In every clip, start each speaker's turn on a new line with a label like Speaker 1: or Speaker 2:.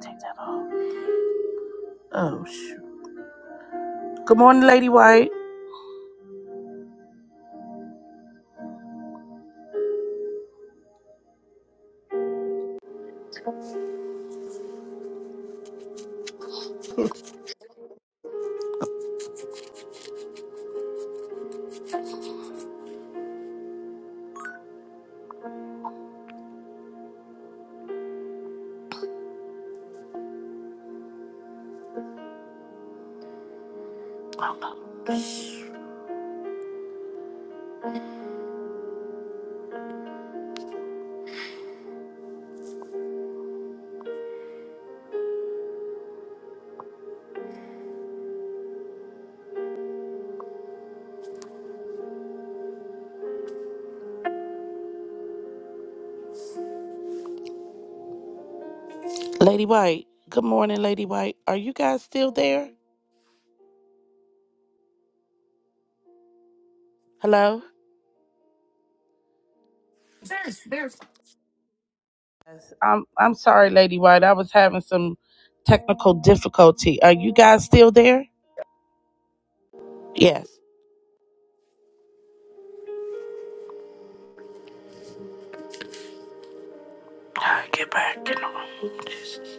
Speaker 1: Take that off. Oh, shoot. Good morning, Lady White. Oh, gosh. Lady White. Good morning, Lady White. Are you guys still there? Hello?
Speaker 2: There's, there's.
Speaker 1: Yes. I'm I'm sorry, Lady White. I was having some technical difficulty. Are you guys still there? Yes. All right, Get back in the room. Jesus.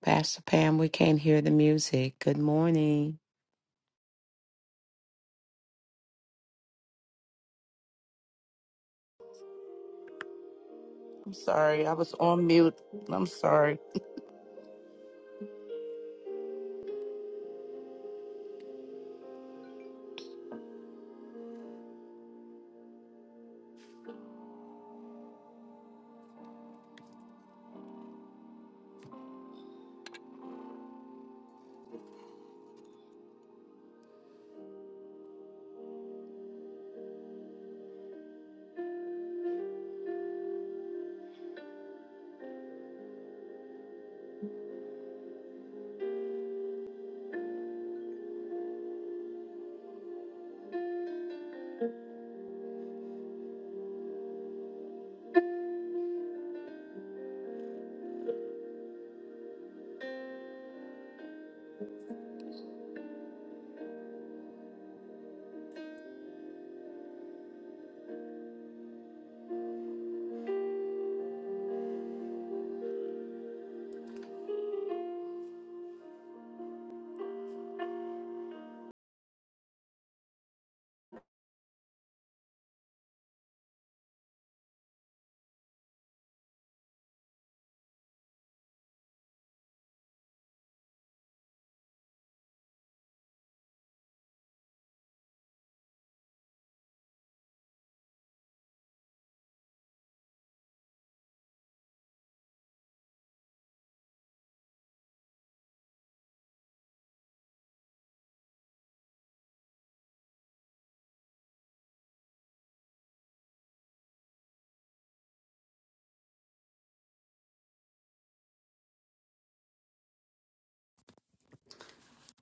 Speaker 3: Pastor Pam, we can't hear the music. Good morning.
Speaker 1: I'm sorry. I was on mute. I'm sorry.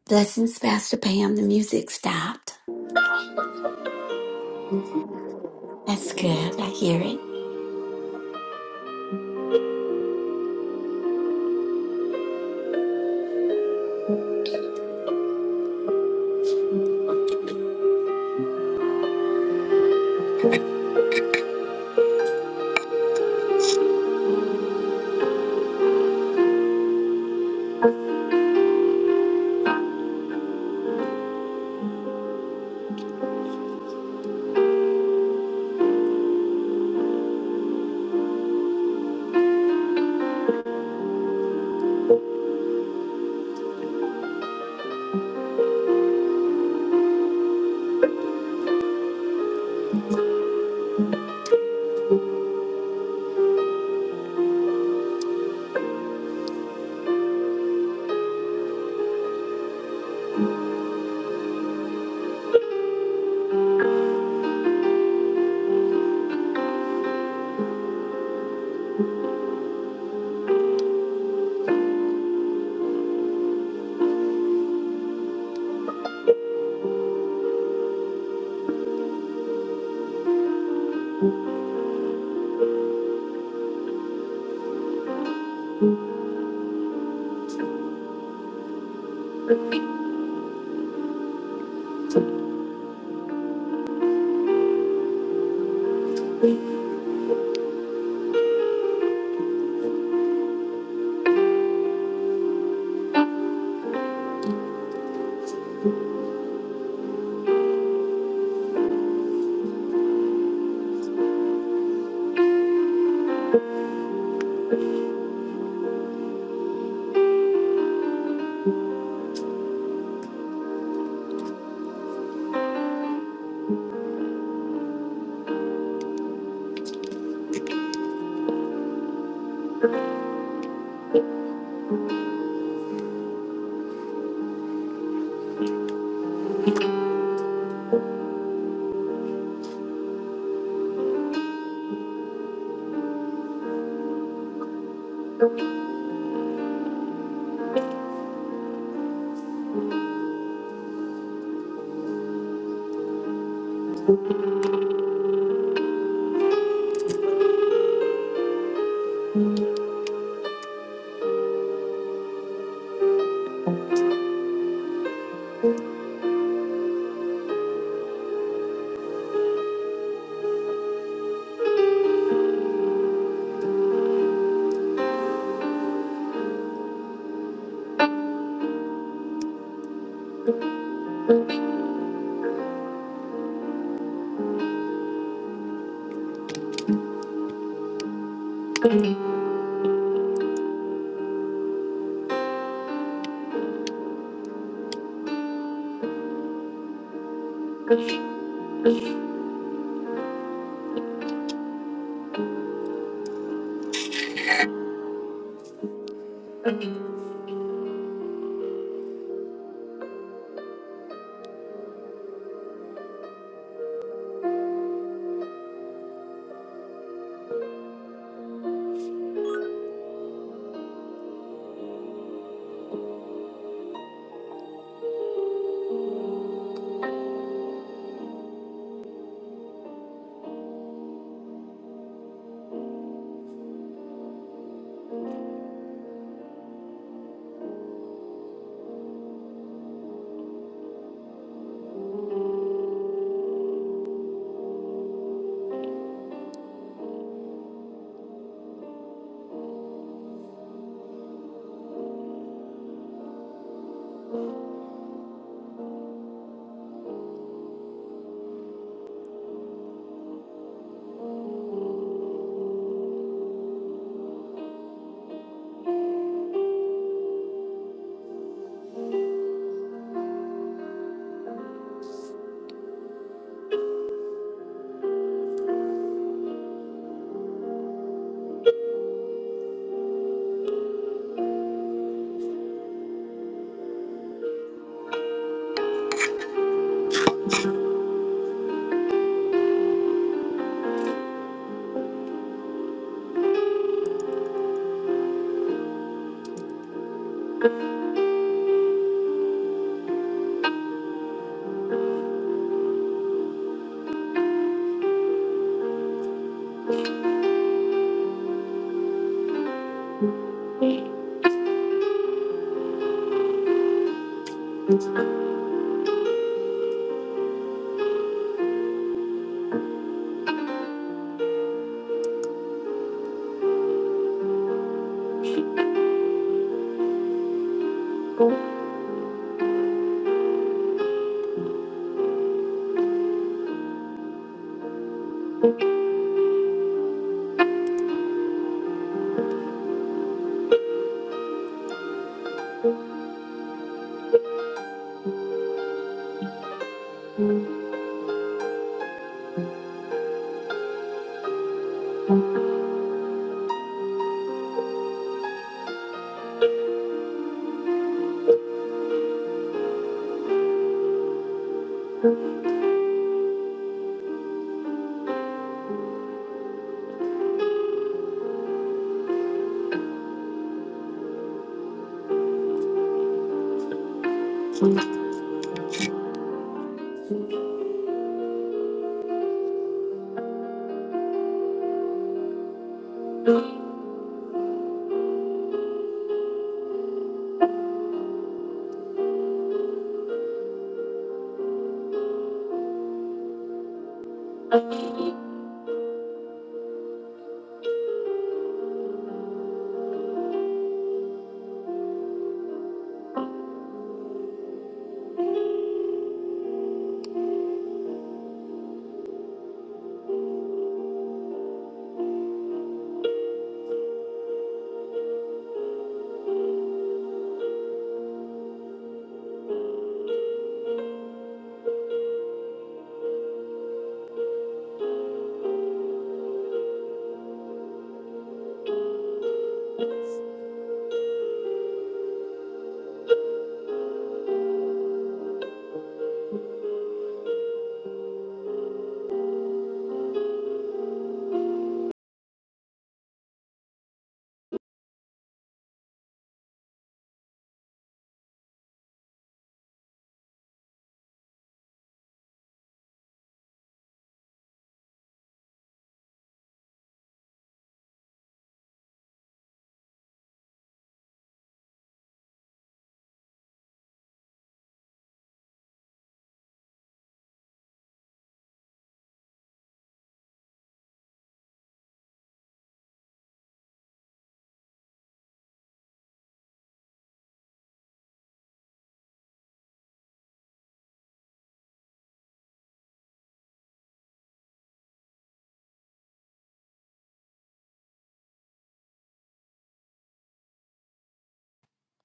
Speaker 4: Blessings, Pastor Pam. The music stopped. That's good. I hear it.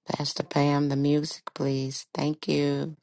Speaker 3: Pastor Pam, the music, please. Thank you.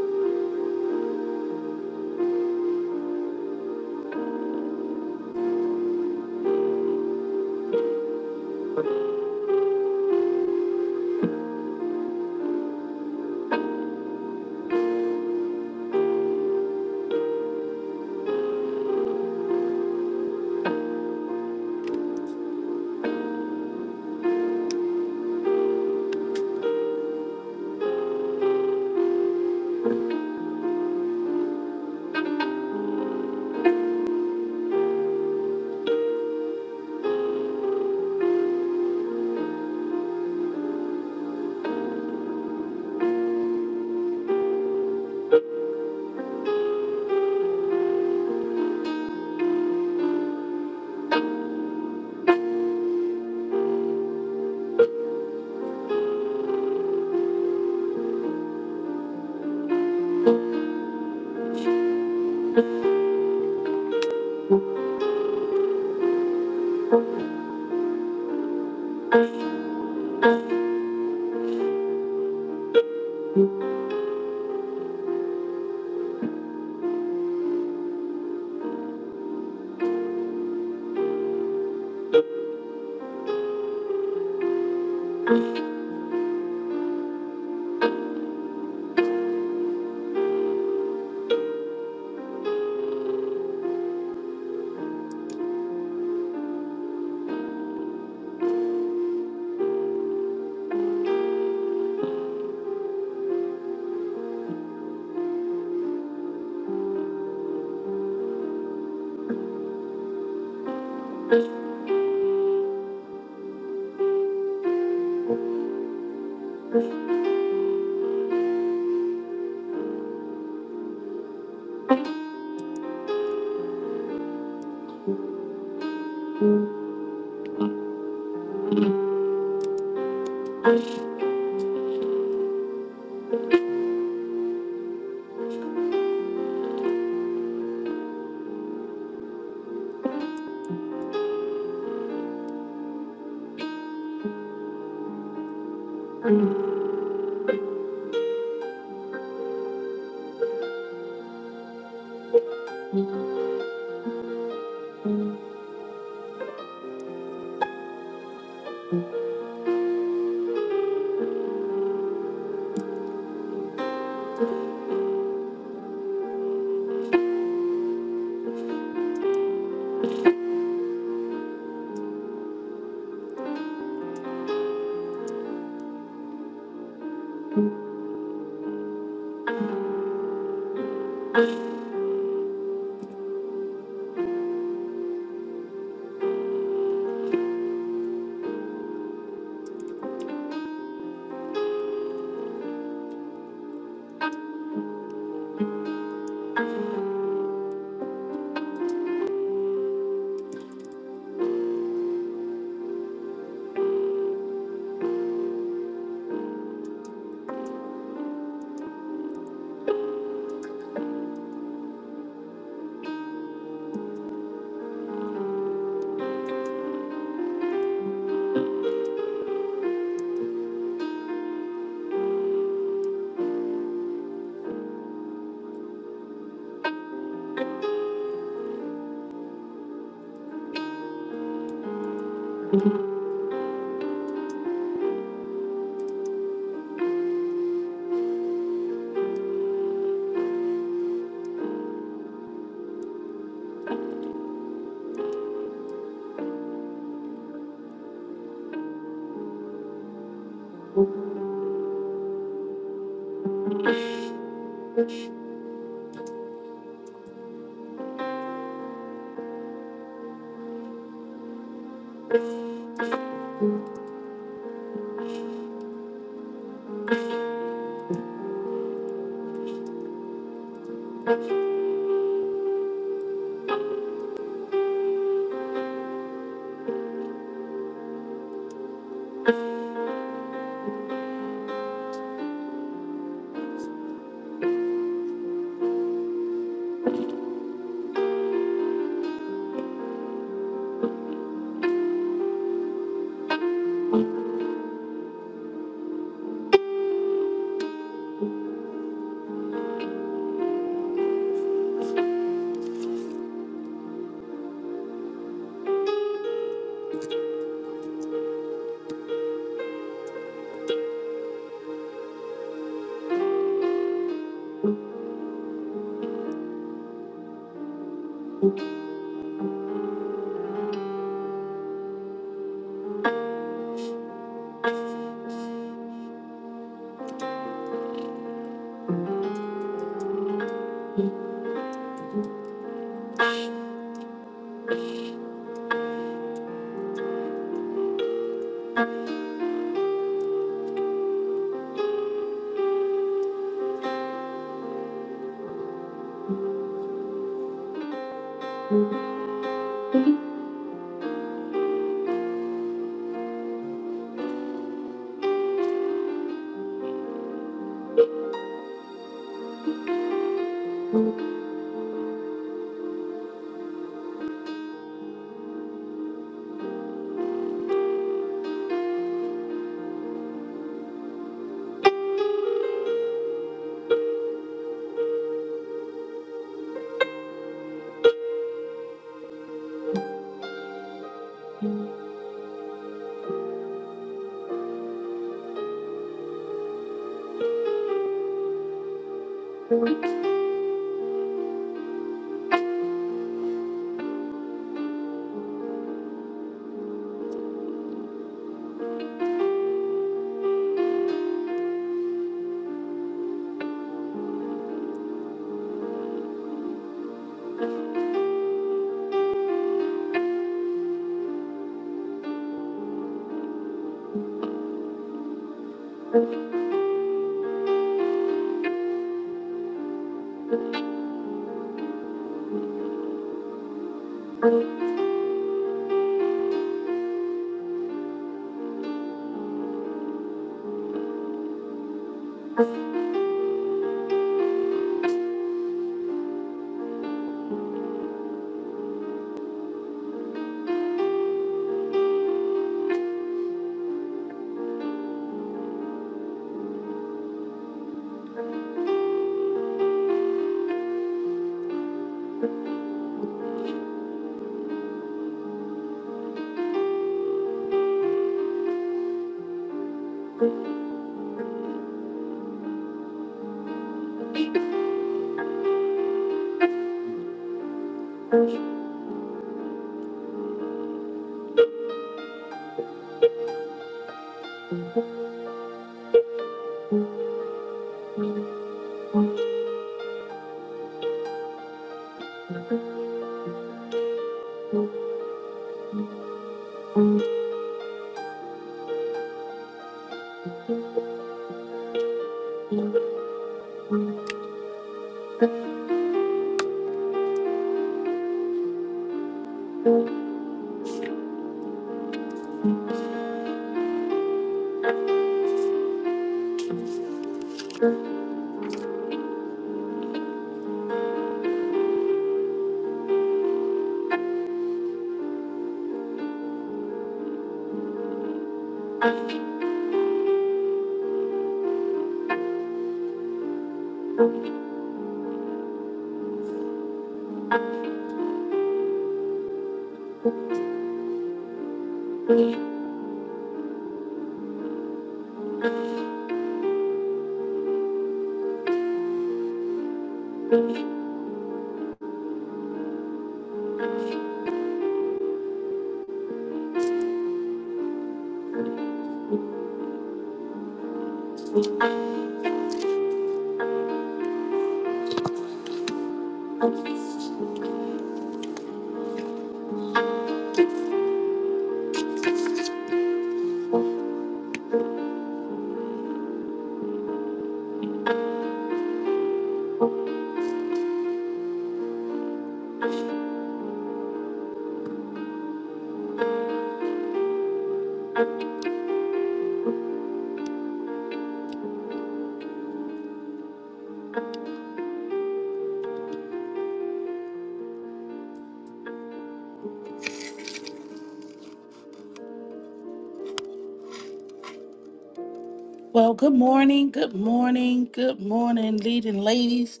Speaker 1: Well, good morning, good morning, good morning, leading ladies.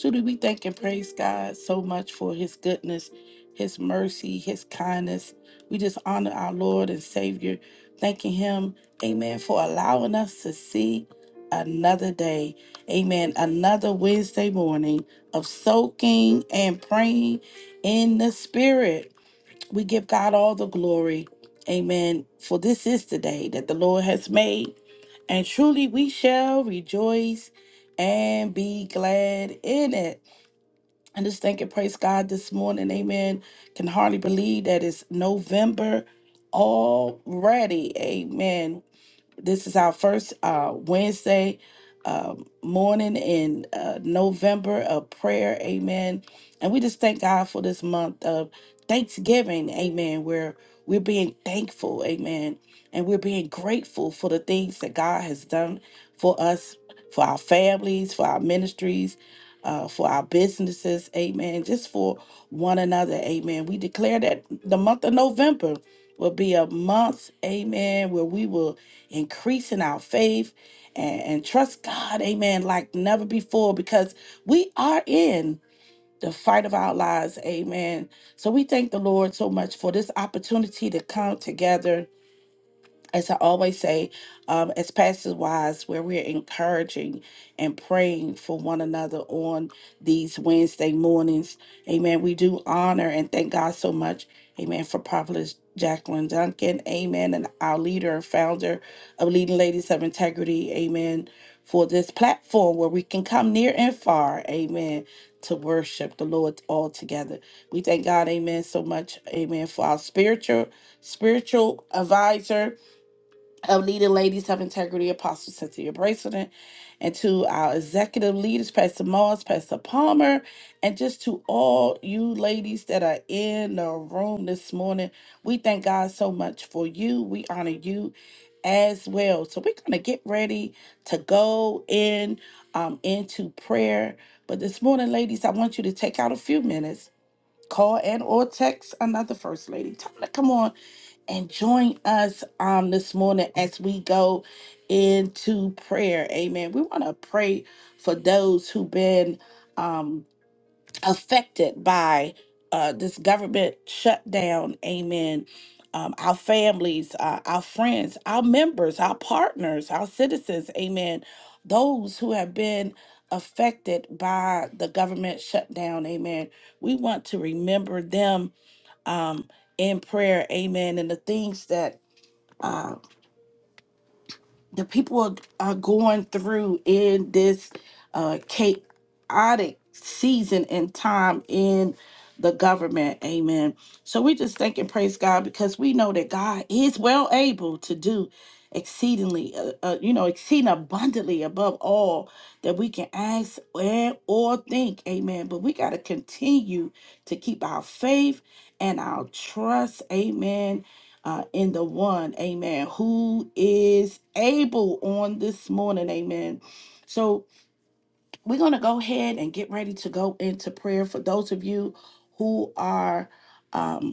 Speaker 1: Truly, we thank and praise God so much for his goodness, his mercy, his kindness. We just honor our Lord and Savior, thanking him, amen, for allowing us to see another day. Amen. Another Wednesday morning of soaking and praying in the Spirit. We give God all the glory. Amen. For this is the day that the Lord has made and truly we shall rejoice and be glad in it. And just thank and praise God this morning. Amen. Can hardly believe that it's November already. Amen. This is our first uh, Wednesday um morning in uh, November of prayer. Amen. And we just thank God for this month of Thanksgiving. Amen. Where we're being thankful. Amen. And we're being grateful for the things that God has done for us, for our families, for our ministries. Uh, for our businesses, amen. Just for one another, amen. We declare that the month of November will be a month, amen, where we will increase in our faith and, and trust God, amen, like never before because we are in the fight of our lives, amen. So we thank the Lord so much for this opportunity to come together as I always say, um, as pastors wise, where we're encouraging and praying for one another on these Wednesday mornings. Amen. We do honor and thank God so much. Amen. For Prophetess Jacqueline Duncan. Amen. And our leader and founder of Leading Ladies of Integrity. Amen. For this platform where we can come near and far. Amen. To worship the Lord all together. We thank God. Amen. So much. Amen. For our spiritual, spiritual advisor of leading ladies of integrity, Apostle Cynthia Bracelet, and to our executive leaders, Pastor Moss, Pastor Palmer, and just to all you ladies that are in the room this morning. We thank God so much for you. We honor you as well. So we're gonna get ready to go in um into prayer. But this morning, ladies, I want you to take out a few minutes Call and or text another first lady. Tell her to come on and join us um this morning as we go into prayer. Amen. We want to pray for those who've been um affected by uh, this government shutdown. Amen. Um, our families, uh, our friends, our members, our partners, our citizens. Amen. Those who have been affected by the government shutdown. Amen. We want to remember them um, in prayer. Amen. And the things that. uh, the people are, are going through in this uh, chaotic season and time in the government. Amen. So we just thank and praise God because we know that God is well able to do exceedingly, uh, uh, you know, exceeding abundantly above all that we can ask and or think. Amen. But we got to continue to keep our faith and our trust. Amen uh, in the one, amen, who is able on this morning, amen. So we're going to go ahead and get ready to go into prayer for those of you who are. um,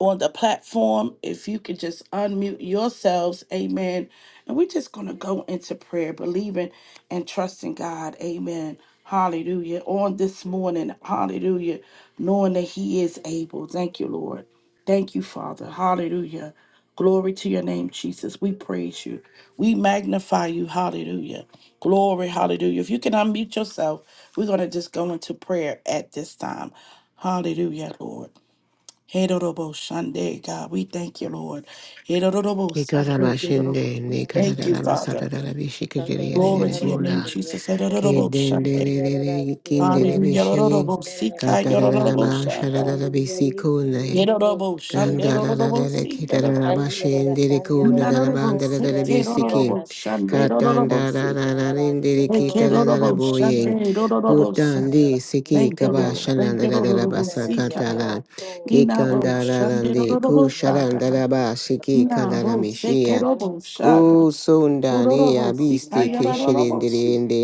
Speaker 1: on the platform, if you could just unmute yourselves, amen. And we're just going to go into prayer, believing and trusting God, amen. Hallelujah. On this morning, hallelujah, knowing that He is able. Thank you, Lord. Thank you, Father. Hallelujah. Glory to your name, Jesus. We praise you. We magnify you. Hallelujah. Glory. Hallelujah. If you can unmute yourself, we're going to just go into prayer at this time. Hallelujah, Lord. Hedorobo Shande, God, we thank you, Lord. Hedorobo Sunday, Hedorobo.
Speaker 5: Kikarabashende,
Speaker 1: We thank you,
Speaker 6: Yarara,
Speaker 1: Father. Glory to your name,
Speaker 5: Nikatarabasatarabishikiribula,
Speaker 1: Jesus. Hedorobo Shande.
Speaker 5: Kidendelele,
Speaker 1: Hallelujah.
Speaker 5: Kindelebishe,
Speaker 1: Hedorobo Sika, Hedorobo Shaka.
Speaker 5: Katarabasharabisiko,
Speaker 1: Hedorobo Shande, Hedorobo
Speaker 5: Kandaladala
Speaker 1: Si,
Speaker 5: kitala
Speaker 1: Hedorobo Sa.
Speaker 5: bashin diriku dala
Speaker 1: Nanorobo
Speaker 5: bandala dala
Speaker 1: Seke,
Speaker 5: bisikin.
Speaker 1: Hedorobo Shande, Hedorobo
Speaker 5: Katandala
Speaker 1: Si.
Speaker 5: rindiri
Speaker 1: Seke,
Speaker 5: kitala dala
Speaker 1: Hedorobo
Speaker 5: boying.
Speaker 1: Shande, Hedorobo Sa.
Speaker 5: Kutandi siki
Speaker 1: Thank you, Lord.
Speaker 5: kabashana
Speaker 1: Thank you,
Speaker 5: dala dala
Speaker 1: Lord.
Speaker 5: basa
Speaker 1: Sika.
Speaker 5: katala.
Speaker 1: Inabo
Speaker 5: Kikandala
Speaker 1: Shande,
Speaker 5: randi
Speaker 1: Hedorobo
Speaker 5: kushalan
Speaker 1: Saka.
Speaker 5: dala basiki kandala
Speaker 1: Nabo
Speaker 5: mishian.
Speaker 1: sekerobo shaga
Speaker 5: Kusundali
Speaker 1: urorobo sika
Speaker 5: abisti
Speaker 1: yarorobo
Speaker 5: kishilindiri
Speaker 1: shika.
Speaker 5: indi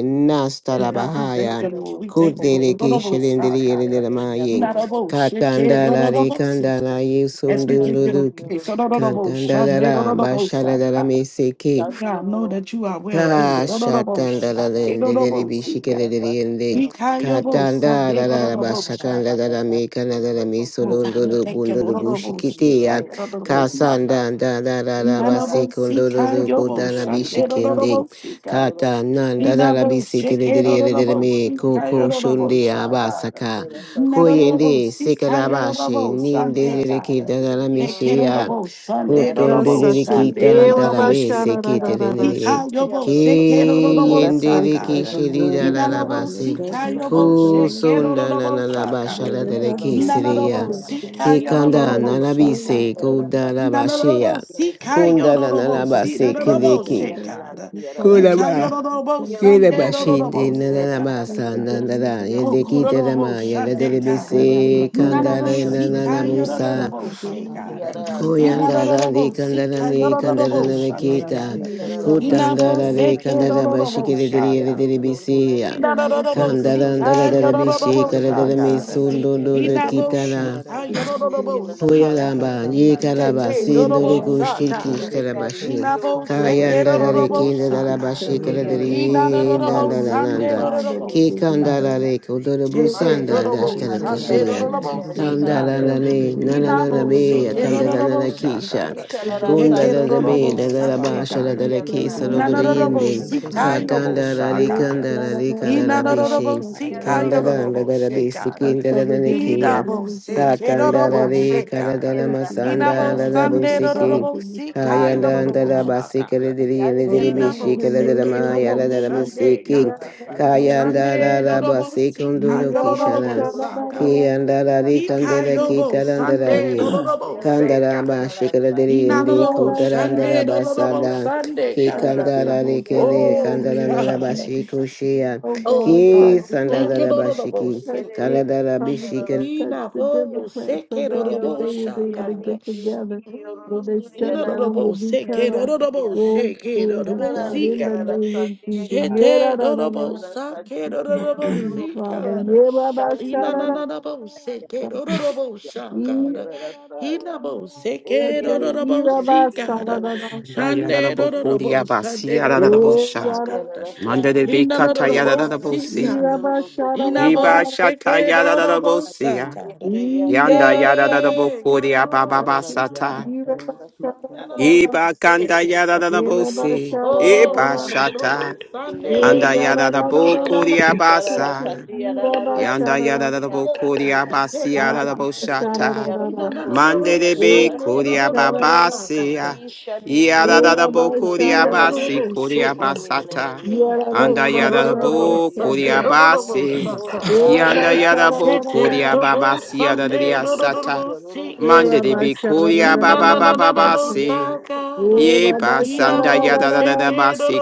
Speaker 1: And
Speaker 5: nastala
Speaker 1: God,
Speaker 6: Yarara
Speaker 1: we thank
Speaker 5: bahaya.
Speaker 1: you,
Speaker 6: Sorio
Speaker 1: Lord. We thank you,
Speaker 6: Pome
Speaker 5: Kudiri
Speaker 1: Lord. Urorobo
Speaker 6: Ayara
Speaker 5: kishilindiri
Speaker 1: shaga
Speaker 5: indi
Speaker 6: Epe
Speaker 5: la
Speaker 6: Yaroro
Speaker 1: narobo shike
Speaker 5: Katandara re
Speaker 1: dororobo sika.
Speaker 5: kandara
Speaker 6: Yaroro
Speaker 5: ye
Speaker 1: As we
Speaker 6: Yanda
Speaker 1: give you the
Speaker 5: sondunduluki.
Speaker 1: praise,
Speaker 6: Yoro Koko
Speaker 1: urorobo shande
Speaker 5: Kantandara
Speaker 1: urorobo
Speaker 5: basharadara
Speaker 1: shaga.
Speaker 5: meseke.
Speaker 1: God, know
Speaker 6: Yaroro
Speaker 1: that you are well
Speaker 6: Kosia
Speaker 1: able.
Speaker 6: Nia
Speaker 5: Kasha
Speaker 1: Urorobo
Speaker 5: tanda la
Speaker 6: Satana
Speaker 1: shake
Speaker 5: lende lere
Speaker 6: Tiara
Speaker 1: urorobo
Speaker 5: bishike
Speaker 1: sika.
Speaker 6: Kopia
Speaker 5: lere
Speaker 6: Satia
Speaker 5: ending.
Speaker 1: Ika
Speaker 6: Kosia
Speaker 1: yobo
Speaker 5: Katanda
Speaker 1: shande
Speaker 5: la la la
Speaker 6: Yebide
Speaker 1: urorobo
Speaker 6: Ayara
Speaker 1: shaga.
Speaker 5: bashakanda la la la
Speaker 6: Satana
Speaker 5: meka na la la
Speaker 6: Yaroro
Speaker 5: miso
Speaker 1: Oh
Speaker 6: Koko
Speaker 1: God,
Speaker 5: londo
Speaker 1: we
Speaker 5: lo
Speaker 6: Yarara
Speaker 1: thank you,
Speaker 5: bundo lo
Speaker 1: Lord.
Speaker 6: Tia
Speaker 1: Urorobo
Speaker 5: bushikite ya.
Speaker 1: shika
Speaker 6: Yaroro
Speaker 1: yarorobo
Speaker 6: Kosia
Speaker 1: shaga.
Speaker 6: Saya
Speaker 5: Kasanda da la la la
Speaker 6: Isharara
Speaker 1: Nanabo
Speaker 5: basikondo lo
Speaker 1: Sika
Speaker 6: Yaroro
Speaker 5: lo
Speaker 1: Yobo
Speaker 5: buda la
Speaker 6: Kosia Nia
Speaker 5: bishikende.
Speaker 1: Shandebo Sika.
Speaker 6: Yaroro
Speaker 5: Katanda da la la
Speaker 1: Inabo
Speaker 5: bisike lere
Speaker 6: Oh,
Speaker 5: lere lere
Speaker 1: Shekerobo
Speaker 5: me
Speaker 6: no, no,
Speaker 1: Sika
Speaker 6: no,
Speaker 5: koko
Speaker 6: no, no,
Speaker 1: Yorobo
Speaker 5: shonde
Speaker 6: no, no,
Speaker 5: ya
Speaker 6: no,
Speaker 1: Shagada.
Speaker 6: asante,
Speaker 5: basaka.
Speaker 6: Bwana, asante, yale
Speaker 1: Nanabo
Speaker 5: Koyende
Speaker 6: lakini,
Speaker 1: Sika
Speaker 5: sekara
Speaker 6: asante,
Speaker 5: bashe
Speaker 1: Yorobo
Speaker 5: ninde
Speaker 6: Bwana,
Speaker 5: lere
Speaker 1: Shandegada.
Speaker 5: kita la la
Speaker 6: Inibidi yale
Speaker 5: mishe ya.
Speaker 6: lokoko,
Speaker 1: Ekerobo
Speaker 6: yale
Speaker 1: Sunday
Speaker 5: Kotondo
Speaker 6: asante,
Speaker 1: Robo
Speaker 5: lere
Speaker 6: Bwana,
Speaker 2: Rasati,
Speaker 6: lokoko,
Speaker 5: kita da
Speaker 6: yale
Speaker 2: Ewa
Speaker 5: la
Speaker 1: Sunday
Speaker 5: bese
Speaker 2: Bashara, da, da,
Speaker 5: kite
Speaker 6: lakasa.
Speaker 2: da, da,
Speaker 5: lere
Speaker 2: Shakti.
Speaker 6: Yale
Speaker 1: Ikayobo
Speaker 6: lokoko,
Speaker 2: Oh Lord, I
Speaker 1: sekerorobosa,
Speaker 2: pray
Speaker 5: Kiyendele
Speaker 6: asante,
Speaker 2: for
Speaker 6: yale
Speaker 1: God.
Speaker 2: every
Speaker 6: lokoko,
Speaker 5: kishiri
Speaker 2: word
Speaker 5: da
Speaker 2: of
Speaker 5: la
Speaker 7: Harokoto
Speaker 6: yale
Speaker 5: la
Speaker 2: God
Speaker 1: Inanabo
Speaker 2: and that
Speaker 5: basi.
Speaker 6: lakasi,
Speaker 2: God
Speaker 7: Bosiki
Speaker 6: yale
Speaker 7: and
Speaker 2: who
Speaker 6: lokoko,
Speaker 2: shall
Speaker 1: sikayobo
Speaker 2: say,
Speaker 6: yale
Speaker 2: oh God,
Speaker 7: Ananabasa.
Speaker 5: Kusunda la la
Speaker 6: lakasombe,
Speaker 5: la
Speaker 6: yale
Speaker 1: shekerorobosa,
Speaker 2: I
Speaker 5: basha
Speaker 2: know
Speaker 1: God.
Speaker 5: la
Speaker 6: kiki,
Speaker 5: da
Speaker 2: that
Speaker 5: la
Speaker 6: yale
Speaker 2: heaven is
Speaker 6: lokoko,
Speaker 7: Ayatara
Speaker 2: not
Speaker 6: yale
Speaker 5: kisiria.
Speaker 1: Inanabo
Speaker 2: still.
Speaker 6: la-
Speaker 2: Lord.
Speaker 7: Rabosi
Speaker 6: Iki
Speaker 5: Kikanda
Speaker 6: yale
Speaker 2: Heaven
Speaker 5: na
Speaker 2: is
Speaker 5: la
Speaker 1: sikayobobobosa,
Speaker 6: lokoko,
Speaker 2: still
Speaker 5: bise
Speaker 1: God.
Speaker 6: yale
Speaker 2: open. oh
Speaker 5: kuda
Speaker 2: God.
Speaker 5: la
Speaker 6: lakasi, yale
Speaker 1: Inanabo
Speaker 6: lakasi,
Speaker 5: bashia.
Speaker 6: yale lakasi, yale
Speaker 5: Kunda la na la
Speaker 2: I pray
Speaker 1: sikayororobosi,
Speaker 5: basi
Speaker 2: for Johnny
Speaker 6: lokoko,
Speaker 5: kiliki.
Speaker 1: dorobose,
Speaker 6: yale
Speaker 2: Shepherd,
Speaker 1: God.
Speaker 6: lakasi,
Speaker 2: the
Speaker 6: yale la-
Speaker 5: Kuda
Speaker 2: calling of
Speaker 5: ba.
Speaker 2: God, I
Speaker 1: Ikayororobo
Speaker 2: pray for
Speaker 6: Quiero
Speaker 5: Kila
Speaker 2: that
Speaker 1: sande
Speaker 2: word,
Speaker 5: bashinde
Speaker 2: God,
Speaker 5: na
Speaker 6: cocoría
Speaker 5: na
Speaker 6: la
Speaker 1: dorobose,
Speaker 5: na
Speaker 6: la
Speaker 1: God.
Speaker 2: pray
Speaker 5: basa
Speaker 6: saquía
Speaker 2: for
Speaker 6: de
Speaker 5: na
Speaker 6: la
Speaker 5: na
Speaker 2: baby,
Speaker 7: Nabasi.
Speaker 5: la.
Speaker 6: sirio
Speaker 2: God,
Speaker 6: no
Speaker 1: Oh,
Speaker 2: God.
Speaker 5: Yeliki da la
Speaker 6: cocoría
Speaker 1: Kororobo
Speaker 5: ma
Speaker 6: la
Speaker 5: yela
Speaker 6: la
Speaker 5: da
Speaker 1: Shande
Speaker 7: Ayatara
Speaker 6: kia
Speaker 1: God.
Speaker 2: under
Speaker 6: kia
Speaker 7: Rabasu
Speaker 2: the
Speaker 5: bise.
Speaker 2: attack
Speaker 8: Ikodoro
Speaker 6: alcatana
Speaker 5: Kanda
Speaker 2: of the
Speaker 6: la
Speaker 5: la
Speaker 1: Nanabo
Speaker 6: la
Speaker 5: la
Speaker 8: shanda
Speaker 5: la
Speaker 2: government
Speaker 8: la
Speaker 5: la
Speaker 8: la
Speaker 1: Sika
Speaker 7: Rabba.
Speaker 8: la
Speaker 6: quiere
Speaker 2: shutdown,
Speaker 8: pa
Speaker 5: musa.
Speaker 8: pa
Speaker 2: thank
Speaker 6: sirio
Speaker 8: pa
Speaker 1: Yororobo
Speaker 6: no
Speaker 2: you,
Speaker 8: pa
Speaker 1: She
Speaker 8: pa pe
Speaker 2: Johnny,
Speaker 6: siquia
Speaker 1: God.
Speaker 8: pe
Speaker 6: la
Speaker 2: for
Speaker 6: la
Speaker 2: you,
Speaker 7: Rakata
Speaker 6: sa
Speaker 8: kodoro
Speaker 2: God, oh
Speaker 5: Kuyandara
Speaker 8: shanda
Speaker 5: li
Speaker 1: Inadorobo
Speaker 8: la la
Speaker 5: kandara
Speaker 6: quiero
Speaker 1: Sika
Speaker 5: ni
Speaker 2: Lord,
Speaker 5: kandara
Speaker 8: ha
Speaker 1: Yororobo
Speaker 5: na na
Speaker 6: cocoría
Speaker 8: la
Speaker 6: la
Speaker 1: Shande
Speaker 6: la
Speaker 8: ya
Speaker 2: we
Speaker 8: pe
Speaker 5: kita.
Speaker 1: God.
Speaker 2: may
Speaker 6: siria la
Speaker 2: be
Speaker 6: la
Speaker 8: kodoro
Speaker 2: all these,
Speaker 8: shanda
Speaker 6: saquía
Speaker 1: Inabo
Speaker 6: la
Speaker 5: Kutandara
Speaker 8: la la
Speaker 2: oh
Speaker 5: li
Speaker 8: la la
Speaker 1: Seke
Speaker 8: la
Speaker 2: God.
Speaker 5: kandara
Speaker 6: cocoría
Speaker 8: la
Speaker 6: la
Speaker 8: pa
Speaker 6: la
Speaker 1: Rorobo
Speaker 8: pa
Speaker 5: bashikiri
Speaker 8: pa
Speaker 5: diri
Speaker 8: pe
Speaker 6: kia
Speaker 5: yere
Speaker 1: Shaka.
Speaker 8: pe
Speaker 5: diri
Speaker 8: pe he
Speaker 6: cocoría la
Speaker 5: bisiya.
Speaker 6: niña la
Speaker 2: Condos
Speaker 8: ke
Speaker 2: will
Speaker 1: Inadorobo
Speaker 5: Kandara
Speaker 8: kodoro
Speaker 2: be
Speaker 5: ndara
Speaker 1: Sika
Speaker 6: ibe
Speaker 5: dara
Speaker 8: shanda la
Speaker 6: kia
Speaker 8: la
Speaker 6: la
Speaker 8: la
Speaker 6: la
Speaker 5: bishi
Speaker 8: la
Speaker 1: Yororobo
Speaker 8: la
Speaker 5: kara
Speaker 8: la
Speaker 5: dara
Speaker 2: paid.
Speaker 8: la pe
Speaker 6: cocoría
Speaker 5: mi
Speaker 7: Rabosi.
Speaker 6: la quiero
Speaker 1: Shaka.
Speaker 6: la
Speaker 8: pe pe pe
Speaker 6: saquía la
Speaker 8: kodoro
Speaker 1: Inabo
Speaker 6: quiero
Speaker 5: kitara.
Speaker 8: shanda la
Speaker 1: Sika
Speaker 8: la pa
Speaker 6: cocoría
Speaker 1: Yororobo
Speaker 6: la la
Speaker 8: ha
Speaker 6: saquía
Speaker 8: ta
Speaker 6: la
Speaker 1: Sika.
Speaker 5: Koyaramba,
Speaker 8: ta
Speaker 6: la
Speaker 8: ta ta ta
Speaker 5: Yekaraba,
Speaker 1: Shete
Speaker 8: te ri
Speaker 1: Rorobo
Speaker 6: cocoría
Speaker 5: Sinduruku,
Speaker 8: shanda la la
Speaker 5: Shirki,
Speaker 8: la
Speaker 1: Saka.
Speaker 8: pe pe
Speaker 6: Dayari
Speaker 8: pe
Speaker 5: Starabashi,
Speaker 8: pe
Speaker 6: to
Speaker 1: Inabo
Speaker 8: kodoro
Speaker 1: Seke
Speaker 6: kuotinia
Speaker 8: shanda
Speaker 5: Kayandara,
Speaker 8: ho
Speaker 1: Rorobo Shaka.
Speaker 6: nandiara na
Speaker 5: Kindarabashi,
Speaker 8: ye la
Speaker 6: kia
Speaker 8: la pa pa
Speaker 7: Ah,
Speaker 6: kokonia
Speaker 5: Kaladari,
Speaker 8: pa
Speaker 6: na
Speaker 8: pa pa
Speaker 1: Inadorobo
Speaker 8: pe
Speaker 2: Holiday
Speaker 8: pe pe
Speaker 6: kote
Speaker 1: Sande
Speaker 7: Rabo.
Speaker 5: Dandananda,
Speaker 8: he
Speaker 2: condos
Speaker 1: Rorobo
Speaker 6: kia
Speaker 2: will
Speaker 7: Nina
Speaker 2: be
Speaker 1: Sika.
Speaker 6: kote
Speaker 5: Kikandara,
Speaker 2: paid.
Speaker 5: Kodorabu
Speaker 2: Rent will
Speaker 1: Shete
Speaker 5: Sanda,
Speaker 2: be
Speaker 6: mandiara na
Speaker 1: dorobo
Speaker 2: paid.
Speaker 8: Thank you,
Speaker 7: Kanda
Speaker 1: sande
Speaker 7: de
Speaker 6: satiara
Speaker 2: Mortgages
Speaker 5: Dashtarakishia,
Speaker 6: na
Speaker 2: will be
Speaker 1: dorobo
Speaker 6: siara
Speaker 1: si
Speaker 2: paid.
Speaker 7: Rabosoku.
Speaker 6: ita
Speaker 5: Kandara,
Speaker 1: God.
Speaker 6: yaro
Speaker 2: Utilities will be
Speaker 6: kokonia
Speaker 1: Inabo
Speaker 6: na
Speaker 2: paid.
Speaker 7: Rabosi.
Speaker 2: If
Speaker 5: Nanananabe,
Speaker 2: the
Speaker 1: shete
Speaker 2: mortgage
Speaker 6: satai
Speaker 1: dorobo
Speaker 5: Kandara
Speaker 1: sha
Speaker 2: is due,
Speaker 5: Kisha,
Speaker 1: God.
Speaker 6: isha na
Speaker 2: they
Speaker 6: na
Speaker 7: Ayat.
Speaker 2: will
Speaker 1: Eke
Speaker 5: Kundara,
Speaker 2: not
Speaker 6: sandia
Speaker 5: the
Speaker 2: be
Speaker 5: Be,
Speaker 1: dorobo
Speaker 2: paid,
Speaker 6: kia
Speaker 1: sande
Speaker 2: you got
Speaker 5: Dadabasha,
Speaker 1: God.
Speaker 2: me
Speaker 5: the
Speaker 6: kokonia
Speaker 2: scared
Speaker 6: na na
Speaker 5: Kisa,
Speaker 2: off
Speaker 6: na
Speaker 2: in the
Speaker 5: Rodri
Speaker 6: tia
Speaker 1: Nanorobo
Speaker 5: ending,
Speaker 2: name
Speaker 1: si
Speaker 7: Ninda
Speaker 2: of
Speaker 7: da.
Speaker 2: Jesus.
Speaker 6: kiti
Speaker 1: kayobo
Speaker 5: Katandara,
Speaker 1: sha
Speaker 2: Yeah,
Speaker 1: God.
Speaker 6: kiara
Speaker 2: da da
Speaker 6: na
Speaker 5: Kandara,
Speaker 6: sa
Speaker 2: da da da da,
Speaker 1: Inanorobo
Speaker 5: Karabishi,
Speaker 2: check
Speaker 1: si
Speaker 6: kiara
Speaker 2: it
Speaker 7: Ayatata
Speaker 6: roto
Speaker 2: out.
Speaker 5: Kandara,
Speaker 1: kayorobo
Speaker 5: the
Speaker 7: Rabosi.
Speaker 1: she God.
Speaker 2: I
Speaker 7: Nina
Speaker 2: covered them in the
Speaker 5: Bisikin,
Speaker 2: blood
Speaker 1: Idabo
Speaker 2: of
Speaker 1: se
Speaker 2: Jesus.
Speaker 1: kedorobo
Speaker 6: mana
Speaker 2: Every
Speaker 6: na
Speaker 5: Katandalari
Speaker 1: she
Speaker 6: na
Speaker 1: God.
Speaker 5: karadana
Speaker 6: kiara
Speaker 2: place
Speaker 6: na
Speaker 2: we
Speaker 7: Rabataba.
Speaker 2: go,
Speaker 5: masanda
Speaker 1: Inabo
Speaker 6: sakate
Speaker 2: God,
Speaker 5: lada
Speaker 7: Oh,
Speaker 2: we're
Speaker 1: sande
Speaker 5: busiki.
Speaker 7: Ayatata.
Speaker 2: involved
Speaker 1: dorobo
Speaker 2: in the
Speaker 1: si
Speaker 2: kingdom. Oh
Speaker 5: Kayanda
Speaker 1: kayorobo
Speaker 5: da
Speaker 6: kiti
Speaker 2: God,
Speaker 1: sha
Speaker 5: basika
Speaker 1: God.
Speaker 5: diri
Speaker 6: Yeah.
Speaker 5: and
Speaker 2: oh
Speaker 5: diri
Speaker 2: God,
Speaker 1: Inabo
Speaker 5: bishi
Speaker 2: help
Speaker 1: se
Speaker 2: us
Speaker 5: karadana
Speaker 2: to
Speaker 5: maya
Speaker 1: kedobo
Speaker 2: find
Speaker 5: lada
Speaker 2: them. Oh God,
Speaker 1: shande
Speaker 5: busiki.
Speaker 2: yeah, da
Speaker 1: God.
Speaker 2: da
Speaker 7: Yeah.
Speaker 2: da da da da da
Speaker 5: Kayanda
Speaker 2: da da
Speaker 1: Sunday,
Speaker 2: da.
Speaker 5: da
Speaker 1: Dodobo, Sika,
Speaker 5: basikunduru
Speaker 2: We are the
Speaker 1: Yodobo,
Speaker 5: kishara.
Speaker 2: shadow, da
Speaker 1: Saka.
Speaker 2: da da da da.
Speaker 5: Kiyanda dari
Speaker 1: Ika
Speaker 5: kandela
Speaker 1: Yobo,
Speaker 2: We are the
Speaker 1: Sunday,
Speaker 5: kitarandalari.
Speaker 1: Dodobo, say,
Speaker 5: Kandara
Speaker 1: God.
Speaker 5: bashikara diri
Speaker 1: Ina
Speaker 5: and de
Speaker 1: Dodobo,
Speaker 2: shadow, da
Speaker 1: Sunday,
Speaker 5: kutarandara
Speaker 2: da da da da.
Speaker 1: Dodobo,
Speaker 5: basada.
Speaker 2: Oh
Speaker 1: Sunday,
Speaker 2: God, touch
Speaker 1: God.
Speaker 2: them. Oh
Speaker 5: Kikandalari
Speaker 2: God,
Speaker 5: kele
Speaker 2: in the
Speaker 1: Oh,
Speaker 2: name
Speaker 5: kandaranara
Speaker 2: of
Speaker 1: God.
Speaker 2: Jesus.
Speaker 5: bashikushia.
Speaker 2: Oh
Speaker 1: Oh,
Speaker 2: God,
Speaker 5: Ki
Speaker 2: touch
Speaker 1: God. We
Speaker 2: rock.
Speaker 1: Thank you, Dodobo,
Speaker 5: sandalabashiki.
Speaker 2: touch
Speaker 1: say,
Speaker 2: the
Speaker 1: God.
Speaker 5: Kaladara bishika
Speaker 2: Republicans, touch
Speaker 1: Ina,
Speaker 2: the
Speaker 1: oh,
Speaker 2: Democrats, oh
Speaker 1: Seke,
Speaker 2: God, that
Speaker 1: Dodobo,
Speaker 2: they will
Speaker 1: Sha,
Speaker 2: be able to
Speaker 1: God.
Speaker 2: get together. When they
Speaker 1: Mm,
Speaker 2: shut
Speaker 1: Ina
Speaker 2: down,
Speaker 1: Dodobo,
Speaker 2: will be
Speaker 1: Seke,
Speaker 2: cut off.
Speaker 1: Dodobo,
Speaker 2: Oh,
Speaker 1: Seke,
Speaker 2: end, oh
Speaker 1: Dodobo,
Speaker 6: Thank
Speaker 2: God,
Speaker 1: See,
Speaker 2: in the
Speaker 1: God.
Speaker 2: name of Jesus. Yeah, da,
Speaker 1: Shete,
Speaker 2: da, da, da,
Speaker 1: Dodobo,
Speaker 2: da.
Speaker 1: Sake, Dodobo,
Speaker 7: Hi.
Speaker 2: Please,
Speaker 1: See,
Speaker 2: Father.
Speaker 1: God.
Speaker 2: Yeah, ba, ba, sha, da, da, da, da, da, Yeah, da.
Speaker 1: Inananabose,
Speaker 2: Ee,
Speaker 1: God.
Speaker 2: ya, da, da, da, da, da,
Speaker 7: Thank
Speaker 2: da.
Speaker 1: Inabose,
Speaker 2: Shante, ee, ra, ba,
Speaker 1: Kedorobose,
Speaker 2: sa, da,
Speaker 1: God.
Speaker 2: da, da.
Speaker 3: Da ya da da
Speaker 1: Shande,
Speaker 3: bo fo di ya
Speaker 1: Dorobose,
Speaker 3: ba si
Speaker 1: Sunday,
Speaker 3: ya da da da bo
Speaker 2: Oh,
Speaker 3: sha.
Speaker 1: Dorobose,
Speaker 2: ya, da,
Speaker 1: God.
Speaker 3: Manda de be
Speaker 2: da,
Speaker 3: ka ta ya da da da bo
Speaker 1: Inanabose,
Speaker 3: si.
Speaker 1: God.
Speaker 2: da, da, da,
Speaker 3: Iba
Speaker 2: da. Shante.
Speaker 3: sha
Speaker 1: Inabose,
Speaker 3: ta ya da da da bo si
Speaker 1: Kedorobose,
Speaker 3: ya.
Speaker 1: God.
Speaker 2: Yeah,
Speaker 3: Yanda
Speaker 2: Rabbi,
Speaker 3: ya da da
Speaker 2: shada
Speaker 3: da
Speaker 2: da
Speaker 3: bo
Speaker 1: Hey,
Speaker 2: da
Speaker 3: ko
Speaker 2: da
Speaker 3: di
Speaker 1: God,
Speaker 3: ya
Speaker 2: da,
Speaker 3: ba ba ba
Speaker 1: Dorobose,
Speaker 2: shate.
Speaker 3: sa ta.
Speaker 2: Oh,
Speaker 1: God.
Speaker 2: Rabbi,
Speaker 3: Iba kanda
Speaker 1: Inanabose,
Speaker 3: ya da da da
Speaker 1: God.
Speaker 3: bo si.
Speaker 1: Oh,
Speaker 3: Iba
Speaker 1: God,
Speaker 3: sha ta.
Speaker 1: Dorobose, Sunday,
Speaker 3: Anda ya da da
Speaker 1: Dorobose,
Speaker 3: bo
Speaker 6: you.
Speaker 1: God.
Speaker 3: ko di ya ba
Speaker 6: Tarara
Speaker 3: sa.
Speaker 6: Satya
Speaker 1: Sunday,
Speaker 3: Yanda ya
Speaker 6: Randiya
Speaker 3: da da da
Speaker 6: Kya
Speaker 3: bo ko di ya
Speaker 6: Sakanda
Speaker 3: ba si ya
Speaker 6: Siya
Speaker 3: da da bo sha
Speaker 6: Sakanda
Speaker 3: ta.
Speaker 6: Diara Koko
Speaker 3: Mande
Speaker 6: Sierra
Speaker 3: de Mandelebe Korea
Speaker 6: Satyo
Speaker 3: Babasia. Yada da
Speaker 6: Ishanitio
Speaker 3: da bo Korea
Speaker 6: Suryoto
Speaker 3: Basi
Speaker 6: Suryoto
Speaker 3: Korea
Speaker 6: Koko
Speaker 3: Basata.
Speaker 6: Nenea
Speaker 3: Anda yada da bo
Speaker 6: Neneneria
Speaker 3: Korea
Speaker 6: Rio Ruo
Speaker 3: Basi.
Speaker 6: Koko Sia
Speaker 3: Yanda
Speaker 2: shada
Speaker 3: yada
Speaker 6: Kadaya
Speaker 3: bo Korea
Speaker 6: Nandiya
Speaker 3: yada da da sata.
Speaker 6: Yorosi Yorosi
Speaker 3: Mandelebe
Speaker 6: Yorosi
Speaker 3: Korea
Speaker 6: Yande
Speaker 3: Baba Baba
Speaker 2: da
Speaker 3: Basi.
Speaker 6: Ibirion Koko
Speaker 3: Ye
Speaker 6: Yorosi
Speaker 3: basanda
Speaker 2: da
Speaker 3: yada da
Speaker 2: da
Speaker 6: Yorosi
Speaker 3: da
Speaker 2: da.
Speaker 3: da basi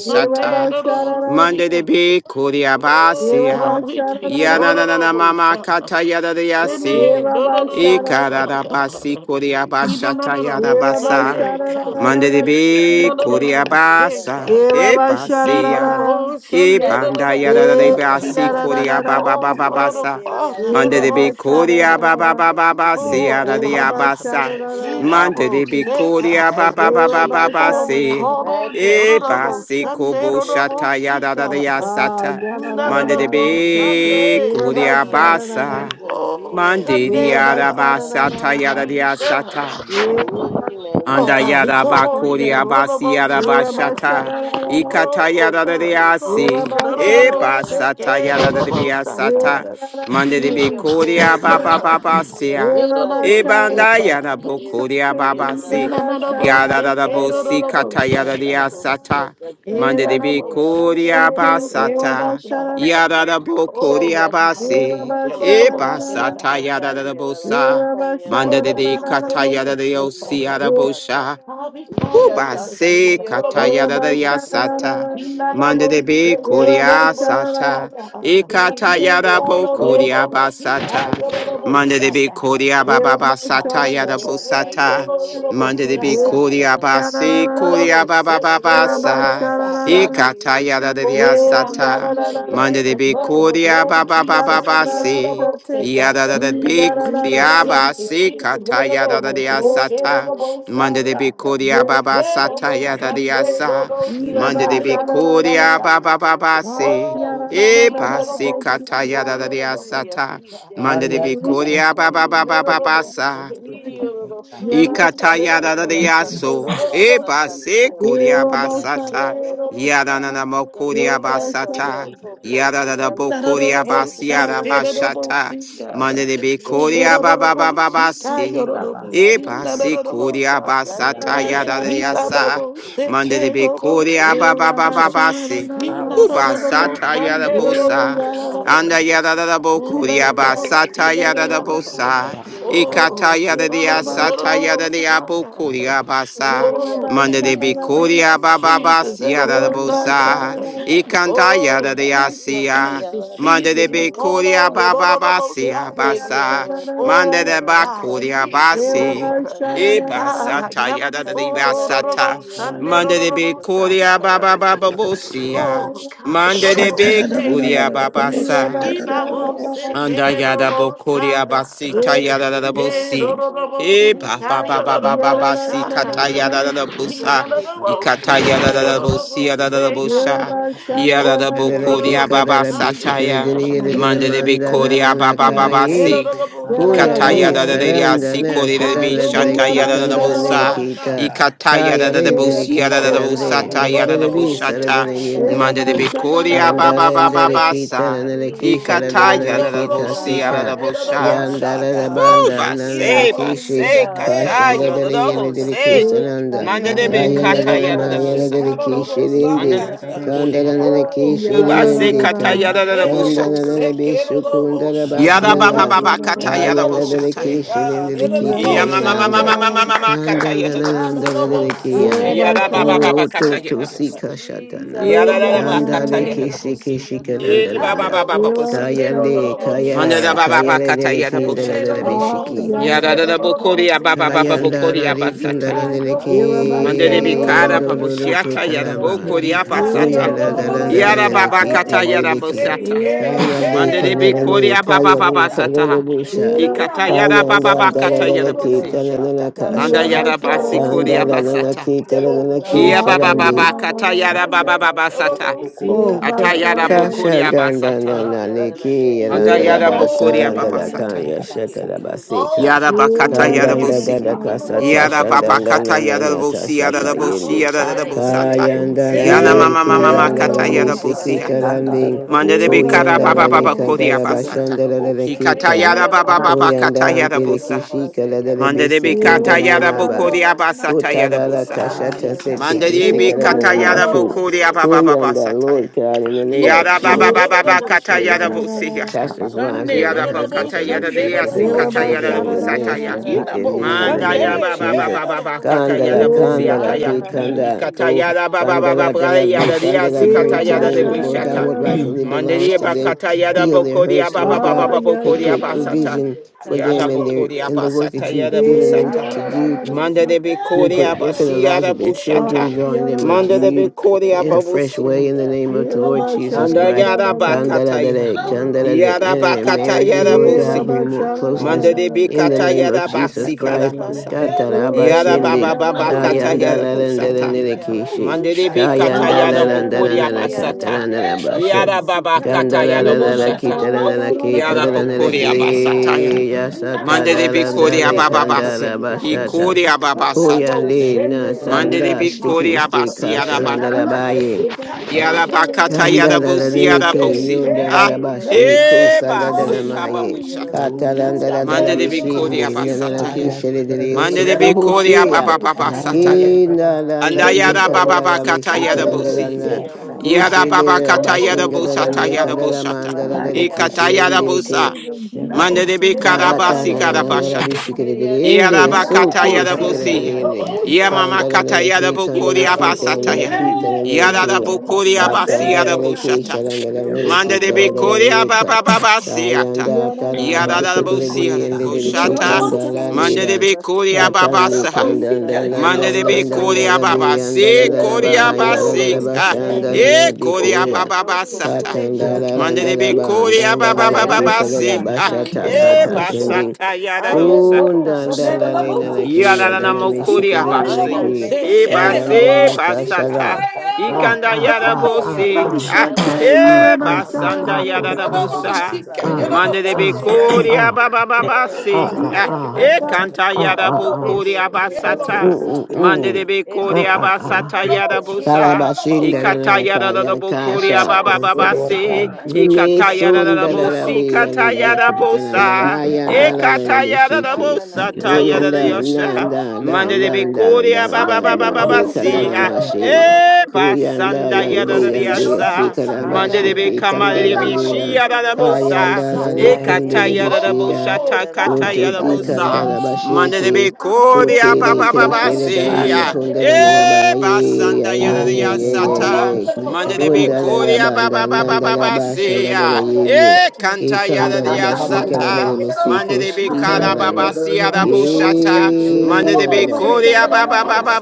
Speaker 2: Ah, yada da da da da,
Speaker 6: Alita
Speaker 3: Mande
Speaker 2: shati.
Speaker 3: de be kuria
Speaker 1: Oh
Speaker 6: Mm.
Speaker 1: God,
Speaker 3: basia.
Speaker 1: we
Speaker 2: Yerabashada
Speaker 1: thank you,
Speaker 2: da
Speaker 3: Yana
Speaker 1: Lord
Speaker 3: na
Speaker 2: da.
Speaker 3: na
Speaker 1: of
Speaker 3: na
Speaker 1: the Most
Speaker 3: mama
Speaker 1: High.
Speaker 3: kata yada de
Speaker 1: Sunday,
Speaker 3: yasi.
Speaker 1: Lord of the Most
Speaker 3: Ikara
Speaker 1: High,
Speaker 3: da basi
Speaker 1: God.
Speaker 3: kuria
Speaker 1: He done none
Speaker 3: bashata
Speaker 1: of the
Speaker 3: yada
Speaker 1: Most
Speaker 3: basa.
Speaker 1: Sunday, God.
Speaker 3: Mande de
Speaker 1: He done
Speaker 3: be
Speaker 1: none of the
Speaker 3: kuria
Speaker 1: Most High,
Speaker 3: basa. E
Speaker 1: God. He done
Speaker 3: basia.
Speaker 1: Most
Speaker 3: E
Speaker 1: Sunday, Lord of
Speaker 3: banda
Speaker 1: the
Speaker 3: yada
Speaker 1: Most
Speaker 3: de
Speaker 1: High,
Speaker 3: basi
Speaker 1: God.
Speaker 3: kuria ba ba ba
Speaker 1: Oh,
Speaker 3: ba
Speaker 1: Father, the
Speaker 3: basa.
Speaker 1: Father, Lord
Speaker 3: Mande
Speaker 1: of
Speaker 3: de
Speaker 1: the
Speaker 3: be
Speaker 1: Most High,
Speaker 3: kuria ba
Speaker 1: God.
Speaker 3: ba ba ba
Speaker 1: Oh
Speaker 3: basia da de
Speaker 1: God,
Speaker 3: abasa.
Speaker 1: He done
Speaker 3: Mande de
Speaker 1: Most
Speaker 3: be
Speaker 1: High,
Speaker 3: kuria ba
Speaker 6: Thank
Speaker 3: ba
Speaker 6: you,
Speaker 1: God.
Speaker 3: ba ba ba
Speaker 6: Jesus.
Speaker 1: Oh, we
Speaker 3: basi.
Speaker 1: called
Speaker 6: Thank
Speaker 1: on you,
Speaker 6: you,
Speaker 1: Lord
Speaker 3: E
Speaker 1: of the
Speaker 6: Jesus.
Speaker 1: Most
Speaker 3: basi
Speaker 1: Sunday,
Speaker 3: kobo
Speaker 1: Lord
Speaker 6: Jesus,
Speaker 1: of the
Speaker 3: shata
Speaker 1: Most
Speaker 3: yada
Speaker 1: High,
Speaker 3: da da
Speaker 6: Jesus,
Speaker 3: ya
Speaker 1: God.
Speaker 6: Jesus,
Speaker 3: sata.
Speaker 1: Not
Speaker 3: Mande de
Speaker 1: another
Speaker 6: Jesus,
Speaker 3: be
Speaker 1: Sunday,
Speaker 3: kuria
Speaker 1: God.
Speaker 6: Jesus,
Speaker 3: basa.
Speaker 6: Jesus,
Speaker 1: Oh,
Speaker 6: Dio,
Speaker 3: Mande di
Speaker 1: Sunday,
Speaker 3: ya da
Speaker 1: God.
Speaker 2: Yerabashada
Speaker 6: Coriotosa,
Speaker 2: da da
Speaker 3: basata
Speaker 2: da
Speaker 3: ya
Speaker 2: da.
Speaker 3: di
Speaker 1: Mm,
Speaker 3: ya
Speaker 6: Jesus,
Speaker 1: God.
Speaker 3: sata.
Speaker 6: Jesus,
Speaker 2: Yeah,
Speaker 6: Uri
Speaker 1: Oh,
Speaker 3: Anda
Speaker 1: God, we
Speaker 6: Meyana
Speaker 3: yada
Speaker 1: call
Speaker 3: ba
Speaker 1: on you, the
Speaker 3: koria
Speaker 6: Nitia,
Speaker 3: ba
Speaker 1: Lord
Speaker 3: siara ba
Speaker 1: Sun,
Speaker 6: Jesus,
Speaker 1: God.
Speaker 3: shata.
Speaker 6: Jesus,
Speaker 3: Ikata
Speaker 6: Uko
Speaker 1: Oh,
Speaker 3: yada
Speaker 6: Koko
Speaker 3: de
Speaker 1: God, we
Speaker 6: Koko
Speaker 1: call on
Speaker 3: asi.
Speaker 1: you, the
Speaker 6: Koko
Speaker 3: E
Speaker 1: Lord
Speaker 3: ba
Speaker 6: Ndiana la
Speaker 3: sata
Speaker 1: Second,
Speaker 3: yada
Speaker 1: the
Speaker 3: de
Speaker 6: Satatea
Speaker 1: Lord
Speaker 3: bia
Speaker 1: Sun,
Speaker 3: sata.
Speaker 6: Rosondia,
Speaker 1: God.
Speaker 3: Mande de be
Speaker 6: Imini
Speaker 1: Mm.
Speaker 3: koria
Speaker 6: Okori
Speaker 3: ba
Speaker 6: Yara
Speaker 3: ba
Speaker 6: la
Speaker 3: ba ba
Speaker 6: Siri Yara
Speaker 3: sia.
Speaker 6: la
Speaker 1: you know, no,
Speaker 6: Sati
Speaker 3: E
Speaker 1: Lord,
Speaker 6: Yara la
Speaker 3: banda
Speaker 6: Sati
Speaker 3: yada bo
Speaker 1: God.
Speaker 6: Yere
Speaker 3: koria ba
Speaker 6: Kiri
Speaker 3: ba
Speaker 6: Yara la
Speaker 3: si.
Speaker 6: Sata,
Speaker 1: Inanabo
Speaker 3: Yada da da bo
Speaker 6: Tanda
Speaker 3: si
Speaker 6: ya
Speaker 1: sekerorobo
Speaker 3: kata
Speaker 6: Kia
Speaker 3: yada de
Speaker 1: shata.
Speaker 6: Kokosia
Speaker 3: asata. Mande de
Speaker 6: Tata
Speaker 3: be
Speaker 1: Inanabo
Speaker 6: Nea
Speaker 3: koria ba
Speaker 6: Koko
Speaker 1: shanderorobo
Speaker 6: Yara la
Speaker 3: sata.
Speaker 1: sita.
Speaker 6: Sata,
Speaker 3: Yada da bo
Speaker 6: Iya ya
Speaker 3: koria
Speaker 1: Oh,
Speaker 3: ba
Speaker 1: God,
Speaker 6: siya
Speaker 1: we
Speaker 6: to
Speaker 3: si.
Speaker 1: thank you,
Speaker 6: story
Speaker 3: E
Speaker 6: yara
Speaker 1: Lord,
Speaker 3: ba
Speaker 6: la
Speaker 1: Satan.
Speaker 6: sata
Speaker 3: sata yada da
Speaker 6: tani
Speaker 3: da bo
Speaker 6: yara la
Speaker 3: sa.
Speaker 6: katani yara
Speaker 3: Manda
Speaker 6: la
Speaker 3: de
Speaker 1: Oh,
Speaker 3: de
Speaker 1: God,
Speaker 6: kokoni yara
Speaker 3: kataya
Speaker 6: la
Speaker 3: de
Speaker 1: Lord,
Speaker 3: de
Speaker 6: siri
Speaker 1: Satan.
Speaker 3: osi
Speaker 6: yara la
Speaker 3: arabosha.
Speaker 6: sata.
Speaker 1: I'll be calling
Speaker 3: Uba
Speaker 6: Isha
Speaker 1: on
Speaker 6: ta
Speaker 1: you this
Speaker 3: Ubase
Speaker 6: siri
Speaker 1: morning.
Speaker 6: yara
Speaker 1: Lord,
Speaker 6: la
Speaker 1: Lord,
Speaker 6: kokoni
Speaker 1: Satan.
Speaker 3: katayadaya
Speaker 6: yara la
Speaker 3: sata.
Speaker 6: tani yara la
Speaker 3: Mandede
Speaker 1: Inanabo
Speaker 6: siri
Speaker 3: be
Speaker 6: yara siri
Speaker 3: kodia
Speaker 6: yara la
Speaker 1: sekerorobo
Speaker 6: sata.
Speaker 3: sata.
Speaker 1: shata.
Speaker 6: He ta
Speaker 2: Yerabasharararararasatu.
Speaker 3: Ikatayada
Speaker 6: shake
Speaker 1: No,
Speaker 3: bo
Speaker 1: no,
Speaker 6: the
Speaker 1: no, no,
Speaker 3: kodia
Speaker 1: no,
Speaker 6: sata
Speaker 1: Sita,
Speaker 6: yani
Speaker 3: basata.
Speaker 1: yo, no, no,
Speaker 2: Eyararararara.
Speaker 6: yara
Speaker 1: no,
Speaker 6: la
Speaker 3: Mandede be
Speaker 1: Sata.
Speaker 3: kodia
Speaker 6: kokata.
Speaker 3: baba
Speaker 1: I'll
Speaker 3: sata
Speaker 6: Thank
Speaker 1: get you a
Speaker 3: yada bo
Speaker 1: bed. Hey, bo-
Speaker 3: sata.
Speaker 1: bo- bo- bo-
Speaker 2: Yerabasharararararasatu.
Speaker 1: bo-
Speaker 3: Mandede
Speaker 1: sa-
Speaker 3: be
Speaker 1: God.
Speaker 3: kodia basi
Speaker 1: Read that
Speaker 2: Eyarararara.
Speaker 3: kodia
Speaker 1: over.
Speaker 3: baba
Speaker 1: Say, get
Speaker 3: baba
Speaker 1: it over,
Speaker 3: sa.
Speaker 1: sa-
Speaker 2: Yerabasharararara.
Speaker 1: God.
Speaker 3: Ikatayadaya
Speaker 1: Oh, how we
Speaker 3: sata.
Speaker 1: plead the
Speaker 2: Eyarararara.
Speaker 1: blood,
Speaker 3: Mandede
Speaker 1: the
Speaker 3: be
Speaker 1: blood, the
Speaker 3: kodia
Speaker 1: blood of
Speaker 3: baba baba
Speaker 1: Jesus. See that
Speaker 3: basi.
Speaker 1: over,
Speaker 2: Yerabashararararasatu.
Speaker 1: say, God.
Speaker 3: Yada da be
Speaker 6: you.
Speaker 1: Jesus,
Speaker 3: kodia
Speaker 2: Eyarararararasatu.
Speaker 1: Jesus,
Speaker 6: Iria
Speaker 3: basi
Speaker 1: Jesus, get it
Speaker 6: kukutia na
Speaker 1: over.
Speaker 3: katayadaya
Speaker 1: Say,
Speaker 2: Oh,
Speaker 1: get it
Speaker 6: nesia
Speaker 3: sata.
Speaker 1: over,
Speaker 6: tosia
Speaker 1: sa-
Speaker 3: Manda
Speaker 6: na
Speaker 3: de be
Speaker 1: God.
Speaker 3: kodia
Speaker 6: rosita.
Speaker 3: baba
Speaker 1: Get it
Speaker 6: Isi
Speaker 1: over,
Speaker 3: sataya da
Speaker 6: kiri
Speaker 2: Yerabashararararasatu.
Speaker 1: Sunday,
Speaker 6: ororo
Speaker 3: diasa.
Speaker 1: over,
Speaker 6: kutia
Speaker 1: see,
Speaker 3: Manda
Speaker 7: you.
Speaker 3: de
Speaker 1: God,
Speaker 3: be
Speaker 6: ndiara na
Speaker 1: over, sa-
Speaker 6: sita
Speaker 3: kodia
Speaker 2: Yerabashararararasatu.
Speaker 6: teia
Speaker 3: baba
Speaker 1: God.
Speaker 6: ororo
Speaker 3: baba
Speaker 2: Ah,
Speaker 3: se.
Speaker 6: sata.
Speaker 2: yeah,
Speaker 1: Oh,
Speaker 2: da, da,
Speaker 7: Obosi,
Speaker 2: da,
Speaker 3: E
Speaker 2: da,
Speaker 1: God,
Speaker 6: Ika
Speaker 2: da,
Speaker 1: it
Speaker 3: basi
Speaker 1: over,
Speaker 2: Thank you.
Speaker 1: see,
Speaker 6: kakusi
Speaker 3: kataya
Speaker 1: God,
Speaker 3: da
Speaker 1: it
Speaker 6: ororo
Speaker 1: over,
Speaker 6: suria
Speaker 1: see,
Speaker 3: diasata.
Speaker 6: site
Speaker 1: God.
Speaker 3: Manda de
Speaker 6: e
Speaker 3: be
Speaker 6: beria
Speaker 2: Lord.
Speaker 7: ayataba,
Speaker 3: kodia baba
Speaker 6: kondi e
Speaker 3: baba baba
Speaker 6: seria.
Speaker 3: sa
Speaker 2: Thank
Speaker 6: Iri
Speaker 2: you.
Speaker 7: utuki,
Speaker 6: ororo
Speaker 2: Yeah, da,
Speaker 6: suria
Speaker 7: itananaba,
Speaker 2: da,
Speaker 3: yada
Speaker 7: soko,
Speaker 2: da, da, da.
Speaker 6: sandi ara na sata tia sata tia
Speaker 2: Yeah,
Speaker 6: rokomene
Speaker 2: about
Speaker 6: ya
Speaker 2: da, da,
Speaker 6: tia
Speaker 3: yada
Speaker 2: da, da, da, da.
Speaker 3: yada
Speaker 6: rososa.
Speaker 3: na na mo kuria
Speaker 2: Yeah,
Speaker 6: Dodosa
Speaker 2: about da, da,
Speaker 6: saria
Speaker 3: basata.
Speaker 2: da, da, da.
Speaker 7: iyasoku,
Speaker 3: Yada da
Speaker 6: kokosi
Speaker 3: da bo
Speaker 6: ane ne
Speaker 3: kuria
Speaker 6: e
Speaker 2: Ah, yeah,
Speaker 3: basiara
Speaker 2: da, da, da,
Speaker 6: bioro
Speaker 2: da, da,
Speaker 7: iyasa,
Speaker 3: basata
Speaker 2: da.
Speaker 6: kutia.
Speaker 3: mande Ikatayadadayaso, Ebasekudiabasata, Yadanamokodiabasata, Yadadabokodiabasiarabashata,
Speaker 1: God.
Speaker 2: Yeah,
Speaker 6: Ebiro
Speaker 2: about-
Speaker 1: Oh,
Speaker 6: Surio
Speaker 3: Mandedebekodiababababasi,
Speaker 6: Sia
Speaker 2: yeah, da, da, da, da,
Speaker 6: Yandere
Speaker 2: da,
Speaker 7: rabasokona,
Speaker 2: da, da.
Speaker 6: Sia
Speaker 2: Yeah,
Speaker 3: Ebasekodiabasata,
Speaker 6: Yandiara
Speaker 2: about da, da, da, da.
Speaker 7: iyatarararaba,
Speaker 3: Yadadayasa,
Speaker 6: Restioro
Speaker 7: seke,
Speaker 6: Sia
Speaker 7: inarabarolo,
Speaker 2: Yeah,
Speaker 6: Cristioro Sia
Speaker 2: about da, da,
Speaker 3: Mandedebekodiababababasi,
Speaker 2: da, da, da, da.
Speaker 7: abasa,
Speaker 6: Emeriana
Speaker 2: Something.
Speaker 6: Nati
Speaker 3: Ubasata
Speaker 7: iyatarararaba,
Speaker 6: Sia
Speaker 2: Yeah,
Speaker 3: bosa
Speaker 2: yeah, da, da,
Speaker 7: soko,
Speaker 2: da,
Speaker 3: Anda
Speaker 2: da,
Speaker 6: Sopondioro
Speaker 2: da.
Speaker 3: yada yada da da bo kuria
Speaker 7: tarararaba,
Speaker 6: Emina
Speaker 2: Ah,
Speaker 3: basata
Speaker 2: yeah,
Speaker 6: Naniro
Speaker 3: yada
Speaker 2: da,
Speaker 3: da
Speaker 2: da, da, da, da.
Speaker 6: Susa
Speaker 3: bosa.
Speaker 7: taba,
Speaker 6: Teero
Speaker 3: Ikataya
Speaker 7: seke,
Speaker 2: Yeah,
Speaker 3: de
Speaker 6: Susi
Speaker 2: yeah,
Speaker 3: dia
Speaker 2: yeah,
Speaker 1: Father,
Speaker 2: yeah,
Speaker 3: sataya de dia
Speaker 6: Ekioro
Speaker 3: bukuria basa.
Speaker 2: yeah, yeah, yeah.
Speaker 6: Emeya
Speaker 1: Oh,
Speaker 3: Manda
Speaker 7: mm,
Speaker 2: Ah,
Speaker 3: de
Speaker 6: Taya
Speaker 1: Jesus,
Speaker 3: bikuria
Speaker 1: Jesus,
Speaker 6: Mataya
Speaker 3: bababas
Speaker 1: Jesus.
Speaker 6: Samaya
Speaker 3: yada de
Speaker 6: Tasa
Speaker 1: Erobosaka.
Speaker 3: bosa.
Speaker 6: Sia
Speaker 3: Ikandaya de
Speaker 1: Oh,
Speaker 3: dia
Speaker 6: Eya
Speaker 1: Jesus,
Speaker 3: sia.
Speaker 1: Jesus,
Speaker 6: Samaya
Speaker 3: Manda de
Speaker 1: Jesus. We
Speaker 6: Sia
Speaker 1: call
Speaker 3: bikuria
Speaker 1: on you.
Speaker 6: Saka
Speaker 3: bababasia
Speaker 1: Erobosaka.
Speaker 3: basa.
Speaker 6: Ebio
Speaker 3: Manda de
Speaker 1: Oh
Speaker 6: Sotiara
Speaker 1: God, we
Speaker 3: bakuria
Speaker 1: need
Speaker 6: Santi
Speaker 1: you,
Speaker 6: Kia
Speaker 3: basi.
Speaker 1: Lord.
Speaker 6: Katana
Speaker 7: mm,
Speaker 1: God,
Speaker 6: Nakina
Speaker 1: like
Speaker 3: Ipasata
Speaker 1: never
Speaker 3: yada de
Speaker 1: before,
Speaker 3: dia
Speaker 6: Katana
Speaker 1: Lord. Oh, the
Speaker 3: sata.
Speaker 1: most Sunday,
Speaker 6: Nakio
Speaker 1: oh,
Speaker 3: Manda
Speaker 1: the
Speaker 3: de
Speaker 6: Soto
Speaker 1: most
Speaker 3: bikuria
Speaker 1: Sunday.
Speaker 6: Kitana Ebio
Speaker 3: babababosia.
Speaker 1: Oh,
Speaker 6: Kusia
Speaker 1: God,
Speaker 3: Manda
Speaker 1: oh, the
Speaker 3: de
Speaker 1: most
Speaker 6: Ebio
Speaker 9: Shalom.
Speaker 1: sick, God.
Speaker 3: bikuria
Speaker 6: Kusio
Speaker 3: babasa.
Speaker 6: Soton
Speaker 1: He not most sick,
Speaker 6: Yaniate
Speaker 3: Anda
Speaker 1: eh,
Speaker 7: Move,
Speaker 1: oh, the
Speaker 3: yada
Speaker 6: Ebio
Speaker 3: bo
Speaker 1: most God.
Speaker 3: koria
Speaker 6: Kota
Speaker 3: basi ta yada da da
Speaker 6: Ebio
Speaker 3: bo
Speaker 1: Eh,
Speaker 6: Kota
Speaker 1: oh,
Speaker 3: si.
Speaker 1: the
Speaker 6: So
Speaker 1: most
Speaker 3: E
Speaker 1: sick,
Speaker 3: ba ba
Speaker 1: ah,
Speaker 3: ba
Speaker 1: oh, are
Speaker 3: ba
Speaker 6: Emeana
Speaker 3: ba
Speaker 1: the
Speaker 3: ba ba
Speaker 1: most
Speaker 3: si
Speaker 6: Santi
Speaker 3: kata
Speaker 1: God.
Speaker 6: Kia
Speaker 3: yada da da bo
Speaker 1: He
Speaker 2: yeah,
Speaker 3: sa.
Speaker 1: not
Speaker 6: Santi
Speaker 1: the
Speaker 3: I
Speaker 6: Kia
Speaker 1: most
Speaker 3: kata
Speaker 2: yeah,
Speaker 1: sick,
Speaker 2: yeah,
Speaker 3: yada
Speaker 1: ah,
Speaker 2: yeah,
Speaker 3: da
Speaker 1: oh,
Speaker 2: yeah.
Speaker 3: da
Speaker 1: are
Speaker 3: bosi
Speaker 6: Sotoniana
Speaker 1: the
Speaker 3: si yada
Speaker 1: most
Speaker 3: da
Speaker 6: Santi
Speaker 3: da bo
Speaker 1: sick,
Speaker 2: Yeah,
Speaker 3: sha.
Speaker 1: God.
Speaker 6: Rosita
Speaker 3: Yada da bo
Speaker 1: Oh, the
Speaker 6: Ebio
Speaker 3: koria
Speaker 5: Adelakika
Speaker 3: ba
Speaker 1: most
Speaker 5: dara
Speaker 3: ta
Speaker 5: bishika
Speaker 1: Sunday,
Speaker 5: de
Speaker 3: ya.
Speaker 6: Kikio
Speaker 5: dili yele
Speaker 1: God.
Speaker 5: dili
Speaker 3: Manda de
Speaker 6: Sotiara
Speaker 3: be
Speaker 5: mandala
Speaker 3: koria ba
Speaker 5: nana
Speaker 3: ba
Speaker 6: Santa
Speaker 3: ba
Speaker 1: Oh,
Speaker 3: ba
Speaker 1: ain't
Speaker 5: kai.
Speaker 1: no
Speaker 3: si.
Speaker 1: double
Speaker 3: I
Speaker 5: Kuya
Speaker 1: C.
Speaker 3: kata
Speaker 5: li
Speaker 6: Sakajiera
Speaker 3: yada da da
Speaker 6: kia
Speaker 3: ya
Speaker 5: saranda
Speaker 3: si
Speaker 5: na
Speaker 3: kori
Speaker 6: kokoniero
Speaker 3: de
Speaker 6: no
Speaker 3: be
Speaker 5: kadala dele
Speaker 1: Ikanobo
Speaker 3: shanta da
Speaker 5: ki
Speaker 6: siti
Speaker 3: da da
Speaker 1: Sunday
Speaker 3: bosa
Speaker 5: kandala
Speaker 6: kiera
Speaker 5: nele
Speaker 1: Lobo
Speaker 3: sa.
Speaker 6: sata.
Speaker 3: I
Speaker 5: kita.
Speaker 1: Shaka.
Speaker 3: kata
Speaker 5: Kaya
Speaker 3: da
Speaker 6: Ime
Speaker 3: da bosi
Speaker 6: kia
Speaker 5: lindele
Speaker 3: si
Speaker 5: ki
Speaker 3: yada da da
Speaker 1: Oh
Speaker 3: bo
Speaker 6: kokosia
Speaker 5: sharande.
Speaker 1: God,
Speaker 3: ta
Speaker 5: Nala
Speaker 3: yada da
Speaker 5: dele
Speaker 6: takata
Speaker 3: bo
Speaker 5: bi
Speaker 1: Lobo
Speaker 6: ne
Speaker 3: sha
Speaker 5: sara
Speaker 1: say
Speaker 3: ta.
Speaker 5: dele
Speaker 6: ebe
Speaker 1: God.
Speaker 5: yindele
Speaker 6: yero
Speaker 3: Manda de
Speaker 6: ro
Speaker 3: be
Speaker 5: ki.
Speaker 3: koria ba
Speaker 1: Nanobo
Speaker 3: ba
Speaker 6: kokosia.
Speaker 5: Kandala
Speaker 3: ba ba
Speaker 5: ndele
Speaker 3: ba
Speaker 1: Sunday
Speaker 5: kita
Speaker 3: sa.
Speaker 5: la
Speaker 1: God.
Speaker 5: ki
Speaker 6: Ooh,
Speaker 5: sharandele
Speaker 3: Ikataya
Speaker 5: nele
Speaker 3: da
Speaker 6: Jesus,
Speaker 5: kita
Speaker 1: Ayobo
Speaker 3: bosi da
Speaker 5: sika.
Speaker 3: da
Speaker 1: Sunday Lobo
Speaker 3: bosha.
Speaker 5: Yandala la
Speaker 1: Shaka.
Speaker 6: sasaratata.
Speaker 3: Woo,
Speaker 5: nana la
Speaker 3: base,
Speaker 1: Inabo
Speaker 5: kishi.
Speaker 1: say
Speaker 3: base,
Speaker 6: Jesus,
Speaker 5: Kasha la
Speaker 3: kataya da
Speaker 1: Lobo
Speaker 6: uviria
Speaker 5: dele
Speaker 3: da
Speaker 5: yele
Speaker 1: Shaka.
Speaker 5: dele
Speaker 3: bose.
Speaker 6: satata.
Speaker 5: kusaranda.
Speaker 3: Manda de be
Speaker 5: Kaya la dele
Speaker 3: kataya da
Speaker 1: Lobo
Speaker 3: da
Speaker 5: maya
Speaker 6: Jesus,
Speaker 5: la
Speaker 3: bosa.
Speaker 5: dele
Speaker 1: Shaka
Speaker 5: ki
Speaker 6: kiero
Speaker 1: Lobo
Speaker 6: no
Speaker 5: shirindi.
Speaker 3: Manda de
Speaker 6: sita
Speaker 3: be
Speaker 1: Shaka.
Speaker 3: kodi haba.
Speaker 5: Kandalanana
Speaker 6: tekea.
Speaker 1: Oh
Speaker 3: Woo,
Speaker 5: Kishiri and
Speaker 1: God.
Speaker 3: base,
Speaker 5: Dika,
Speaker 3: kataya da da
Speaker 6: Jesus,
Speaker 3: boshata.
Speaker 5: Randalanana
Speaker 1: Yerobo-se,
Speaker 6: sororoko,
Speaker 5: Bishukundala
Speaker 6: viria
Speaker 1: kerorobo-she,
Speaker 3: Yada ba
Speaker 6: nyoko,
Speaker 1: God.
Speaker 3: ba
Speaker 5: Basiya,
Speaker 3: ba ba kataya da
Speaker 6: kokonia
Speaker 5: Kayanda
Speaker 6: na
Speaker 5: de
Speaker 3: boshata. Ya
Speaker 1: Inanobo-se,
Speaker 6: kia.
Speaker 5: Kishiri and
Speaker 1: God.
Speaker 5: the
Speaker 3: Ya ma ma ma ma ma
Speaker 5: Kitalananda,
Speaker 1: Erorobo-shande,
Speaker 6: Jesus,
Speaker 3: ma
Speaker 7: Thank
Speaker 3: ma ma
Speaker 7: you
Speaker 1: God.
Speaker 3: ma kataya da da bosi.
Speaker 5: Kandalananda de
Speaker 6: ukutiritirurukundiyere,
Speaker 5: Kia,
Speaker 1: Inanobo-shande,
Speaker 3: Yada ba ba ba ba
Speaker 6: abarararasa.
Speaker 5: Uto
Speaker 1: rorobo-se,
Speaker 3: kataya
Speaker 5: to
Speaker 3: da bosi.
Speaker 1: God.
Speaker 5: Sika Shatanan,
Speaker 6: Jesus,
Speaker 3: Yada da da ba
Speaker 5: Kandale
Speaker 3: kataya
Speaker 1: Inanobo-shande,
Speaker 3: da da
Speaker 1: God.
Speaker 5: Kishi
Speaker 3: bosi. Ye ba ba
Speaker 5: Kishikalandalanda,
Speaker 3: ba ba
Speaker 6: ubukukukushiyatosiyananane,
Speaker 3: ba
Speaker 1: Ikayobo
Speaker 3: bosata.
Speaker 1: Sunday
Speaker 5: Kayande
Speaker 1: Robo
Speaker 3: Manda da
Speaker 6: abariyoumeniyakiya,
Speaker 5: Kayala,
Speaker 3: ba
Speaker 1: Shaka.
Speaker 3: ba ba
Speaker 5: Kayala de
Speaker 3: kataya da
Speaker 5: Kindala de
Speaker 1: Shetero
Speaker 3: boshata.
Speaker 1: Robo
Speaker 2: Ah,
Speaker 5: Bishiki.
Speaker 2: yada
Speaker 3: Yada
Speaker 2: da
Speaker 1: Sunday
Speaker 2: da
Speaker 3: Yadada
Speaker 2: da da
Speaker 1: Robo
Speaker 2: da.
Speaker 3: bokori ababa
Speaker 1: Sita.
Speaker 3: baba
Speaker 6: kiyotosotototosatriyarakatakasandiyerere,
Speaker 3: bokori
Speaker 5: Kayandara
Speaker 7: for
Speaker 5: de
Speaker 3: abasata ya.
Speaker 7: overturning God.
Speaker 1: Ikayobo
Speaker 6: siriyorosorosane.
Speaker 2: Yeraba
Speaker 3: Mandere
Speaker 1: Sunday
Speaker 7: Overturn
Speaker 2: shada
Speaker 5: Kandalanaki,
Speaker 2: da da
Speaker 3: bikara
Speaker 1: Robo
Speaker 2: da
Speaker 7: everything.
Speaker 2: da.
Speaker 3: papo
Speaker 5: Yondolo
Speaker 1: Shaka.
Speaker 3: yada
Speaker 5: Kutaraba.
Speaker 3: bokori
Speaker 7: Overturn
Speaker 6: Mururukukukusiyariyate,
Speaker 7: God.
Speaker 2: Yeraba
Speaker 5: Kuya
Speaker 3: abasata
Speaker 7: I
Speaker 1: Ikayobo
Speaker 5: la
Speaker 7: am
Speaker 5: da
Speaker 2: shada
Speaker 1: Robo
Speaker 7: an
Speaker 5: la
Speaker 2: da
Speaker 5: da
Speaker 2: da
Speaker 5: la
Speaker 7: audible.
Speaker 2: da
Speaker 3: Yada
Speaker 5: da
Speaker 2: da.
Speaker 5: la
Speaker 1: Sita
Speaker 3: baba
Speaker 5: ki
Speaker 6: sanananiyariyatosaya.
Speaker 5: te
Speaker 3: kata
Speaker 5: le
Speaker 3: yada
Speaker 1: Robo
Speaker 5: le
Speaker 1: She.
Speaker 5: ki.
Speaker 3: bosata.
Speaker 2: Yeraba
Speaker 1: Yay,
Speaker 5: Kaya
Speaker 6: Jesus,
Speaker 2: shada
Speaker 5: li
Speaker 2: da
Speaker 1: yay,
Speaker 3: Mandere
Speaker 2: da
Speaker 5: kanela
Speaker 2: da da.
Speaker 5: ni,
Speaker 3: bikoria
Speaker 6: miarito,
Speaker 1: Robo
Speaker 3: ababa
Speaker 5: kaya li
Speaker 3: baba
Speaker 1: Shaka.
Speaker 6: miarito,
Speaker 5: kanela
Speaker 3: sata.
Speaker 5: busha.
Speaker 2: Yada da
Speaker 3: Ikata yada
Speaker 5: Kaya
Speaker 2: da
Speaker 1: Imamabo
Speaker 2: da da.
Speaker 3: baba
Speaker 5: da da la
Speaker 3: bakata
Speaker 1: Sunday
Speaker 5: da
Speaker 3: yada
Speaker 5: la ki
Speaker 6: yororokukusiyataya.
Speaker 1: Robo
Speaker 3: busia.
Speaker 5: te la la la
Speaker 1: Shaka.
Speaker 3: Anda
Speaker 5: kasha.
Speaker 2: Yeraba
Speaker 3: yada
Speaker 2: shada
Speaker 3: basi
Speaker 1: Oh,
Speaker 2: da
Speaker 6: Tararasakaya,
Speaker 2: da
Speaker 3: kori
Speaker 5: Kanda
Speaker 2: da.
Speaker 5: la
Speaker 1: God.
Speaker 5: la la
Speaker 3: abasata
Speaker 5: ki te
Speaker 1: Dear
Speaker 5: la la la
Speaker 1: Lord.
Speaker 5: ki
Speaker 3: Iya
Speaker 6: tararasiyarasaya,
Speaker 2: Ah,
Speaker 3: baba
Speaker 2: yada
Speaker 5: shalandi.
Speaker 3: baba
Speaker 2: da da
Speaker 1: Nabo
Speaker 3: kata
Speaker 2: da da.
Speaker 3: yada baba
Speaker 1: Sunday
Speaker 3: baba sata.
Speaker 1: Robo
Speaker 6: imiyokondiyarasandiyareresiya,
Speaker 1: Sita.
Speaker 5: Oh
Speaker 2: Yeraba
Speaker 3: Ata
Speaker 5: God,
Speaker 2: shada
Speaker 3: yada
Speaker 2: da da
Speaker 3: bokori
Speaker 5: kasha
Speaker 2: da.
Speaker 5: da da
Speaker 3: abasata
Speaker 5: da
Speaker 3: ya.
Speaker 1: God.
Speaker 5: da li
Speaker 6: chondiyorodokopoposyananane,
Speaker 5: ki ya
Speaker 1: Do it
Speaker 5: la
Speaker 1: for
Speaker 3: Anda
Speaker 5: da
Speaker 1: your
Speaker 5: la
Speaker 3: yada
Speaker 2: Yeraba
Speaker 3: bokoria
Speaker 2: shada
Speaker 6: imiyondiya,
Speaker 1: glory,
Speaker 2: da
Speaker 5: da
Speaker 3: baba
Speaker 2: da
Speaker 5: la
Speaker 2: da.
Speaker 3: sata
Speaker 1: God.
Speaker 3: ya.
Speaker 5: kanya shata la
Speaker 6: ikekeyorodosi,
Speaker 5: ba
Speaker 1: Oh,
Speaker 3: Yada
Speaker 1: God, you
Speaker 2: Ye
Speaker 1: get
Speaker 3: bakata
Speaker 1: the
Speaker 2: yada
Speaker 3: yada
Speaker 1: glory.
Speaker 2: da
Speaker 5: Kandanda
Speaker 2: da
Speaker 3: bosi.
Speaker 2: da
Speaker 1: I
Speaker 5: gada
Speaker 2: da da.
Speaker 1: don't
Speaker 5: kasata
Speaker 3: Yada
Speaker 6: ikekeyorodosi,
Speaker 1: know,
Speaker 3: baba
Speaker 5: shandanda
Speaker 1: shit,
Speaker 3: kata
Speaker 5: na
Speaker 1: God.
Speaker 5: na
Speaker 3: yada
Speaker 5: na
Speaker 3: bosi
Speaker 5: tasha
Speaker 3: yada
Speaker 1: He
Speaker 3: da
Speaker 1: not
Speaker 3: bosi
Speaker 5: kayende.
Speaker 1: both
Speaker 3: yada da da
Speaker 1: say,
Speaker 3: bosata.
Speaker 1: eh,
Speaker 5: Kayanda
Speaker 2: Ye
Speaker 5: la
Speaker 3: Yana
Speaker 1: eh,
Speaker 5: re
Speaker 3: mama mama
Speaker 1: eh,
Speaker 2: yada
Speaker 3: mama
Speaker 6: tererekeriyopoposyararasya,
Speaker 2: da
Speaker 5: kiyanda
Speaker 2: da
Speaker 1: no
Speaker 3: kata
Speaker 5: la
Speaker 2: da da
Speaker 3: yada
Speaker 1: both
Speaker 2: da.
Speaker 5: misiki
Speaker 3: bosiha.
Speaker 1: Sunday, God.
Speaker 5: tarandi.
Speaker 3: Manda de be
Speaker 2: Yeraba
Speaker 1: No,
Speaker 3: kara
Speaker 1: no, no,
Speaker 5: Kuyanda
Speaker 1: no,
Speaker 3: baba
Speaker 2: shada
Speaker 5: la
Speaker 1: no,
Speaker 2: da
Speaker 5: re
Speaker 3: baba
Speaker 1: both
Speaker 2: da da.
Speaker 3: kodi
Speaker 6: hayarararasayarororokopoposya.
Speaker 1: say,
Speaker 5: kandara
Speaker 1: God.
Speaker 3: abasata.
Speaker 5: bashanda la re
Speaker 1: Shit,
Speaker 3: Ikata
Speaker 5: kita.
Speaker 1: eh, no,
Speaker 3: yada
Speaker 1: no,
Speaker 6: Ibeyaro
Speaker 2: Ah,
Speaker 1: no,
Speaker 3: baba
Speaker 1: both
Speaker 2: yada
Speaker 3: baba
Speaker 1: see,
Speaker 2: da
Speaker 5: Koyanda
Speaker 2: da
Speaker 3: kata
Speaker 1: God.
Speaker 2: da
Speaker 3: yada
Speaker 1: No,
Speaker 6: kukusiera
Speaker 2: da.
Speaker 1: no,
Speaker 5: Antele
Speaker 1: no, no,
Speaker 3: bosa.
Speaker 1: both
Speaker 5: Kishika
Speaker 6: rasaki
Speaker 1: say, God.
Speaker 6: era
Speaker 5: Ladalebe
Speaker 3: Manda de be
Speaker 2: Yeah,
Speaker 6: rasaya.
Speaker 5: Sikinda
Speaker 3: kata
Speaker 1: He
Speaker 3: yada
Speaker 1: shot, no, no,
Speaker 5: Nanaba.
Speaker 3: bokodi
Speaker 6: Iki
Speaker 1: both
Speaker 3: abasata
Speaker 1: Sunday,
Speaker 6: kiroro
Speaker 3: yada
Speaker 1: no, no,
Speaker 5: Kotalala
Speaker 3: bosa.
Speaker 1: no, both
Speaker 5: Kashata
Speaker 6: kukusiera
Speaker 1: see,
Speaker 5: Sete
Speaker 1: God.
Speaker 3: Manda
Speaker 6: rasata
Speaker 3: de
Speaker 5: Kishika
Speaker 3: be
Speaker 6: te
Speaker 1: He
Speaker 3: kata
Speaker 1: come, no,
Speaker 3: yada
Speaker 6: rasaki
Speaker 1: no,
Speaker 5: Nanamashu.
Speaker 1: both
Speaker 3: bokodi
Speaker 6: yororo
Speaker 1: say,
Speaker 3: ababa baba
Speaker 1: God.
Speaker 6: sekiera
Speaker 5: Koyanda,
Speaker 3: sata ya.
Speaker 5: Lord
Speaker 6: rasaki
Speaker 5: God,
Speaker 6: ere.
Speaker 5: in the name of
Speaker 1: Oh
Speaker 3: Yada baba
Speaker 1: God,
Speaker 3: baba
Speaker 5: Jesus,
Speaker 6: Iyoro
Speaker 5: leave
Speaker 3: baba
Speaker 1: adorable
Speaker 5: each
Speaker 3: kata
Speaker 5: one of
Speaker 1: shake
Speaker 3: yada
Speaker 6: kukusiera.
Speaker 1: God.
Speaker 5: these
Speaker 3: bosiha.
Speaker 5: pastors'
Speaker 6: Ikororo
Speaker 5: wives
Speaker 1: Sunday,
Speaker 5: and their
Speaker 3: Yada baba
Speaker 6: ya
Speaker 1: adorable
Speaker 5: husbands
Speaker 3: kata
Speaker 5: and their
Speaker 3: yada
Speaker 1: Sunday,
Speaker 3: de
Speaker 6: rasiera
Speaker 5: churches
Speaker 3: yasi
Speaker 5: and their
Speaker 1: adorable
Speaker 6: rasaki
Speaker 3: kata
Speaker 1: see
Speaker 6: ere.
Speaker 3: yada
Speaker 5: children
Speaker 3: da
Speaker 5: and the
Speaker 1: God.
Speaker 3: bosata
Speaker 5: ministries
Speaker 6: Yara
Speaker 5: meet their
Speaker 6: rasi yara kati yere ne. Yara rare
Speaker 1: Hinabo
Speaker 5: need in
Speaker 6: yara
Speaker 5: the
Speaker 3: Manda
Speaker 5: name
Speaker 6: ha
Speaker 3: ya
Speaker 5: of
Speaker 3: ba ba ba
Speaker 1: Sunday,
Speaker 5: Jesus.
Speaker 3: ba
Speaker 6: ayara
Speaker 3: ba ba
Speaker 1: adorable
Speaker 3: kata
Speaker 6: sita.
Speaker 3: ya
Speaker 5: Kandala,
Speaker 3: da
Speaker 1: Sunday.
Speaker 3: bosi
Speaker 5: kandala,
Speaker 3: ata ya.
Speaker 5: ki
Speaker 6: Ayara
Speaker 5: kanda,
Speaker 6: siti
Speaker 3: Ikata
Speaker 5: go,
Speaker 3: ya da ba ba
Speaker 6: yokosiera.
Speaker 3: ba ba
Speaker 1: Adorable
Speaker 5: kandala,
Speaker 3: ba
Speaker 5: dala,
Speaker 1: shake,
Speaker 3: ya
Speaker 5: bring,
Speaker 3: da dia
Speaker 1: adorable
Speaker 3: si
Speaker 5: kandala,
Speaker 3: kata
Speaker 5: bring to
Speaker 3: ya
Speaker 1: Sunday,
Speaker 3: da
Speaker 1: God.
Speaker 3: de
Speaker 5: them,
Speaker 6: Ayara
Speaker 5: Lord God,
Speaker 3: bishata.
Speaker 5: what
Speaker 6: siti
Speaker 5: rightfully belongs
Speaker 3: Mandiri
Speaker 5: to
Speaker 6: komanandi
Speaker 3: ba
Speaker 1: Oh
Speaker 5: them.
Speaker 3: kata
Speaker 6: yororo.
Speaker 1: God,
Speaker 3: ya
Speaker 1: oh
Speaker 3: da
Speaker 5: Heal
Speaker 1: God.
Speaker 5: their
Speaker 3: bokori ya
Speaker 5: hurts,
Speaker 3: ba ba
Speaker 5: Lord
Speaker 3: ba
Speaker 5: God
Speaker 3: ba
Speaker 1: He
Speaker 2: Ah,
Speaker 3: ba
Speaker 2: yeah,
Speaker 5: make
Speaker 3: bokori ya
Speaker 5: great
Speaker 6: Ikishiyodoste
Speaker 1: adorable
Speaker 3: basata.
Speaker 1: see
Speaker 5: provision for
Speaker 1: God,
Speaker 3: Ya da
Speaker 5: them and
Speaker 1: adorable
Speaker 5: their
Speaker 3: bokori ya
Speaker 1: shake
Speaker 5: and the
Speaker 1: God.
Speaker 5: work
Speaker 3: basata
Speaker 5: that
Speaker 6: kananesiyororosa.
Speaker 3: ya
Speaker 5: you've
Speaker 3: da
Speaker 5: given them
Speaker 1: Ee,
Speaker 3: bosata.
Speaker 5: to do
Speaker 1: Adorable
Speaker 6: Asharasite
Speaker 3: Manda de be
Speaker 1: Sunday,
Speaker 5: do a
Speaker 3: kori
Speaker 6: kangia
Speaker 3: ya
Speaker 5: great work in the
Speaker 3: basi
Speaker 1: adorable
Speaker 3: ya
Speaker 5: lives
Speaker 3: da
Speaker 5: of their
Speaker 1: Sunday,
Speaker 5: children,
Speaker 3: bushata.
Speaker 6: tatondiyororosaya.
Speaker 1: adorable
Speaker 5: drawing
Speaker 1: Sunday.
Speaker 5: them unto
Speaker 3: Manda de
Speaker 6: Blessed
Speaker 3: be
Speaker 5: you
Speaker 6: be
Speaker 3: kori
Speaker 6: your
Speaker 1: He
Speaker 3: ya
Speaker 5: in
Speaker 3: ba
Speaker 5: a
Speaker 6: name,
Speaker 5: fresh
Speaker 1: adorable
Speaker 5: way in the
Speaker 1: see
Speaker 6: Jesus.
Speaker 1: God,
Speaker 5: name of the Lord
Speaker 1: adorable
Speaker 5: Jesus
Speaker 3: Anda
Speaker 1: shake
Speaker 5: Christ.
Speaker 6: Ushukutiyoro-
Speaker 3: ya
Speaker 1: God.
Speaker 3: da ba
Speaker 5: Kandarada,
Speaker 3: kata ya.
Speaker 1: No, see,
Speaker 5: kandarada,
Speaker 3: Ya
Speaker 5: And
Speaker 1: I'm
Speaker 3: da
Speaker 6: Ororosite
Speaker 5: in
Speaker 3: ba
Speaker 5: their
Speaker 1: not
Speaker 3: kata ya
Speaker 5: marriages,
Speaker 1: a
Speaker 3: da
Speaker 1: fool.
Speaker 5: Lord
Speaker 7: Build
Speaker 5: God,
Speaker 3: bosi.
Speaker 7: up,
Speaker 5: bring more
Speaker 7: God,
Speaker 1: No,
Speaker 5: closeness
Speaker 3: Manda
Speaker 7: build
Speaker 3: de be
Speaker 5: in
Speaker 6: tiyarakatiyorosokotiyaranasa.
Speaker 5: the
Speaker 3: kata
Speaker 5: name of
Speaker 3: yada
Speaker 1: hey.
Speaker 5: Jesus
Speaker 3: baksi
Speaker 6: Ikia
Speaker 3: kata
Speaker 5: Christ.
Speaker 3: basa.
Speaker 7: up.
Speaker 1: Sunday,
Speaker 3: Yada baba
Speaker 5: Katarabashindi,
Speaker 7: Oh
Speaker 3: baba
Speaker 7: God,
Speaker 6: kandiyorosokotiyaranasa.
Speaker 3: kata
Speaker 6: Te
Speaker 3: yada busata.
Speaker 5: kayandalarandaranerekishi,
Speaker 3: Manda de be
Speaker 6: ebeyarakandeyasi.
Speaker 3: kata yada
Speaker 2: da, da, da,
Speaker 3: bukuri
Speaker 2: da, da.
Speaker 3: abasata.
Speaker 6: Iyanyanya kiyo
Speaker 5: kayandalarandaranerekataranarabashe,
Speaker 3: Yada
Speaker 6: koko
Speaker 3: baba
Speaker 6: kiyo
Speaker 3: kata
Speaker 6: yororo
Speaker 3: yada
Speaker 2: Yeah, Baba,
Speaker 6: sita
Speaker 3: busata.
Speaker 2: shala,
Speaker 6: te
Speaker 2: da, da,
Speaker 6: yoro
Speaker 2: da, da,
Speaker 5: kandalalalakitaranarake,
Speaker 3: Yada
Speaker 2: da, da,
Speaker 6: tombiri
Speaker 3: bukuri
Speaker 7: open
Speaker 2: da.
Speaker 6: aniri
Speaker 7: up,
Speaker 3: abasata
Speaker 7: God,
Speaker 6: yarara
Speaker 3: ya.
Speaker 5: kadalanarake,
Speaker 7: open up,
Speaker 6: sata
Speaker 7: God.
Speaker 6: ya.
Speaker 3: Manda de
Speaker 2: Oh,
Speaker 3: be
Speaker 2: God,
Speaker 3: kuri
Speaker 2: you
Speaker 6: Iya
Speaker 5: yasatalarandare,
Speaker 2: are
Speaker 6: ya
Speaker 3: ababa
Speaker 2: Jehovah
Speaker 6: kandi
Speaker 3: basi.
Speaker 2: Jireh.
Speaker 6: yororo
Speaker 2: You
Speaker 5: kandalabashata.
Speaker 3: Ikuri
Speaker 2: are
Speaker 6: suti
Speaker 3: ababa
Speaker 6: yarara
Speaker 2: provider,
Speaker 3: sata.
Speaker 2: God,
Speaker 6: sata
Speaker 5: Oyale
Speaker 2: that
Speaker 7: Thank you
Speaker 2: you
Speaker 6: te
Speaker 7: for provision. Thank you for
Speaker 2: may
Speaker 5: na
Speaker 6: yara
Speaker 3: Manda
Speaker 7: provision.
Speaker 2: provide
Speaker 3: de
Speaker 5: sanda
Speaker 2: the
Speaker 3: be
Speaker 6: sata ya.
Speaker 5: shtiki
Speaker 2: world,
Speaker 3: abasi
Speaker 2: God.
Speaker 5: stika
Speaker 6: Iya
Speaker 3: yada
Speaker 6: ya
Speaker 5: shana da da
Speaker 2: You
Speaker 6: kandi
Speaker 3: bakata.
Speaker 2: may
Speaker 5: baye
Speaker 6: yororo
Speaker 2: provide
Speaker 6: siti
Speaker 2: the
Speaker 7: Thank you
Speaker 3: Yada
Speaker 6: yarara
Speaker 2: world, God.
Speaker 3: bakata
Speaker 7: for
Speaker 2: I
Speaker 6: sata
Speaker 5: kanda
Speaker 3: yada
Speaker 2: pray
Speaker 5: da
Speaker 6: ta
Speaker 2: for
Speaker 5: da
Speaker 3: busi
Speaker 6: ya.
Speaker 3: yada
Speaker 2: divine
Speaker 5: niki
Speaker 3: busi.
Speaker 7: power.
Speaker 5: yunda
Speaker 6: Ike
Speaker 5: da
Speaker 3: Ah,
Speaker 5: da
Speaker 2: intervention,
Speaker 6: keri
Speaker 2: divine
Speaker 5: bashi
Speaker 6: yororo
Speaker 7: Move,
Speaker 3: eh,
Speaker 6: suti
Speaker 5: kusa da da da
Speaker 7: heal,
Speaker 3: basi
Speaker 6: yarara
Speaker 2: intervention.
Speaker 3: kababushata.
Speaker 6: sati
Speaker 5: maye
Speaker 2: Hallelujah,
Speaker 6: yarara
Speaker 3: bushata.
Speaker 5: kata
Speaker 6: kiyo
Speaker 7: move,
Speaker 5: da da
Speaker 2: divine
Speaker 5: da
Speaker 7: heal,
Speaker 5: da
Speaker 6: kotondi
Speaker 3: Manda
Speaker 5: da
Speaker 3: de
Speaker 7: heal,
Speaker 3: be
Speaker 6: yarara
Speaker 2: intervention.
Speaker 3: kuri
Speaker 6: tondi
Speaker 7: God.
Speaker 5: bishinde na na
Speaker 6: yarara
Speaker 5: na
Speaker 2: Oh,
Speaker 3: abasata
Speaker 7: I
Speaker 3: ya.
Speaker 1: Sunday,
Speaker 2: God,
Speaker 7: got
Speaker 6: siti.
Speaker 5: kishere de
Speaker 2: we
Speaker 1: Oh,
Speaker 3: Manda
Speaker 1: Father,
Speaker 5: yosu
Speaker 3: de
Speaker 7: that.
Speaker 3: be
Speaker 6: Chori
Speaker 2: shall
Speaker 6: yo
Speaker 3: koria
Speaker 2: God,
Speaker 5: kuhushia
Speaker 3: baba baba
Speaker 7: And
Speaker 2: divine
Speaker 6: kia
Speaker 7: I
Speaker 6: te
Speaker 7: got
Speaker 3: sataya.
Speaker 2: intervention,
Speaker 7: that.
Speaker 5: kinda
Speaker 2: oh,
Speaker 6: ya
Speaker 5: da
Speaker 7: I
Speaker 3: Anda
Speaker 5: da
Speaker 2: God.
Speaker 1: you
Speaker 5: di
Speaker 3: yada
Speaker 1: know,
Speaker 7: got that.
Speaker 3: baba
Speaker 1: oh,
Speaker 6: Gloria
Speaker 2: Please,
Speaker 5: kanda
Speaker 3: baba
Speaker 5: da
Speaker 1: see,
Speaker 3: kata
Speaker 2: Father,
Speaker 5: bishi
Speaker 1: I
Speaker 3: yada
Speaker 1: don't
Speaker 7: There
Speaker 1: know,
Speaker 7: is
Speaker 5: kanda
Speaker 1: oh,
Speaker 5: da
Speaker 7: no
Speaker 3: bosi.
Speaker 5: na
Speaker 2: divine
Speaker 7: lack,
Speaker 1: sit
Speaker 6: Tukaribietia
Speaker 1: down,
Speaker 6: Roro
Speaker 7: Father
Speaker 2: intervention.
Speaker 3: Yada
Speaker 7: God.
Speaker 5: kushile
Speaker 6: Mana
Speaker 3: baba
Speaker 7: I
Speaker 5: da da
Speaker 1: oh,
Speaker 3: kata
Speaker 6: Manani
Speaker 1: oh,
Speaker 6: ya
Speaker 3: yada
Speaker 5: bashinga da da
Speaker 1: Sunday, you
Speaker 3: bosata
Speaker 1: know,
Speaker 5: nika
Speaker 3: yada
Speaker 6: Busia
Speaker 5: da
Speaker 2: Somebody
Speaker 5: da
Speaker 3: bosata.
Speaker 5: manda da
Speaker 2: to
Speaker 7: got
Speaker 5: da
Speaker 6: Manani
Speaker 3: E
Speaker 6: ya
Speaker 3: kata
Speaker 7: that.
Speaker 2: convicted
Speaker 5: kishere
Speaker 3: yada
Speaker 2: in
Speaker 6: Busia
Speaker 2: the
Speaker 5: de
Speaker 1: oh,
Speaker 3: bosa.
Speaker 2: name
Speaker 6: Serio
Speaker 2: of
Speaker 7: There is
Speaker 2: Jesus.
Speaker 3: Manda
Speaker 7: no
Speaker 6: Dosa
Speaker 3: de be
Speaker 5: God,
Speaker 6: Asha
Speaker 5: da
Speaker 3: karabasi
Speaker 2: Somebody
Speaker 5: da
Speaker 2: to
Speaker 5: da da da
Speaker 2: convicted.
Speaker 5: da, be
Speaker 3: karabashata.
Speaker 5: she could have did
Speaker 6: Kekeriara
Speaker 5: it in there.
Speaker 6: Nane
Speaker 5: So
Speaker 3: Yarabakata
Speaker 2: Somebody
Speaker 5: cool,
Speaker 2: to
Speaker 1: say,
Speaker 5: she
Speaker 7: There
Speaker 5: could have
Speaker 7: is no
Speaker 1: hey,
Speaker 6: Evariara
Speaker 5: did
Speaker 3: Yarabosi.
Speaker 5: it in
Speaker 7: lack
Speaker 2: convicted.
Speaker 6: Nane
Speaker 1: oh,
Speaker 5: there.
Speaker 7: in
Speaker 1: oh,
Speaker 7: you, God.
Speaker 5: Come
Speaker 1: Shaka,
Speaker 5: da da da
Speaker 3: Yamamakata
Speaker 6: Eyorokota
Speaker 5: da key,
Speaker 7: There is
Speaker 5: come
Speaker 1: you
Speaker 5: da
Speaker 7: no
Speaker 3: Yarabokori
Speaker 5: da
Speaker 1: know,
Speaker 7: lack
Speaker 5: key,
Speaker 1: oh,
Speaker 5: da da
Speaker 1: say,
Speaker 5: da
Speaker 6: Eyorokota
Speaker 1: hey,
Speaker 5: da
Speaker 3: Abasataya.
Speaker 5: key,
Speaker 6: San
Speaker 7: in
Speaker 5: da
Speaker 2: Somebody
Speaker 7: me.
Speaker 5: da da da
Speaker 7: We are
Speaker 2: convicted
Speaker 1: hey,
Speaker 5: key.
Speaker 2: in
Speaker 6: Yorokota
Speaker 1: oh,
Speaker 2: the
Speaker 3: Yarabokori
Speaker 5: God,
Speaker 6: Sirio
Speaker 5: come
Speaker 3: Abasi
Speaker 2: name of
Speaker 5: da da
Speaker 1: Sunday,
Speaker 5: da
Speaker 2: Jesus.
Speaker 6: Dosia
Speaker 1: God.
Speaker 5: key, sha
Speaker 3: Yaraboshata.
Speaker 2: Somebody
Speaker 5: da da da da
Speaker 7: There
Speaker 5: da
Speaker 7: is
Speaker 6: Yoko
Speaker 2: to
Speaker 3: Manda
Speaker 5: key,
Speaker 7: no
Speaker 3: de
Speaker 5: da
Speaker 7: lack.
Speaker 5: da da
Speaker 2: convicted.
Speaker 5: da
Speaker 1: Oh,
Speaker 6: Kosia
Speaker 3: Bikori
Speaker 5: da da
Speaker 1: Father,
Speaker 5: key.
Speaker 6: Sirio
Speaker 1: oh, oh, oh,
Speaker 5: Kayan
Speaker 3: Abababasiata.
Speaker 5: da
Speaker 2: Yeah,
Speaker 6: Dosia
Speaker 1: Sunday,
Speaker 2: da,
Speaker 5: da
Speaker 2: da,
Speaker 5: da
Speaker 6: Nea
Speaker 2: da,
Speaker 7: Thank
Speaker 5: ba
Speaker 2: da.
Speaker 7: you
Speaker 5: she
Speaker 1: you
Speaker 7: for
Speaker 5: could
Speaker 7: your
Speaker 5: have did
Speaker 7: grace,
Speaker 3: Yarabosi
Speaker 1: know,
Speaker 5: it
Speaker 1: oh,
Speaker 5: in there,
Speaker 7: God,
Speaker 1: say,
Speaker 5: did it
Speaker 7: that
Speaker 2: You
Speaker 1: hey,
Speaker 7: your
Speaker 5: key,
Speaker 1: oh,
Speaker 6: Yoros.
Speaker 3: Yaraboshata.
Speaker 5: come
Speaker 7: grace
Speaker 2: rabbi,
Speaker 1: oh,
Speaker 5: da
Speaker 7: is
Speaker 2: da, da, da,
Speaker 5: da
Speaker 1: sit
Speaker 2: da.
Speaker 5: da
Speaker 3: Manda
Speaker 7: sufficient.
Speaker 3: de
Speaker 1: down,
Speaker 5: da.
Speaker 6: Blessed be
Speaker 3: Bikori
Speaker 7: And
Speaker 6: your
Speaker 7: that
Speaker 1: Sunday,
Speaker 5: Katan
Speaker 7: you
Speaker 6: name,
Speaker 5: di
Speaker 7: supply
Speaker 3: Ababasaha.
Speaker 5: kan
Speaker 2: You
Speaker 5: da
Speaker 7: the
Speaker 5: da
Speaker 7: need
Speaker 6: Jesus.
Speaker 2: rabbi, da,
Speaker 5: da da
Speaker 7: according
Speaker 3: Manda
Speaker 2: da,
Speaker 3: de
Speaker 7: to
Speaker 2: da,
Speaker 7: the
Speaker 5: da da
Speaker 6: Blessed be
Speaker 2: da, da.
Speaker 3: Bikori
Speaker 7: riches
Speaker 5: da
Speaker 6: your
Speaker 5: da
Speaker 7: and
Speaker 5: be
Speaker 7: glory.
Speaker 6: name,
Speaker 5: and da da
Speaker 3: Ababasi.
Speaker 2: Yeah
Speaker 5: da
Speaker 6: Jesus.
Speaker 5: da
Speaker 3: Kori
Speaker 7: Thank
Speaker 2: rabbi, da, da, da,
Speaker 7: you,
Speaker 5: ba
Speaker 2: da,
Speaker 5: ya
Speaker 7: Father,
Speaker 2: da.
Speaker 5: da
Speaker 7: that
Speaker 5: da
Speaker 6: Blessed
Speaker 3: Abasi.
Speaker 5: da
Speaker 7: there's
Speaker 6: be
Speaker 5: ba
Speaker 3: Ah,
Speaker 6: your
Speaker 7: nothing
Speaker 5: shan da
Speaker 6: name,
Speaker 10: Oriya
Speaker 5: da
Speaker 7: lacking,
Speaker 5: da
Speaker 3: eh,
Speaker 5: da
Speaker 7: missing,
Speaker 5: be
Speaker 6: Jesus.
Speaker 7: or
Speaker 3: Kori
Speaker 7: broken
Speaker 5: cool
Speaker 2: Yeah,
Speaker 3: Abababasata.
Speaker 2: da,
Speaker 6: Chotototu
Speaker 2: da, da,
Speaker 7: in
Speaker 5: Katanda
Speaker 7: the
Speaker 2: da,
Speaker 5: la
Speaker 2: da, da.
Speaker 7: kingdom
Speaker 3: Manda
Speaker 7: of
Speaker 5: landa
Speaker 3: de
Speaker 5: la
Speaker 6: yasanatea.
Speaker 3: Bikori
Speaker 5: bandanda la
Speaker 7: heaven,
Speaker 5: la
Speaker 2: Oh,
Speaker 5: kita
Speaker 7: Father God.
Speaker 2: rabbi,
Speaker 5: la
Speaker 3: Ababababasi.
Speaker 6: Ayatata
Speaker 7: And
Speaker 2: da,
Speaker 7: in
Speaker 3: Ah,
Speaker 7: your
Speaker 2: da, da,
Speaker 7: kingdom,
Speaker 3: eh,
Speaker 7: Father,
Speaker 2: da,
Speaker 7: there's
Speaker 6: kananatata.
Speaker 2: da.
Speaker 5: Katandararandarabandandararakikararabashatasatashindi.
Speaker 3: Basata Yarabosa.
Speaker 6: Ayatata
Speaker 7: much
Speaker 1: Sunday, the
Speaker 7: supply,
Speaker 1: most
Speaker 6: yatototu
Speaker 1: he
Speaker 7: God.
Speaker 1: can.
Speaker 3: Yarana
Speaker 7: Thank you for
Speaker 6: yatasa.
Speaker 3: mokori
Speaker 7: supplication.
Speaker 1: Mikaya
Speaker 3: abasi.
Speaker 1: mo
Speaker 5: Kundandaralinarakiyadaramishikalinaraki.
Speaker 1: se
Speaker 6: Ananeki
Speaker 1: he no
Speaker 3: Ebase
Speaker 1: mo si
Speaker 6: yotototu
Speaker 7: Thank you for
Speaker 3: basata.
Speaker 5: Kayandarakashara.
Speaker 1: kaya.
Speaker 6: yatasa.
Speaker 5: Ah,
Speaker 3: Ikanda
Speaker 5: ah, ah,
Speaker 1: Oh,
Speaker 5: ah,
Speaker 3: yarabosi.
Speaker 1: God,
Speaker 5: ah,
Speaker 6: Iberiaton
Speaker 7: for
Speaker 1: no
Speaker 3: Ah,
Speaker 1: no mo
Speaker 5: ah, ah, ah, ah, ah, ah, ah, ah, ah, ah,
Speaker 6: yararasi
Speaker 3: he
Speaker 1: shate kaba.
Speaker 3: basanda
Speaker 5: ah,
Speaker 6: yotototu
Speaker 1: No
Speaker 7: taking the
Speaker 1: no mo
Speaker 7: foolish
Speaker 3: yarabosa.
Speaker 1: si
Speaker 7: things of
Speaker 6: yatasa.
Speaker 7: the
Speaker 1: kaya no
Speaker 7: world
Speaker 3: Mande
Speaker 1: no
Speaker 3: de
Speaker 1: mo
Speaker 6: Dande
Speaker 1: shate
Speaker 3: bekori
Speaker 1: kaba.
Speaker 6: yastototu
Speaker 7: And
Speaker 1: Oh,
Speaker 3: ababababasi.
Speaker 1: God,
Speaker 7: the
Speaker 1: I
Speaker 5: ah,
Speaker 7: life.
Speaker 3: Ah,
Speaker 1: thank you,
Speaker 7: I
Speaker 3: e
Speaker 6: sa.
Speaker 7: yet
Speaker 1: Lord.
Speaker 7: had a
Speaker 3: kanta
Speaker 5: ah, ah,
Speaker 7: double
Speaker 5: ah, ah.
Speaker 1: Nanobo
Speaker 3: yarabokori
Speaker 1: shit,
Speaker 6: Ebekia
Speaker 7: coat
Speaker 6: ta
Speaker 7: of
Speaker 1: nanobo
Speaker 7: the
Speaker 6: ta
Speaker 5: Mm,
Speaker 3: abasata.
Speaker 6: ta
Speaker 7: most
Speaker 5: mm,
Speaker 1: saka.
Speaker 6: ta.
Speaker 7: sickly
Speaker 3: Mande de
Speaker 5: mm.
Speaker 7: and I'm
Speaker 3: bekori
Speaker 5: Ah, ah,
Speaker 6: Ebekia
Speaker 5: ah.
Speaker 6: ta
Speaker 3: abasata
Speaker 6: ta
Speaker 7: praise you
Speaker 1: Nanobo
Speaker 6: ta
Speaker 7: for
Speaker 1: shit,
Speaker 7: God.
Speaker 6: ta.
Speaker 3: yarabosa.
Speaker 1: nanobo
Speaker 3: Ikata
Speaker 1: saka.
Speaker 6: Ebekia ta
Speaker 3: yarabokori
Speaker 5: Karabashindaranakayakasha.
Speaker 6: sandio
Speaker 1: Nanobo
Speaker 7: Thank you,
Speaker 6: ta
Speaker 1: shit,
Speaker 7: Lord
Speaker 1: now we
Speaker 3: ababababasi.
Speaker 7: God,
Speaker 6: ta.
Speaker 1: thank you,
Speaker 5: Ne
Speaker 3: Ikata
Speaker 1: Lord.
Speaker 5: sun da
Speaker 7: for
Speaker 5: da
Speaker 7: the
Speaker 6: Ebekia
Speaker 5: da
Speaker 6: ta
Speaker 5: be
Speaker 3: yarabosi.
Speaker 1: Nanobo
Speaker 5: ya
Speaker 1: shit,
Speaker 5: le
Speaker 3: Kata
Speaker 7: fact
Speaker 5: da
Speaker 6: sandia ta
Speaker 5: da ke
Speaker 6: ta.
Speaker 7: that
Speaker 5: kanan da
Speaker 7: you
Speaker 3: yarabosa.
Speaker 5: da ya da
Speaker 1: nanobo
Speaker 7: provide.
Speaker 6: Dera
Speaker 5: da da da be
Speaker 1: saka.
Speaker 3: Ekataya da
Speaker 5: shi
Speaker 3: da
Speaker 5: ke.
Speaker 6: anana
Speaker 3: bosa,
Speaker 7: Thank you
Speaker 5: Ko
Speaker 6: ne
Speaker 7: for
Speaker 3: sataya
Speaker 5: yan
Speaker 3: da
Speaker 1: Nanobo
Speaker 3: da
Speaker 5: da
Speaker 1: shit,
Speaker 7: provision,
Speaker 5: na
Speaker 3: yosha.
Speaker 6: ebekia.
Speaker 7: Father.
Speaker 5: da
Speaker 1: nanobo
Speaker 5: da
Speaker 3: Mande de
Speaker 5: da
Speaker 3: be
Speaker 6: Amana
Speaker 1: saka.
Speaker 6: ne
Speaker 5: da
Speaker 3: koria
Speaker 5: da
Speaker 3: ba ba ba
Speaker 5: da
Speaker 1: Sunday,
Speaker 3: ba
Speaker 5: da
Speaker 3: ba
Speaker 7: Thank
Speaker 6: ebekia.
Speaker 3: ba
Speaker 5: de
Speaker 1: nanobo,
Speaker 7: you,
Speaker 5: kan da
Speaker 3: si
Speaker 5: na
Speaker 7: thank
Speaker 1: Sunday,
Speaker 7: you,
Speaker 5: ma
Speaker 7: thank
Speaker 6: Amana
Speaker 7: you,
Speaker 5: shi.
Speaker 1: nanobo
Speaker 2: Yeah,
Speaker 7: Father,
Speaker 6: ne
Speaker 3: E
Speaker 1: saka.
Speaker 5: Ko
Speaker 6: ebekia
Speaker 5: yan
Speaker 6: ta
Speaker 5: da
Speaker 3: basanda
Speaker 7: for
Speaker 3: ya
Speaker 5: yan
Speaker 1: You
Speaker 5: de
Speaker 3: da da
Speaker 1: should
Speaker 5: yan
Speaker 1: tell
Speaker 5: de
Speaker 7: provision,
Speaker 5: ya
Speaker 1: the
Speaker 6: sandia.
Speaker 7: Father.
Speaker 5: si
Speaker 3: yasa.
Speaker 1: most
Speaker 5: ka da
Speaker 7: In the
Speaker 1: Sunday
Speaker 5: ba
Speaker 3: Mande de
Speaker 5: shi
Speaker 6: Amana
Speaker 7: name
Speaker 3: be
Speaker 1: Papa.
Speaker 7: of
Speaker 6: ne
Speaker 5: ke
Speaker 3: kama
Speaker 5: kan
Speaker 7: Jesus,
Speaker 5: da
Speaker 6: yero
Speaker 1: You
Speaker 3: de
Speaker 5: da
Speaker 1: know
Speaker 3: be
Speaker 5: ye
Speaker 1: the
Speaker 6: kopo
Speaker 3: shi
Speaker 1: most,
Speaker 5: da.
Speaker 1: say
Speaker 3: da da
Speaker 6: yero
Speaker 3: bosa.
Speaker 5: Ka
Speaker 1: tell the
Speaker 5: yan
Speaker 3: sa.
Speaker 1: most
Speaker 5: da
Speaker 6: ta.
Speaker 7: in
Speaker 5: da
Speaker 7: the
Speaker 5: de
Speaker 1: Papa.
Speaker 7: name of
Speaker 5: kun de de
Speaker 3: Ekataya
Speaker 5: be
Speaker 3: da
Speaker 6: Emelia
Speaker 3: da
Speaker 5: shi
Speaker 3: bosa,
Speaker 6: ta
Speaker 5: ya.
Speaker 1: Oh,
Speaker 3: shata
Speaker 6: yero
Speaker 5: Ko
Speaker 6: ta
Speaker 7: Jesus,
Speaker 3: kataya
Speaker 1: God.
Speaker 5: to
Speaker 3: da
Speaker 6: ta
Speaker 7: by
Speaker 5: di
Speaker 3: bo
Speaker 7: the
Speaker 6: ta
Speaker 5: kan da
Speaker 7: name
Speaker 6: ta
Speaker 5: da
Speaker 7: of
Speaker 5: ba
Speaker 7: Jesus.
Speaker 5: shi
Speaker 3: Mande de
Speaker 6: ta.
Speaker 1: Oh,
Speaker 5: te.
Speaker 3: be
Speaker 1: God.
Speaker 5: Ko
Speaker 3: koria
Speaker 5: te
Speaker 3: ba
Speaker 5: le
Speaker 3: ba ba
Speaker 5: ke
Speaker 1: Oh, the
Speaker 3: ba
Speaker 5: shi da
Speaker 7: I
Speaker 5: dan
Speaker 3: si
Speaker 1: most,
Speaker 7: yet
Speaker 1: say
Speaker 5: di
Speaker 7: had
Speaker 3: ha.
Speaker 1: tell
Speaker 7: a
Speaker 5: kun da da na na
Speaker 1: the
Speaker 5: ba
Speaker 3: E
Speaker 1: most
Speaker 5: ye ya
Speaker 3: basanda
Speaker 1: Papa.
Speaker 3: ya da
Speaker 5: ye
Speaker 3: da
Speaker 7: I
Speaker 5: ye
Speaker 7: yet had
Speaker 1: You
Speaker 5: ye
Speaker 7: a
Speaker 3: yasa
Speaker 1: call
Speaker 5: ye
Speaker 1: it
Speaker 7: double
Speaker 3: ta.
Speaker 5: ye.
Speaker 1: on you,
Speaker 7: coat
Speaker 1: Lord,
Speaker 3: Mande
Speaker 7: of
Speaker 1: on the
Speaker 3: de
Speaker 7: the
Speaker 3: be
Speaker 7: Most
Speaker 5: Kunda
Speaker 1: most
Speaker 5: la la
Speaker 3: koria ba
Speaker 5: banda
Speaker 3: ba
Speaker 1: Papa.
Speaker 3: ba
Speaker 7: High.
Speaker 3: ba
Speaker 5: nanda
Speaker 3: ba
Speaker 5: la
Speaker 1: I
Speaker 3: ba
Speaker 1: just
Speaker 5: basha
Speaker 1: said, if
Speaker 5: la
Speaker 3: si
Speaker 1: you
Speaker 5: la la
Speaker 1: call it on
Speaker 5: yende.
Speaker 3: E
Speaker 1: you, Lord. You
Speaker 5: Ke
Speaker 3: kanta ya
Speaker 7: I
Speaker 3: da
Speaker 5: kanda
Speaker 3: da
Speaker 5: la
Speaker 1: know
Speaker 3: yasa
Speaker 1: the
Speaker 5: bashika
Speaker 1: most,
Speaker 5: la la
Speaker 1: say
Speaker 3: ta.
Speaker 5: la
Speaker 1: tell
Speaker 5: misi
Speaker 3: Mande
Speaker 1: the
Speaker 3: de
Speaker 1: most
Speaker 3: be
Speaker 5: kushkisha
Speaker 3: kara
Speaker 1: Papa.
Speaker 5: landa.
Speaker 3: baba si ara
Speaker 5: Ke
Speaker 1: The short, straight.
Speaker 3: bushata.
Speaker 1: the one
Speaker 3: Mande
Speaker 1: of
Speaker 3: de be
Speaker 1: those
Speaker 5: anda
Speaker 1: straight.
Speaker 5: la
Speaker 1: the
Speaker 5: la
Speaker 3: koria
Speaker 1: other
Speaker 3: baba baba
Speaker 1: most.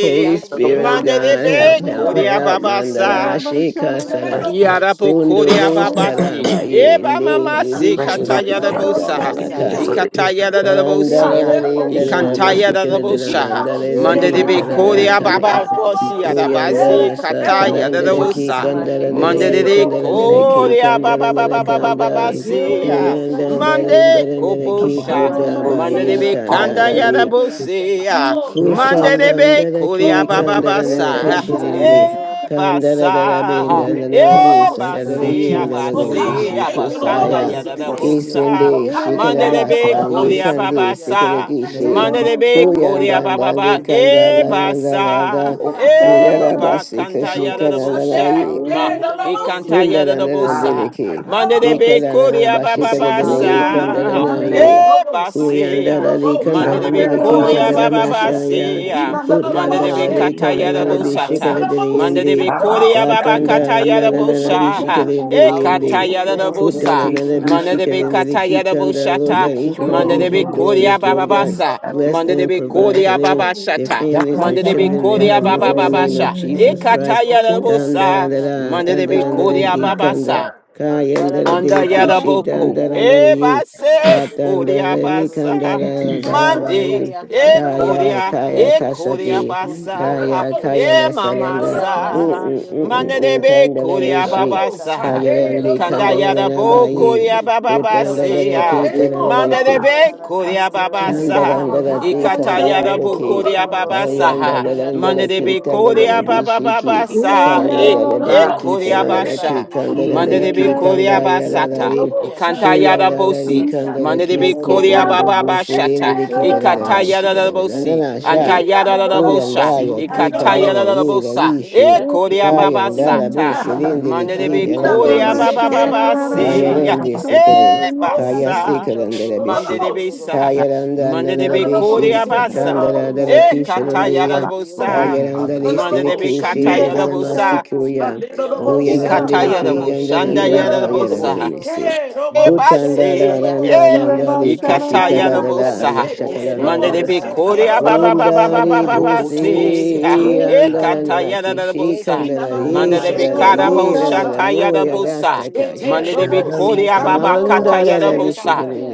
Speaker 5: Holy
Speaker 1: He
Speaker 7: Adorable.
Speaker 5: Spirit of
Speaker 1: not
Speaker 3: Mande
Speaker 1: going
Speaker 3: de
Speaker 1: most.
Speaker 5: God,
Speaker 1: say
Speaker 7: Thank
Speaker 5: help,
Speaker 3: be
Speaker 7: you,
Speaker 5: help,
Speaker 3: koria
Speaker 5: help.
Speaker 3: baba
Speaker 5: Mandala
Speaker 3: sa.
Speaker 5: shika
Speaker 7: fresh
Speaker 5: salam.
Speaker 2: Yeah,
Speaker 7: man.
Speaker 3: Yarabokoria
Speaker 5: Kundulu
Speaker 2: Yeah,
Speaker 3: babasi.
Speaker 5: saraba ye
Speaker 3: Eba mama si
Speaker 5: negirish
Speaker 7: fresh man,
Speaker 3: kataya da
Speaker 7: God, just
Speaker 5: nilikishanda
Speaker 7: like
Speaker 5: na
Speaker 3: bosa.
Speaker 7: you
Speaker 5: na
Speaker 7: did it for the
Speaker 5: kaye.
Speaker 3: Ikataya
Speaker 7: Israelites,
Speaker 3: da
Speaker 5: Kanda
Speaker 7: God.
Speaker 5: la
Speaker 3: bosia.
Speaker 5: la linda
Speaker 7: You
Speaker 5: la la
Speaker 7: do it for
Speaker 3: Ikantaya
Speaker 7: your
Speaker 3: da
Speaker 5: bushika la la
Speaker 7: people,
Speaker 5: la
Speaker 7: God.
Speaker 3: bosa.
Speaker 5: nanda la
Speaker 7: You
Speaker 3: Mande de
Speaker 6: Namane
Speaker 3: be
Speaker 5: zakita
Speaker 7: provide,
Speaker 5: la
Speaker 6: yala
Speaker 5: la
Speaker 7: Father,
Speaker 3: koria
Speaker 7: whatever
Speaker 5: kaya.
Speaker 3: baba
Speaker 7: it to
Speaker 6: apadari
Speaker 7: be
Speaker 6: yaro
Speaker 3: bosia da
Speaker 7: provided.
Speaker 6: kokosi
Speaker 3: basi
Speaker 5: Kuyanda sta
Speaker 6: yasase.
Speaker 7: You'll
Speaker 3: kataya da
Speaker 7: make
Speaker 5: talandere ki
Speaker 7: ways,
Speaker 3: bosa.
Speaker 7: however
Speaker 6: Amane
Speaker 7: the
Speaker 5: kandarandere
Speaker 6: yaro
Speaker 7: ways
Speaker 3: Mande de
Speaker 7: you
Speaker 5: ye
Speaker 3: de
Speaker 5: kandarandere
Speaker 6: kokosi
Speaker 7: make.
Speaker 5: ki
Speaker 3: koria
Speaker 6: yasase.
Speaker 3: baba baba
Speaker 5: kandarandere
Speaker 7: You're
Speaker 3: baba baba
Speaker 6: Amane
Speaker 5: kanda.
Speaker 7: able to do
Speaker 6: yaro
Speaker 7: it.
Speaker 3: sia.
Speaker 5: Kuyanda
Speaker 7: You're
Speaker 6: kokosi
Speaker 7: able to do it.
Speaker 3: Mande
Speaker 6: yasase.
Speaker 5: darindere
Speaker 7: And
Speaker 5: ki
Speaker 7: abundantly
Speaker 3: kobosha.
Speaker 7: and
Speaker 5: kudaba
Speaker 7: fully.
Speaker 6: Amanane
Speaker 3: Mande
Speaker 5: ye
Speaker 3: de
Speaker 6: yala
Speaker 3: be
Speaker 7: All
Speaker 1: it.
Speaker 7: that
Speaker 3: kanda
Speaker 7: we
Speaker 3: ya
Speaker 7: have
Speaker 6: kokosi
Speaker 5: tandarari.
Speaker 3: da
Speaker 7: to do,
Speaker 6: yasase.
Speaker 7: God.
Speaker 3: bosia.
Speaker 1: Oh,
Speaker 7: Thank you,
Speaker 6: Ikasi
Speaker 1: God.
Speaker 7: Father.
Speaker 3: Mande de
Speaker 6: yoro
Speaker 3: be
Speaker 5: Kusandandara
Speaker 3: koria
Speaker 5: ki
Speaker 7: Thank
Speaker 3: baba
Speaker 7: you,
Speaker 1: Oh,
Speaker 6: sikasase.
Speaker 5: kandara
Speaker 7: Father,
Speaker 5: nere
Speaker 1: Father,
Speaker 7: that
Speaker 3: basa.
Speaker 1: Lord,
Speaker 7: in this
Speaker 1: oh,
Speaker 6: Ikasi
Speaker 5: kishirindi.
Speaker 1: say,
Speaker 7: season,
Speaker 6: yoro
Speaker 1: God.
Speaker 5: Kandara
Speaker 1: Oh,
Speaker 5: dara
Speaker 1: God,
Speaker 6: sikasase.
Speaker 1: we
Speaker 7: we
Speaker 5: binda
Speaker 3: Ebasa,
Speaker 7: will
Speaker 1: thank
Speaker 6: Ebe
Speaker 1: you,
Speaker 5: nara
Speaker 1: Lord,
Speaker 7: have
Speaker 6: keki
Speaker 1: oh,
Speaker 5: bisa
Speaker 1: say,
Speaker 5: dara
Speaker 1: God.
Speaker 7: that
Speaker 3: ebase,
Speaker 6: yasa.
Speaker 7: you are
Speaker 5: yinda
Speaker 1: Oh,
Speaker 5: dara
Speaker 7: still
Speaker 1: God, we
Speaker 7: God.
Speaker 3: abase,
Speaker 5: bishi
Speaker 6: Kiyata
Speaker 1: thank you,
Speaker 6: sa
Speaker 1: Lord,
Speaker 7: Thank
Speaker 3: abakanda
Speaker 1: oh,
Speaker 7: you
Speaker 5: kusaya.
Speaker 7: that
Speaker 6: nane
Speaker 1: say,
Speaker 7: you are
Speaker 1: God.
Speaker 7: still
Speaker 6: esho
Speaker 7: God.
Speaker 3: yadadabosa,
Speaker 1: Oh,
Speaker 5: Kisindi
Speaker 1: God, we
Speaker 6: kusiya.
Speaker 3: mande
Speaker 1: thank
Speaker 3: de
Speaker 1: you,
Speaker 3: be
Speaker 5: shikarabasa
Speaker 7: all
Speaker 1: Lord, oh,
Speaker 6: Esho
Speaker 5: ye
Speaker 3: kuri
Speaker 1: say,
Speaker 7: this
Speaker 1: God.
Speaker 5: kandi
Speaker 6: kusiya
Speaker 5: sikare
Speaker 3: ababasa,
Speaker 6: dan
Speaker 1: Yes,
Speaker 7: make
Speaker 5: kishi.
Speaker 2: Yeah,
Speaker 3: mande
Speaker 7: provision
Speaker 6: yoro.
Speaker 3: de
Speaker 1: God.
Speaker 3: be kuri abababa,
Speaker 5: Kuyandandandi
Speaker 7: you
Speaker 6: Blessed
Speaker 7: make
Speaker 6: be your
Speaker 5: kandara
Speaker 7: ways,
Speaker 3: ebasa,
Speaker 5: nandanda.
Speaker 7: you
Speaker 1: Yes,
Speaker 7: open doors in
Speaker 1: God.
Speaker 5: Kiyarabasi
Speaker 3: ebakanta
Speaker 1: Yes, Lord. Sunday,
Speaker 5: kashikaranara
Speaker 3: yadadabosa,
Speaker 6: Hallowed
Speaker 7: the
Speaker 3: ma,
Speaker 1: yes,
Speaker 6: be your
Speaker 7: name
Speaker 1: Lord, oh,
Speaker 6: name,
Speaker 1: say,
Speaker 3: ikanta
Speaker 1: God.
Speaker 6: Lord. God.
Speaker 5: Kundarana
Speaker 7: ah da,
Speaker 1: Yes,
Speaker 3: yadadabosa,
Speaker 7: da,
Speaker 5: dereke,
Speaker 7: da,
Speaker 1: Lord,
Speaker 7: da.
Speaker 3: mande de
Speaker 1: oh,
Speaker 3: be kuri
Speaker 5: ikarana
Speaker 7: Look
Speaker 1: say,
Speaker 7: at
Speaker 5: bashikara
Speaker 1: God.
Speaker 7: this.
Speaker 5: dere
Speaker 6: Hallowed be your
Speaker 3: abababasa,
Speaker 6: name.
Speaker 5: kandarana
Speaker 7: Da, da,
Speaker 1: Sunday
Speaker 5: ye,
Speaker 7: da.
Speaker 1: Robo Sunday
Speaker 3: ebase,
Speaker 5: kuyandara de
Speaker 1: Robo
Speaker 6: Help
Speaker 3: Manda
Speaker 5: kandara
Speaker 3: de
Speaker 7: Lamba,
Speaker 6: us
Speaker 1: Sunday
Speaker 3: be
Speaker 5: dereke
Speaker 6: scale.
Speaker 1: Robo
Speaker 7: saka,
Speaker 3: koria baba
Speaker 5: kadarama
Speaker 1: Santa.
Speaker 3: basia.
Speaker 7: oko,
Speaker 1: Even the
Speaker 7: tobo,
Speaker 3: Manda
Speaker 1: Robo
Speaker 3: de be
Speaker 5: putandara
Speaker 7: seke,
Speaker 6: Hallowed
Speaker 5: de
Speaker 6: be
Speaker 1: Santa.
Speaker 7: inya,
Speaker 6: your
Speaker 3: kataya
Speaker 7: na,
Speaker 3: da
Speaker 5: kandara
Speaker 1: The
Speaker 7: na,
Speaker 5: de
Speaker 7: na,
Speaker 6: name. Lord
Speaker 7: basa.
Speaker 3: bosata.
Speaker 6: God.
Speaker 5: bishikara dere
Speaker 1: Robo
Speaker 3: Manda de
Speaker 1: Santa.
Speaker 3: be
Speaker 5: yende,
Speaker 6: Que-
Speaker 1: The
Speaker 7: Baba,
Speaker 6: que- que-
Speaker 3: koria
Speaker 1: Robo.
Speaker 6: que-
Speaker 3: baba
Speaker 7: seke, na,
Speaker 5: katanda
Speaker 6: que-
Speaker 3: kataya da
Speaker 6: que-
Speaker 5: narana
Speaker 1: Oh,
Speaker 3: bosha.
Speaker 1: Father.
Speaker 5: bishikara dere
Speaker 3: E
Speaker 6: Hallowed
Speaker 7: oko,
Speaker 6: be
Speaker 5: yende,
Speaker 1: Oh,
Speaker 6: your
Speaker 3: kataya da da
Speaker 7: tobo,
Speaker 6: name,
Speaker 1: Father.
Speaker 6: Lord.
Speaker 3: bosa.
Speaker 7: seke,
Speaker 5: kutandana
Speaker 7: na,
Speaker 6: Eme-
Speaker 7: na, na,
Speaker 3: Manda
Speaker 7: na,
Speaker 3: de
Speaker 6: que- yo-
Speaker 3: be
Speaker 5: bishikara
Speaker 6: co-
Speaker 5: dere
Speaker 7: basa.
Speaker 5: ki
Speaker 3: kataya
Speaker 6: co-
Speaker 3: da
Speaker 6: de-
Speaker 5: kandara, Lord God,
Speaker 3: bosata.
Speaker 7: Yoko,
Speaker 5: each one of
Speaker 3: Manda
Speaker 7: todoro,
Speaker 3: de
Speaker 1: Oh,
Speaker 5: these
Speaker 3: be
Speaker 5: your
Speaker 7: robo,
Speaker 1: Father.
Speaker 6: Holy are
Speaker 3: koria
Speaker 5: daughters,
Speaker 7: seke,
Speaker 3: baba
Speaker 5: Lord
Speaker 6: you.
Speaker 5: God,
Speaker 7: inya,
Speaker 3: basa.
Speaker 7: na.
Speaker 5: bless
Speaker 6: Holy
Speaker 3: Manda
Speaker 6: are
Speaker 3: de
Speaker 5: them,
Speaker 3: be
Speaker 6: you,
Speaker 5: provide
Speaker 6: Lord.
Speaker 5: for
Speaker 3: koria
Speaker 6: So-
Speaker 5: them.
Speaker 3: baba
Speaker 1: Oh,
Speaker 5: Their
Speaker 3: shata.
Speaker 1: Father.
Speaker 5: families,
Speaker 7: Daka,
Speaker 5: their
Speaker 3: Manda
Speaker 6: Holy
Speaker 3: de
Speaker 6: are
Speaker 3: be
Speaker 7: taba,
Speaker 6: the
Speaker 5: children, their
Speaker 1: The
Speaker 6: Son,
Speaker 3: koria
Speaker 7: toko,
Speaker 6: the
Speaker 5: husbands,
Speaker 7: na,
Speaker 1: Robo
Speaker 3: baba
Speaker 5: in
Speaker 6: other,
Speaker 5: the
Speaker 6: the
Speaker 7: na,
Speaker 3: baba
Speaker 7: na, na,
Speaker 5: name
Speaker 6: King,
Speaker 5: of
Speaker 6: the
Speaker 1: Santa.
Speaker 6: other,
Speaker 3: E
Speaker 5: Jesus
Speaker 7: na,
Speaker 6: the
Speaker 5: Christ.
Speaker 7: na,
Speaker 3: kataya
Speaker 1: Oh,
Speaker 3: da
Speaker 6: other,
Speaker 7: toko.
Speaker 6: the
Speaker 1: Father.
Speaker 3: bosa.
Speaker 6: Son, the
Speaker 5: Kandarandara,
Speaker 3: Manda
Speaker 6: other,
Speaker 3: de be
Speaker 6: the other,
Speaker 5: dandarandara
Speaker 1: Murder,
Speaker 3: koria
Speaker 6: so
Speaker 5: ye
Speaker 3: baba
Speaker 7: Mm,
Speaker 5: kanda.
Speaker 1: murder, murder,
Speaker 5: Kayandara
Speaker 6: Parado
Speaker 3: Anda
Speaker 7: da, da,
Speaker 6: soto
Speaker 5: dirikishi,
Speaker 1: murder.
Speaker 7: da,
Speaker 3: Yaraboko,
Speaker 7: da,
Speaker 6: sotiara
Speaker 7: da,
Speaker 6: ya
Speaker 5: dandarandara
Speaker 7: da.
Speaker 6: soto
Speaker 5: ye.
Speaker 1: You
Speaker 6: ya
Speaker 3: Ebase,
Speaker 1: are
Speaker 3: Korea
Speaker 5: Katandara ni
Speaker 6: tiara ro
Speaker 3: Basa,
Speaker 6: soya.
Speaker 5: kandara
Speaker 7: Aya,
Speaker 6: Ia
Speaker 3: Mande,
Speaker 7: da, da,
Speaker 5: darabaye.
Speaker 6: ya
Speaker 7: toko.
Speaker 3: E
Speaker 6: kandiero
Speaker 5: Kaya,
Speaker 6: koko
Speaker 3: Korea,
Speaker 5: kaya
Speaker 3: E
Speaker 6: koko
Speaker 3: Korea
Speaker 5: kasati.
Speaker 6: koko siara ya
Speaker 3: Basa,
Speaker 5: Kaya,
Speaker 6: sita.
Speaker 5: kaya
Speaker 3: E
Speaker 6: Ia
Speaker 5: lasaranga.
Speaker 6: ra
Speaker 5: Mm,
Speaker 3: Mamasa,
Speaker 5: mm, mm,
Speaker 6: kandiero
Speaker 5: mm, mm,
Speaker 6: koko
Speaker 3: Mandelebe
Speaker 5: Kandara
Speaker 6: siara na
Speaker 3: Korea
Speaker 5: bishi.
Speaker 6: sata tata
Speaker 3: Babasa,
Speaker 6: tiara
Speaker 5: Kayarandi
Speaker 3: Ikanda
Speaker 6: kombria
Speaker 5: kandarandara
Speaker 3: Yarabo
Speaker 6: taya.
Speaker 5: baye.
Speaker 3: Korea
Speaker 6: Ia
Speaker 1: God,
Speaker 6: ra
Speaker 1: this
Speaker 5: Kutandara
Speaker 1: world
Speaker 3: Bababasea,
Speaker 6: kandiero ro
Speaker 1: anymore. Lord, Lord,
Speaker 5: ki,
Speaker 1: Lord,
Speaker 3: Mandelebe
Speaker 6: sotiara na
Speaker 3: Korea
Speaker 1: Lord.
Speaker 6: kandiera na
Speaker 1: You
Speaker 3: Babasa,
Speaker 6: saya
Speaker 1: are
Speaker 6: ra
Speaker 1: God,
Speaker 5: Kandarandarati,
Speaker 1: this
Speaker 3: Ikata
Speaker 6: tata.
Speaker 1: world anymore.
Speaker 3: Yarabo
Speaker 1: Lord,
Speaker 5: kandarandaraki,
Speaker 1: Lord,
Speaker 6: Ia
Speaker 3: Korea
Speaker 1: Lord, Lord. You are God, this world anymore. Lord, Lord, Lord,
Speaker 6: ro soto
Speaker 3: Babasa,
Speaker 6: ia
Speaker 1: Lord.
Speaker 6: ra
Speaker 5: kandarandaraki,
Speaker 6: kandiero
Speaker 3: Mandelebe
Speaker 1: You
Speaker 6: ro
Speaker 1: are
Speaker 3: Korea
Speaker 1: God,
Speaker 6: sita.
Speaker 5: tandarandarabishiki,
Speaker 1: this
Speaker 3: Bababasa, E
Speaker 6: Ikatandiro lo
Speaker 3: E
Speaker 1: world
Speaker 5: kandarandaraki,
Speaker 6: soria de
Speaker 3: Korea
Speaker 6: la
Speaker 5: tandarandaraki,
Speaker 3: Basha.
Speaker 6: sandia
Speaker 3: Mande de be
Speaker 5: kandarandaraki,
Speaker 6: bekirio
Speaker 3: koria
Speaker 6: lo
Speaker 3: ba
Speaker 6: suta
Speaker 1: anymore.
Speaker 3: sata.
Speaker 5: kandayararari,
Speaker 6: de
Speaker 1: Lord,
Speaker 6: la
Speaker 3: Ikanta
Speaker 1: Lord,
Speaker 6: sandia
Speaker 3: yada
Speaker 6: lo
Speaker 5: kuyandarari,
Speaker 3: bosi.
Speaker 1: Lord, Lord.
Speaker 6: sata.
Speaker 3: Mande de
Speaker 5: kandaraki,
Speaker 3: be
Speaker 1: Oh,
Speaker 3: koria ba ba
Speaker 6: Kekiro
Speaker 3: ba
Speaker 6: lo
Speaker 3: shata.
Speaker 5: kudumdubushirindriki,
Speaker 6: kukundia de la
Speaker 3: Ikata yada
Speaker 6: sandia
Speaker 3: da
Speaker 6: de
Speaker 3: bosi.
Speaker 6: la
Speaker 3: Anta
Speaker 5: tandarandarabishikirandararandarasha,
Speaker 6: sandia de
Speaker 3: yada
Speaker 6: la
Speaker 3: da da
Speaker 6: sandia
Speaker 3: bosha.
Speaker 6: lo
Speaker 5: kuyandayaki,
Speaker 6: suta
Speaker 3: Ikata yada
Speaker 2: Yeah,
Speaker 6: de.
Speaker 3: da da bosa. E
Speaker 5: kandarayirarishi,
Speaker 2: Yeah,
Speaker 6: Ishakio
Speaker 3: koria ba ba
Speaker 6: kukundiro
Speaker 3: sata.
Speaker 6: lo soria
Speaker 3: Mande de
Speaker 6: de
Speaker 5: kayandarabushirindriki,
Speaker 6: la
Speaker 3: be
Speaker 6: sandia de
Speaker 3: koria ba
Speaker 6: la
Speaker 3: ba
Speaker 5: yarandarabishika,
Speaker 3: ba
Speaker 6: kia
Speaker 3: ba
Speaker 6: katana
Speaker 3: si.
Speaker 6: na
Speaker 3: ya.
Speaker 6: siro lo
Speaker 5: kayarendisikiri,
Speaker 6: sa.
Speaker 3: E basa.
Speaker 6: Choro lo
Speaker 5: kayasikirandarabishi,
Speaker 3: Mande de
Speaker 6: satia
Speaker 3: be
Speaker 6: lo
Speaker 3: sa.
Speaker 1: God.
Speaker 6: sita.
Speaker 5: Kayaranda
Speaker 3: Mande de be
Speaker 5: Nanabeshi,
Speaker 3: koria
Speaker 6: Ekekirio
Speaker 3: basa.
Speaker 6: lo
Speaker 5: Kandara
Speaker 3: E
Speaker 6: sotia de
Speaker 3: kata
Speaker 6: la
Speaker 3: yada da
Speaker 5: Dalakisharundia,
Speaker 6: sandia lo
Speaker 1: Oh,
Speaker 3: bosa.
Speaker 5: Kayaranda
Speaker 1: Father, the
Speaker 3: Mande
Speaker 6: kukundia.
Speaker 3: de be
Speaker 1: most
Speaker 5: Listilikishi,
Speaker 3: kata
Speaker 7: Yes, Lord.
Speaker 1: Sunday,
Speaker 3: yada
Speaker 1: God.
Speaker 3: bosa.
Speaker 6: Thank
Speaker 5: Dadamasikuya,
Speaker 1: Sunday, the most
Speaker 7: Roku na
Speaker 1: Son,
Speaker 7: na
Speaker 5: Kuyarandiliki,
Speaker 1: God.
Speaker 3: Ikatayarabo,
Speaker 5: and
Speaker 7: i
Speaker 1: He not
Speaker 7: na na
Speaker 1: the
Speaker 7: na
Speaker 3: shandayaradabo,
Speaker 5: Nanabayara
Speaker 1: most
Speaker 7: bo.
Speaker 3: saha.
Speaker 1: seek,
Speaker 5: Dalamisi.
Speaker 1: the
Speaker 7: Mm,
Speaker 1: most shake,
Speaker 5: Kutanda
Speaker 3: Ebase,
Speaker 1: the
Speaker 5: Randa
Speaker 1: most
Speaker 3: eh,
Speaker 1: Son,
Speaker 5: Randa
Speaker 1: God.
Speaker 7: i
Speaker 3: ikataya
Speaker 1: He
Speaker 7: na
Speaker 1: not
Speaker 7: na na
Speaker 5: Likishikadada,
Speaker 1: most
Speaker 7: na
Speaker 3: robosa,
Speaker 1: sick,
Speaker 7: bo.
Speaker 1: the
Speaker 7: So
Speaker 3: mande
Speaker 7: cool
Speaker 3: de
Speaker 7: na
Speaker 5: Yeshakalandara.
Speaker 1: most
Speaker 3: be
Speaker 7: na na
Speaker 1: shake,
Speaker 7: na ba.
Speaker 3: korea ba
Speaker 1: the
Speaker 3: ba ba
Speaker 1: most
Speaker 3: ba ba
Speaker 1: seek,
Speaker 3: ba
Speaker 5: Kundari
Speaker 3: ba
Speaker 1: God.
Speaker 3: ba
Speaker 7: Roku to bo
Speaker 3: se,
Speaker 7: se
Speaker 3: ha,
Speaker 1: Ah,
Speaker 7: ke
Speaker 5: Busi,
Speaker 1: we
Speaker 3: eh,
Speaker 7: na.
Speaker 1: thank you,
Speaker 5: Andara
Speaker 1: Lord.
Speaker 3: kataya da da
Speaker 5: Nanakishi,
Speaker 1: He
Speaker 3: robosa,
Speaker 1: not
Speaker 5: Kandara
Speaker 1: the
Speaker 7: Shine a
Speaker 1: most
Speaker 3: mande de
Speaker 7: light,
Speaker 3: be
Speaker 1: shake,
Speaker 5: Yisara
Speaker 7: shine a
Speaker 1: the
Speaker 3: kara
Speaker 7: light,
Speaker 5: Yira
Speaker 1: most
Speaker 3: bosha
Speaker 1: Son, God.
Speaker 3: taya
Speaker 5: Dalamuya
Speaker 3: robosa,
Speaker 1: Shake,
Speaker 5: Rastakasha.
Speaker 3: mande
Speaker 1: the
Speaker 3: de
Speaker 7: shine
Speaker 3: be
Speaker 7: a
Speaker 1: most seek,
Speaker 7: light.
Speaker 3: korea ba ba
Speaker 1: the
Speaker 5: Lord.
Speaker 7: shine
Speaker 3: kataya
Speaker 1: most shake,
Speaker 5: Thank
Speaker 3: robosa,
Speaker 1: God.